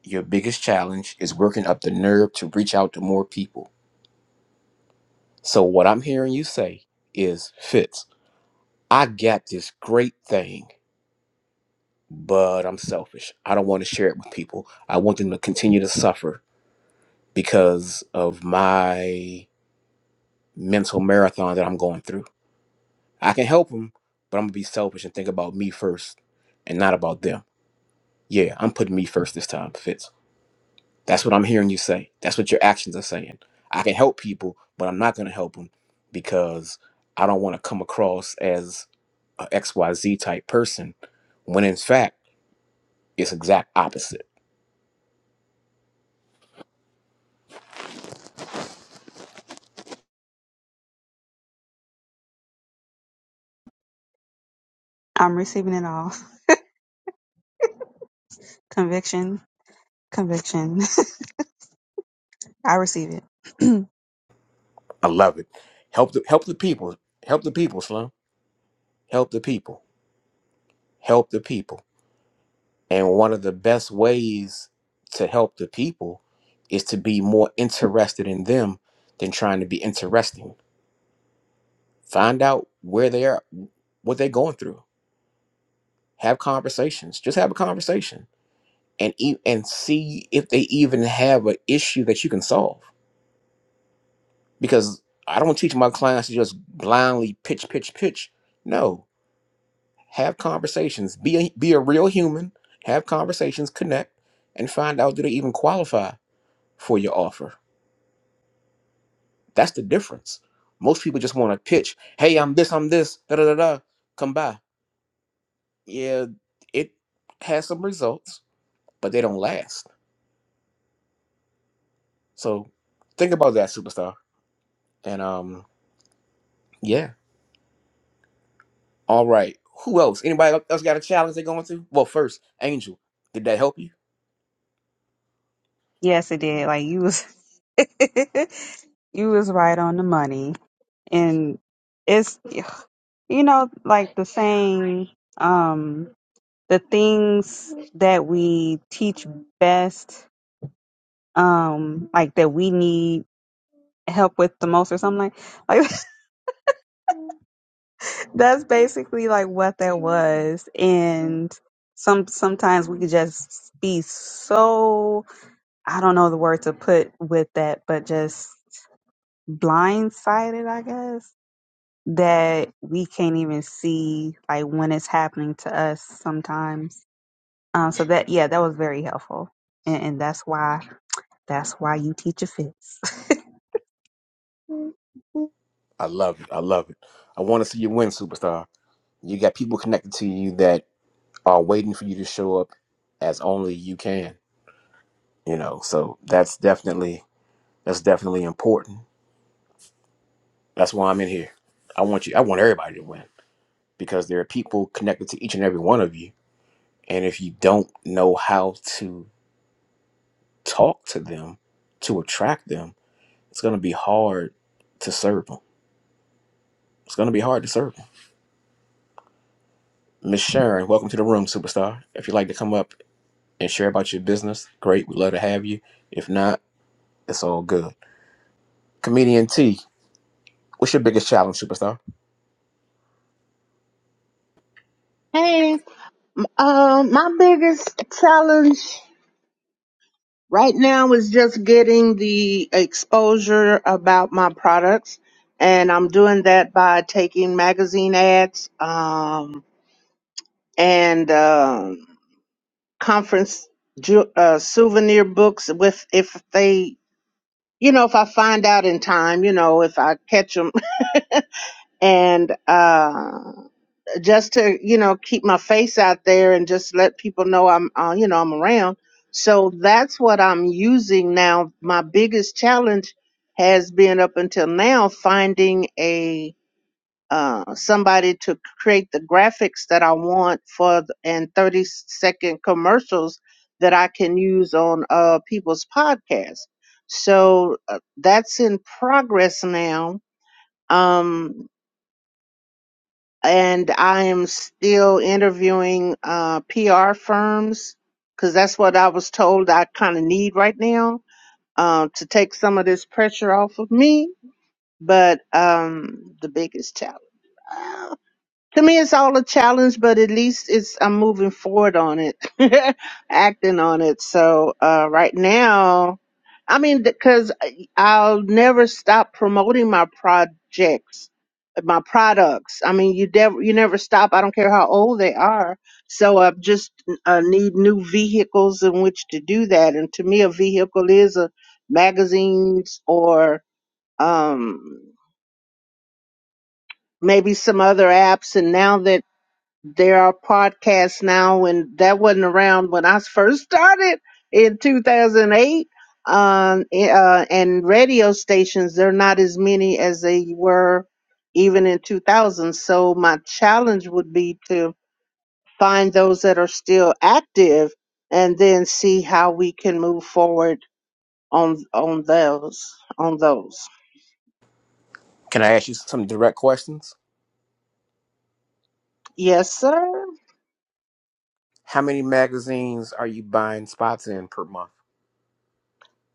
Speaker 4: your biggest challenge is working up the nerve to reach out to more people. So what I'm hearing you say is, Fitz, I got this great thing but I'm selfish. I don't want to share it with people. I want them to continue to suffer because of my mental marathon that I'm going through. I can help them, but I'm going to be selfish and think about me first and not about them. Yeah, I'm putting me first this time, Fitz. That's what I'm hearing you say. That's what your actions are saying. I can help people, but I'm not going to help them because I don't want to come across as a X Y Z type person when in fact it's exact opposite
Speaker 8: I'm receiving it all. Conviction, conviction. I receive it.
Speaker 4: I love it. Help the help the people. Help the people, Slim. Help the people. Help the people. And one of the best ways to help the people is to be more interested in them than trying to be interesting. Find out where they are, what they're going through. Have conversations. Just have a conversation and e- and see if they even have an issue that you can solve. Because I don't teach my clients to just blindly pitch, pitch, pitch. No, Have conversations. Be a, be a real human. Have conversations. Connect, and find out do they even qualify for your offer. That's the difference. Most people just want to pitch. Hey, I'm this. I'm this. Da da da da. Come by. Yeah, it has some results, but they don't last. So think about that, superstar. And um, yeah. All right. Who else? Anybody else got a challenge they're going to? Well, first, Angel. Did that help you?
Speaker 8: yes, it did. Like you was, you was right on the money, and it's you know like the saying, um, the things that we teach best, um, like that we need help with the most or something like like That's basically like what that was. And some sometimes we could just be so I don't know the word to put with that, but just blindsided, I guess, that we can't even see like when it's happening to us sometimes. Um so that yeah, that was very helpful. And, and that's why that's why you teach a fits.
Speaker 4: I love it. I love it. I want to see you win, superstar. You got people connected to you that are waiting for you to show up as only you can. You know, so that's definitely that's definitely important. That's why I'm in here. I want you I want everybody to win because there are people connected to each and every one of you. And if you don't know how to talk to them to attract them, it's gonna be hard to serve them. It's gonna be hard to serve them. Miss Sharon, welcome to the room, superstar. If you'd like to come up and share about your business, great. We'd love to have you. If not, it's all good. Comedian T, what's your biggest challenge, superstar?
Speaker 6: Hey, um, my biggest challenge Right now is just getting the exposure about my products, and I'm doing that by taking magazine ads um, and um conference ju- uh, souvenir books with if they, you know, if I find out in time, you know, if I catch them and. uh, just to you know keep my face out there and just let people know I'm uh, you know I'm around. So that's what I'm using now. My biggest challenge has been up until now finding a uh, somebody to create the graphics that I want for th- and 30 second commercials that I can use on uh, people's podcasts. So uh, that's in progress now. Um, and I am still interviewing uh, PR firms because that's what I was told I kind of need right now uh, to take some of this pressure off of me. But um, the biggest challenge to me it's all a challenge but at least it's i'm moving forward on it acting on it so uh right now i mean because i'll never stop promoting my projects my products i mean you never you never stop i don't care how old they are so i just uh, need new vehicles in which to do that and to me a vehicle is a magazines or um maybe some other apps and now that there are podcasts now, and that wasn't around when I first started in 2008. Um, eh, uh, and radio stations, they're not as many as they were even in 2000. So my challenge would be to find those that are still active, and then see how we can move forward on on those on those.
Speaker 4: Can I ask you some direct questions?
Speaker 6: Yes, sir.
Speaker 4: How many magazines are you buying spots in per month?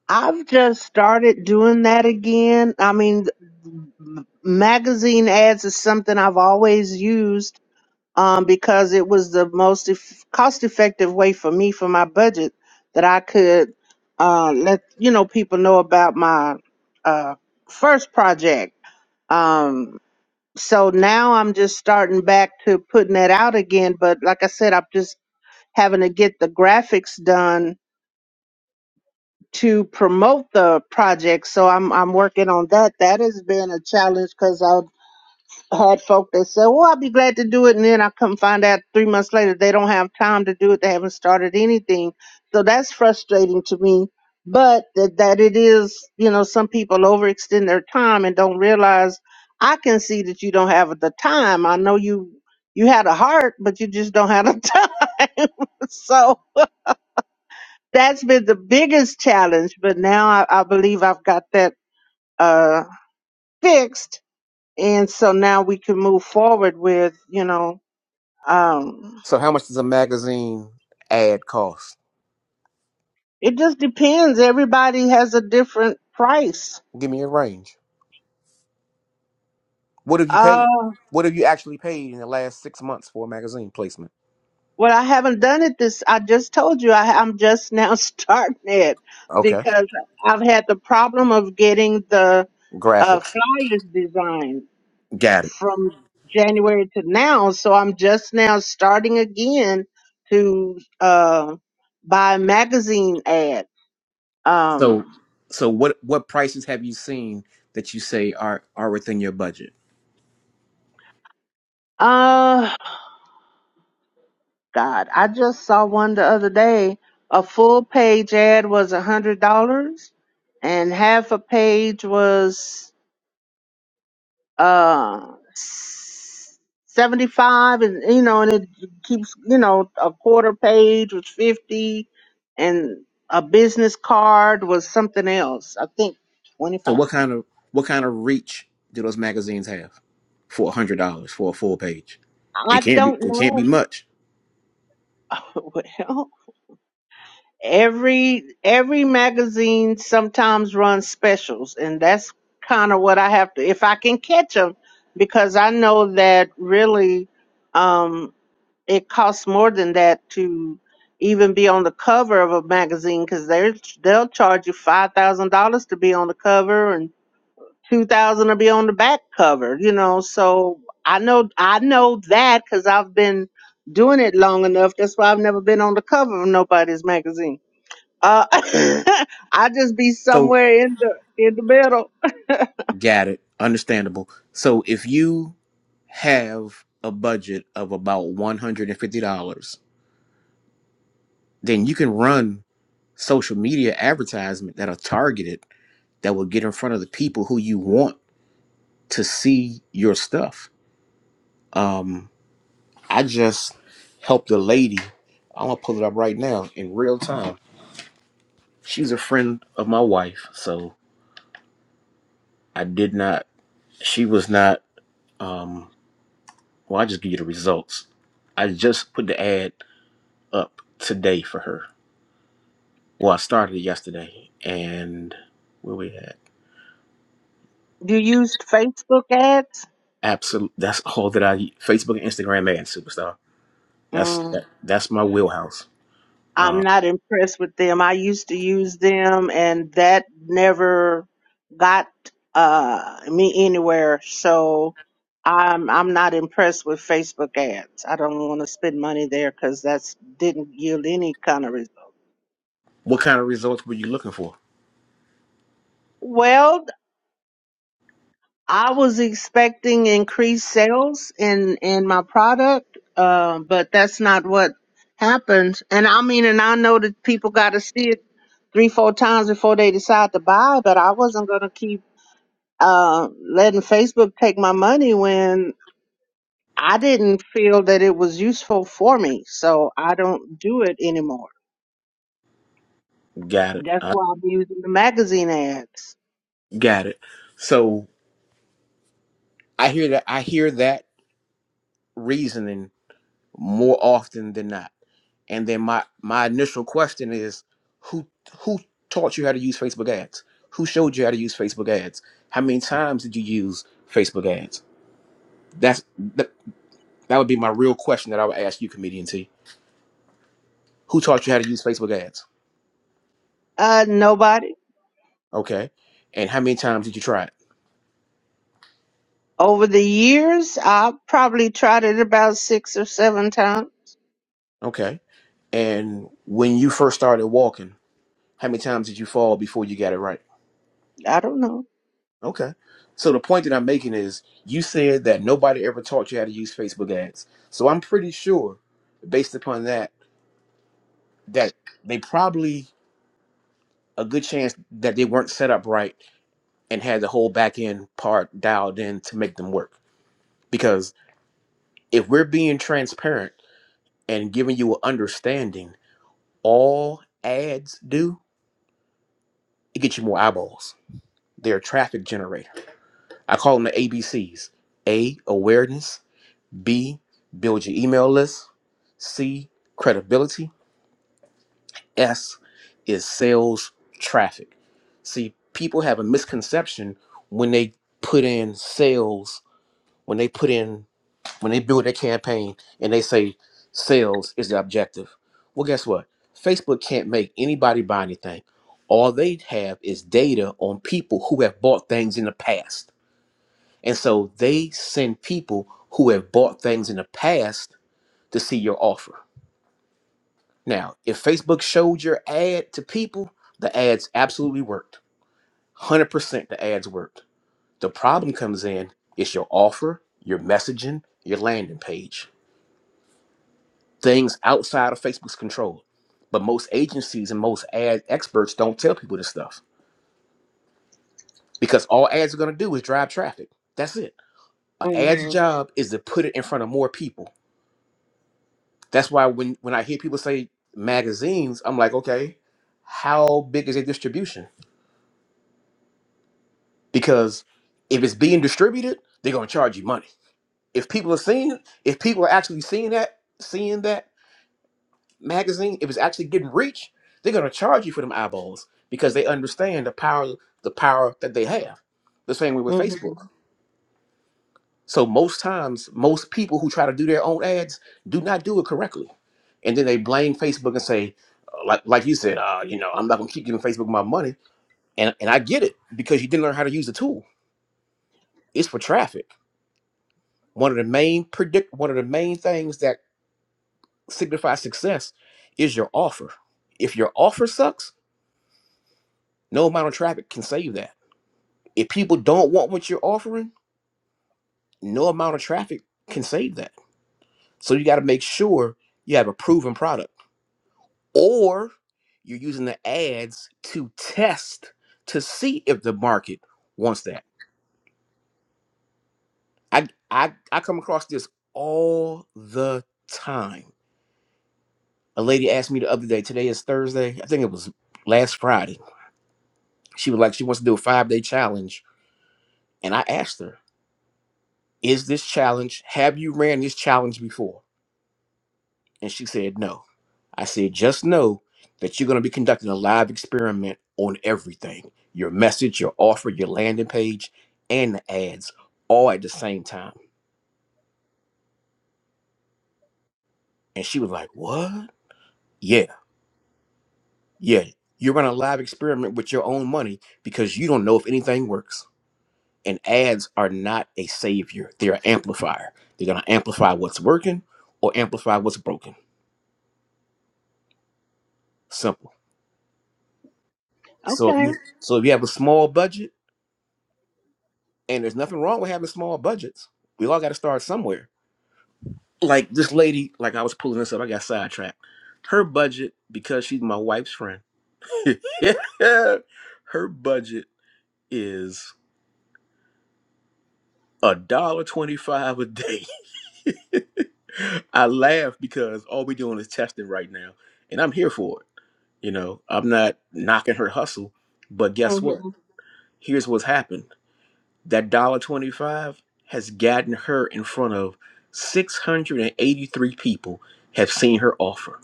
Speaker 6: I've just started doing that again. I mean, magazine ads is something I've always used um, because it was the most eff- cost-effective way for me for my budget that I could uh, let you know people know about my uh, first project. Um, so now I'm just starting back to putting that out again. But like I said, I'm just having to get the graphics done to promote the project. So I'm I'm working on that. That has been a challenge because had folk that said, "Well, I'll be glad to do it," and then I come find out three months later they don't have time to do it. They haven't started anything, so that's frustrating to me. But that that it is, you know, some people overextend their time and don't realize. I can see that you don't have the time. I know you you had a heart, but you just don't have the time. so that's been the biggest challenge. But now I, I believe I've got that uh, fixed, and so now we can move forward with you know um,
Speaker 4: So, how much does a magazine ad cost?
Speaker 6: it just depends. Everybody has a different price.
Speaker 4: Give me a range. What have you
Speaker 6: Uh,
Speaker 4: paid? What have you actually paid in the last six months for a magazine placement?
Speaker 6: well, I haven't done it this. I just told you I, I'm just now starting it
Speaker 4: Okay,
Speaker 6: because I've had the problem of getting the uh,
Speaker 4: graphics,
Speaker 6: flyers designed
Speaker 4: got it.
Speaker 6: from January to now. So I'm just now starting again to uh, buy magazine ads.
Speaker 4: So,
Speaker 6: Um,
Speaker 4: so what what prices have you seen that you say are are within your budget?
Speaker 6: Uh. God. I just saw one the other day. A full page ad was a hundred dollars and half a page was uh seventy five and you know and it keeps you know, a quarter page was fifty and a business card was something else. I think twenty
Speaker 4: So
Speaker 6: five.
Speaker 4: what kind of what kind of reach do those magazines have for a hundred dollars for a full page? It
Speaker 6: I
Speaker 4: can't be
Speaker 6: don't
Speaker 4: it can't be
Speaker 6: know.
Speaker 4: much.
Speaker 6: well every every magazine sometimes runs specials and that's kind of what i have to if i can catch them because i know that really um it costs more than that to even be on the cover of a magazine because they're they'll charge you five thousand dollars to be on the cover and two thousand to be on the back cover you know so i know i know that because i've been doing it long enough that's why i've never been on the cover of nobody's magazine uh, I just be
Speaker 4: So
Speaker 6: somewhere in the in the middle.
Speaker 4: got it. Understandable. So if you have a budget of about one hundred and fifty dollars, then you can run social media advertisement that are targeted that will get in front of the people who you want to see your stuff. Um, I just helped a lady. I'm gonna pull it up right now in real time She's a friend of my wife, so I did not. She was not. Um, well, I just give you the results. I just put the ad up today for her. Well, I started it yesterday, and where we at?
Speaker 6: Do you use Facebook ads?
Speaker 4: Absolute. That's all that I Facebook and Instagram ad superstar. That's
Speaker 6: Mm,
Speaker 4: that, that's my wheelhouse.
Speaker 6: I'm not impressed with them. I used to use them, and that never got uh me anywhere. So I'm I'm not impressed with Facebook ads. I don't want to spend money there because that's didn't yield any kind of result.
Speaker 4: What kind of results were you looking for?
Speaker 6: Well, I was expecting increased sales in in my product, uh, but that's not what happened. And I mean, and I know that people got to see it three, four times before they decide to buy. But I wasn't gonna keep uh, letting Facebook take my money when I didn't feel that it was useful for me. So I don't do it anymore.
Speaker 4: Got it.
Speaker 6: That's
Speaker 4: I
Speaker 6: why I'm using the magazine ads.
Speaker 4: got it. So I hear that. I hear that reasoning more often than not. And then my my initial question is, who who taught you how to use Facebook ads? Who showed you how to use Facebook ads? How many times did you use Facebook ads? That's that, that would be my real question that I would ask you, comedian T. Who taught you how to use Facebook ads?
Speaker 6: Uh, nobody.
Speaker 4: Okay, and how many times did you try it?
Speaker 6: Over the years, I probably tried it about six or seven times.
Speaker 4: Okay, and when you first started walking, how many times did you fall before you got it right?
Speaker 6: I don't know.
Speaker 4: Okay. So the point that I'm making is you said that nobody ever taught you how to use Facebook ads. So I'm pretty sure based upon that that they probably a good chance that they weren't set up right and had the whole back end part dialed in to make them work. Because if we're being transparent and giving you an understanding, all ads do, it gets you more eyeballs. They're a traffic generator. I call them the ABCs. A awareness, B, build your email list. C, credibility. S is sales traffic. See, people have a misconception when they put in sales, when they put in, when they build their campaign and they say sales is the objective. Well, guess what? Facebook can't make anybody buy anything. All they have is data on people who have bought things in the past. And so they send people who have bought things in the past to see your offer. Now, if Facebook showed your ad to people, the ads absolutely worked. 100% the ads worked. The problem comes in it's your offer, your messaging, your landing page. Things outside of Facebook's control. But most agencies and most ad experts don't tell people this stuff because all ads are going to do is drive traffic. That's it. An ad's
Speaker 6: Mhm.
Speaker 4: job is to put it in front of more people. That's why when, when I hear people say magazines, I'm like, okay, how big is their distribution? because if it's being distributed, they're gonna charge you money. If people are seeing, if people are actually seeing that, seeing that magazine, if it's actually getting reach, they're gonna charge you for them eyeballs because they understand the power, the power that they have. The same way with Facebook.
Speaker 6: Mhm.
Speaker 4: So most times, most people who try to do their own ads do not do it correctly, and then they blame Facebook and say, uh, like like you said, uh, you know, I'm not gonna keep giving Facebook my money, and and I get it because you didn't learn how to use the tool. It's for traffic One of the main predict one of the main things that signifies success is your offer. If your offer sucks, no amount of traffic can save that. If people don't want what you're offering, no amount of traffic can save that. So you got to make sure you have a proven product or you're using the ads to test to see if the market wants that. I I I come across this all the time. A lady asked me the other day, today is Thursday. I think it was last Friday she was like she wants to do a five day challenge and i asked her is this challenge have you ran this challenge before and she said no i said just know that you're going to be conducting a live experiment on everything your message your offer your landing page and the ads all at the same time and she was like what yeah yeah you're running a live experiment with your own money because you don't know if anything works and ads are not a savior they're an amplifier they're going to amplify what's working or amplify what's broken simple so if
Speaker 6: Okay.
Speaker 4: you so if you have a small budget and there's nothing wrong with having small budgets we all got to start somewhere like this lady like i was pulling this up i got sidetracked her budget because she's my wife's friend her budget is a dollar 25 a day i laugh because all we're doing is testing right now and i'm here for it You know, I'm not knocking her hustle, but guess what?
Speaker 6: Mhm.
Speaker 4: Here's what's happened. That dollar twenty-five has gotten her in front of 683 people have seen her offer.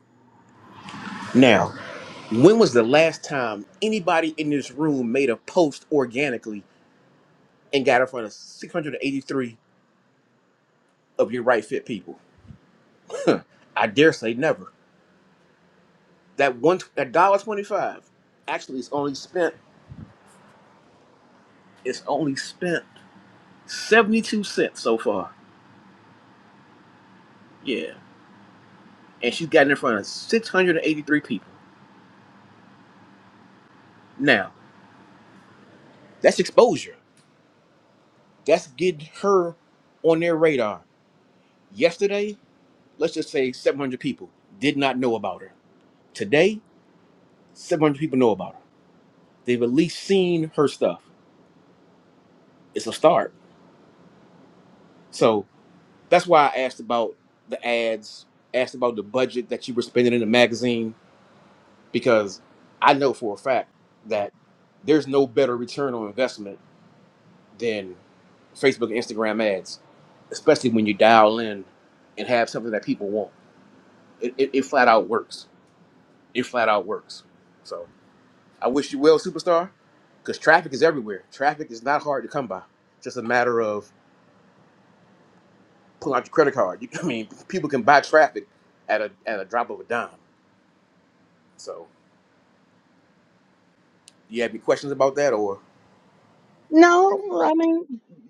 Speaker 4: Now, when was the last time anybody in this room made a post organically and got in front of 683 of your right fit people? I dare say never. That one that dollar twenty-five actually it's only spent it's only spent 72 cents so far. Yeah. and she's gotten in front of 683 people. Now, that's exposure. That's getting her on their radar. Yesterday, let's just say 700 people did not know about her. Today, 700 people know about her. They've at least seen her stuff. It's a start. So that's why I asked about the ads, asked about the budget that you were spending in the magazine, because I know for a fact that there's no better return on investment than Facebook and Instagram ads, especially when you dial in and have something that people want. It, it, it flat out works. It flat out works. So I wish you well, superstar, because traffic is everywhere. Traffic is not hard to come by. just a matter of pulling out your credit card. You, I mean, people can buy traffic at a at a drop of a dime. So you have any questions about that or?
Speaker 6: No, I mean,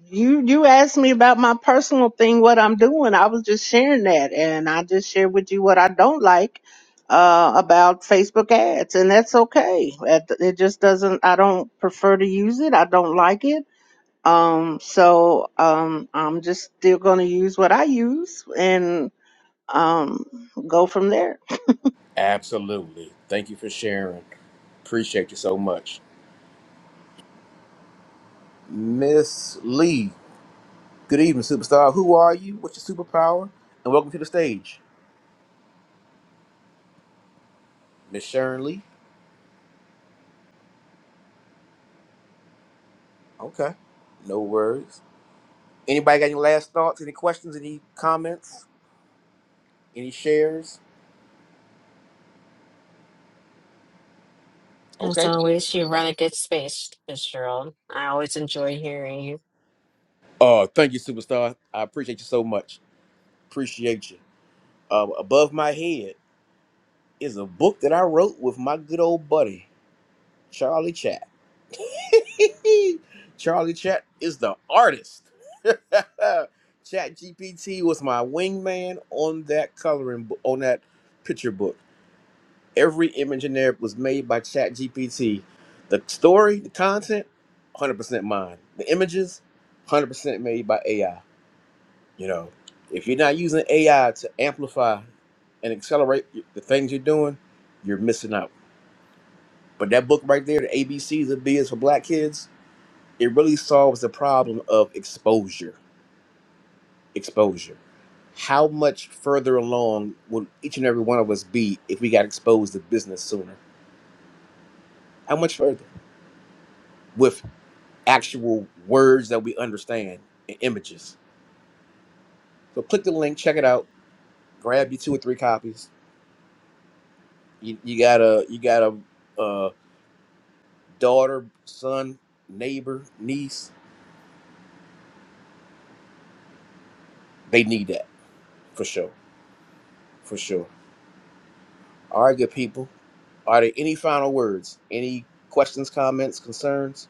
Speaker 6: you you asked me about my personal thing, what I'm doing. I was just sharing that, and I just shared with you what I don't like uh, about Facebook ads, and that's okay. It, it just doesn't. I don't prefer to use it. I don't like it. Um, so um, I'm just still going to use what I use and um, go from there.
Speaker 4: Absolutely. Thank you for sharing. Appreciate you so much, Miss Lee. Good evening, superstar. Who are you? What's your superpower? And welcome to the stage, Miss Sharon Lee. Okay, no worries. Anybody got any last thoughts? Any questions? Any comments? Any shares?
Speaker 3: As
Speaker 4: Okay.
Speaker 3: always, you run a good space, Miss Gerald. I always enjoy hearing you.
Speaker 4: Oh, thank you, superstar. I appreciate you so much. Appreciate you. Um, above my head is a book that I wrote with my good old buddy Charlie Chap. Charlie Chat is the artist. Chat GPT was my wingman on that coloring book, on that picture book. Every image in there was made by Chat GPT. The story, the content, 100% mine. The images, 100% made by AI. You know, if you're not using AI to amplify and accelerate y- the things you're doing, you're missing out. But that book right there, the ABCs of B is for Black kids, it really solves the problem of exposure. Exposure. How much further along would each and every one of us be if we got exposed to business sooner? How much further? With actual words that we understand and images. So click the link, check it out, grab you two or three copies. You, you got a you got a, uh daughter, son, neighbor, niece. They need that for sure, for sure. All right, good people. Are there any final words? Any questions, comments, concerns?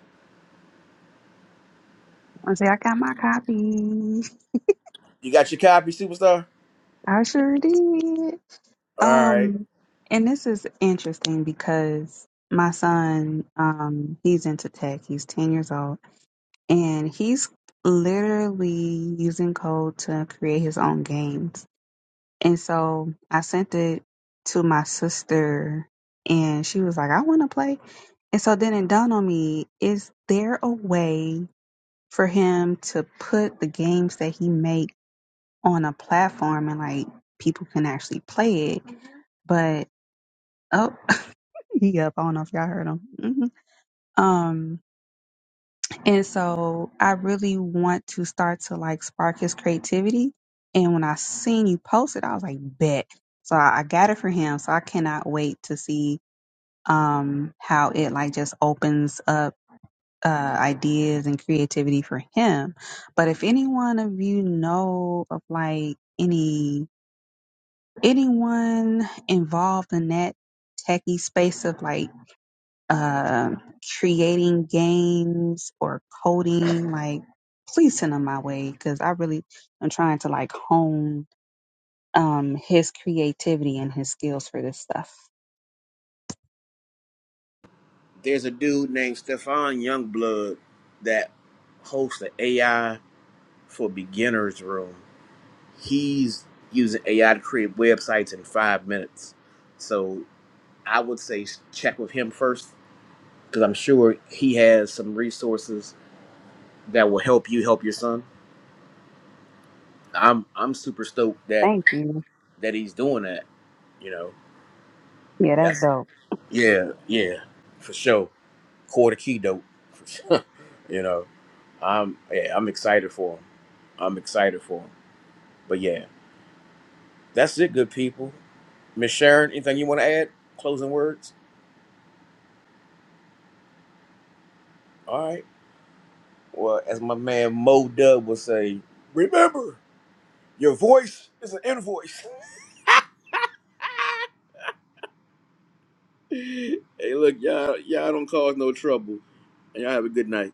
Speaker 8: I say I got my copy.
Speaker 4: You got your copy, superstar?
Speaker 8: I sure did.
Speaker 4: All right.
Speaker 8: Um, and this is interesting because my son, um, he's into tech. He's 10 years old, and he's literally using code to create his own games. And so I sent it to my sister, and she was like, I want to play. And so then it dawned on me, is there a way for him to put the games that he make on a platform and like people can actually play it? But Oh, he I don't know if y'all heard him. hmm Um, and so I really want to start to like spark his creativity. And when I seen you post it, I was like, bet. So I, I got it for him. So I cannot wait to see um how it like just opens up uh ideas and creativity for him. But if anyone of you know of like any anyone involved in that techie space of like um creating games or coding, like please send them my way because I really am trying to like hone um, his creativity and his skills for this stuff.
Speaker 4: There's a dude named Stefan Youngblood that hosts the AI for beginners room. He's using AI to create websites in five minutes. So I would say check with him first because I'm sure he has some resources that will help you help your son. I'm I'm super stoked that
Speaker 8: Thank you.
Speaker 4: that he's doing that. You know.
Speaker 8: Yeah, that's
Speaker 4: That's
Speaker 8: dope.
Speaker 4: yeah, yeah, for sure. Quarter key dope, for sure. you know, I'm yeah, I'm excited for him. I'm excited for him. But yeah, that's it, good people. Miss Sharon, anything you want to add? Closing words. All right. Well, as my man Mo Dub would say, remember your voice is an invoice. hey, look, y'all, y'all don't cause no trouble, and y'all have a good night.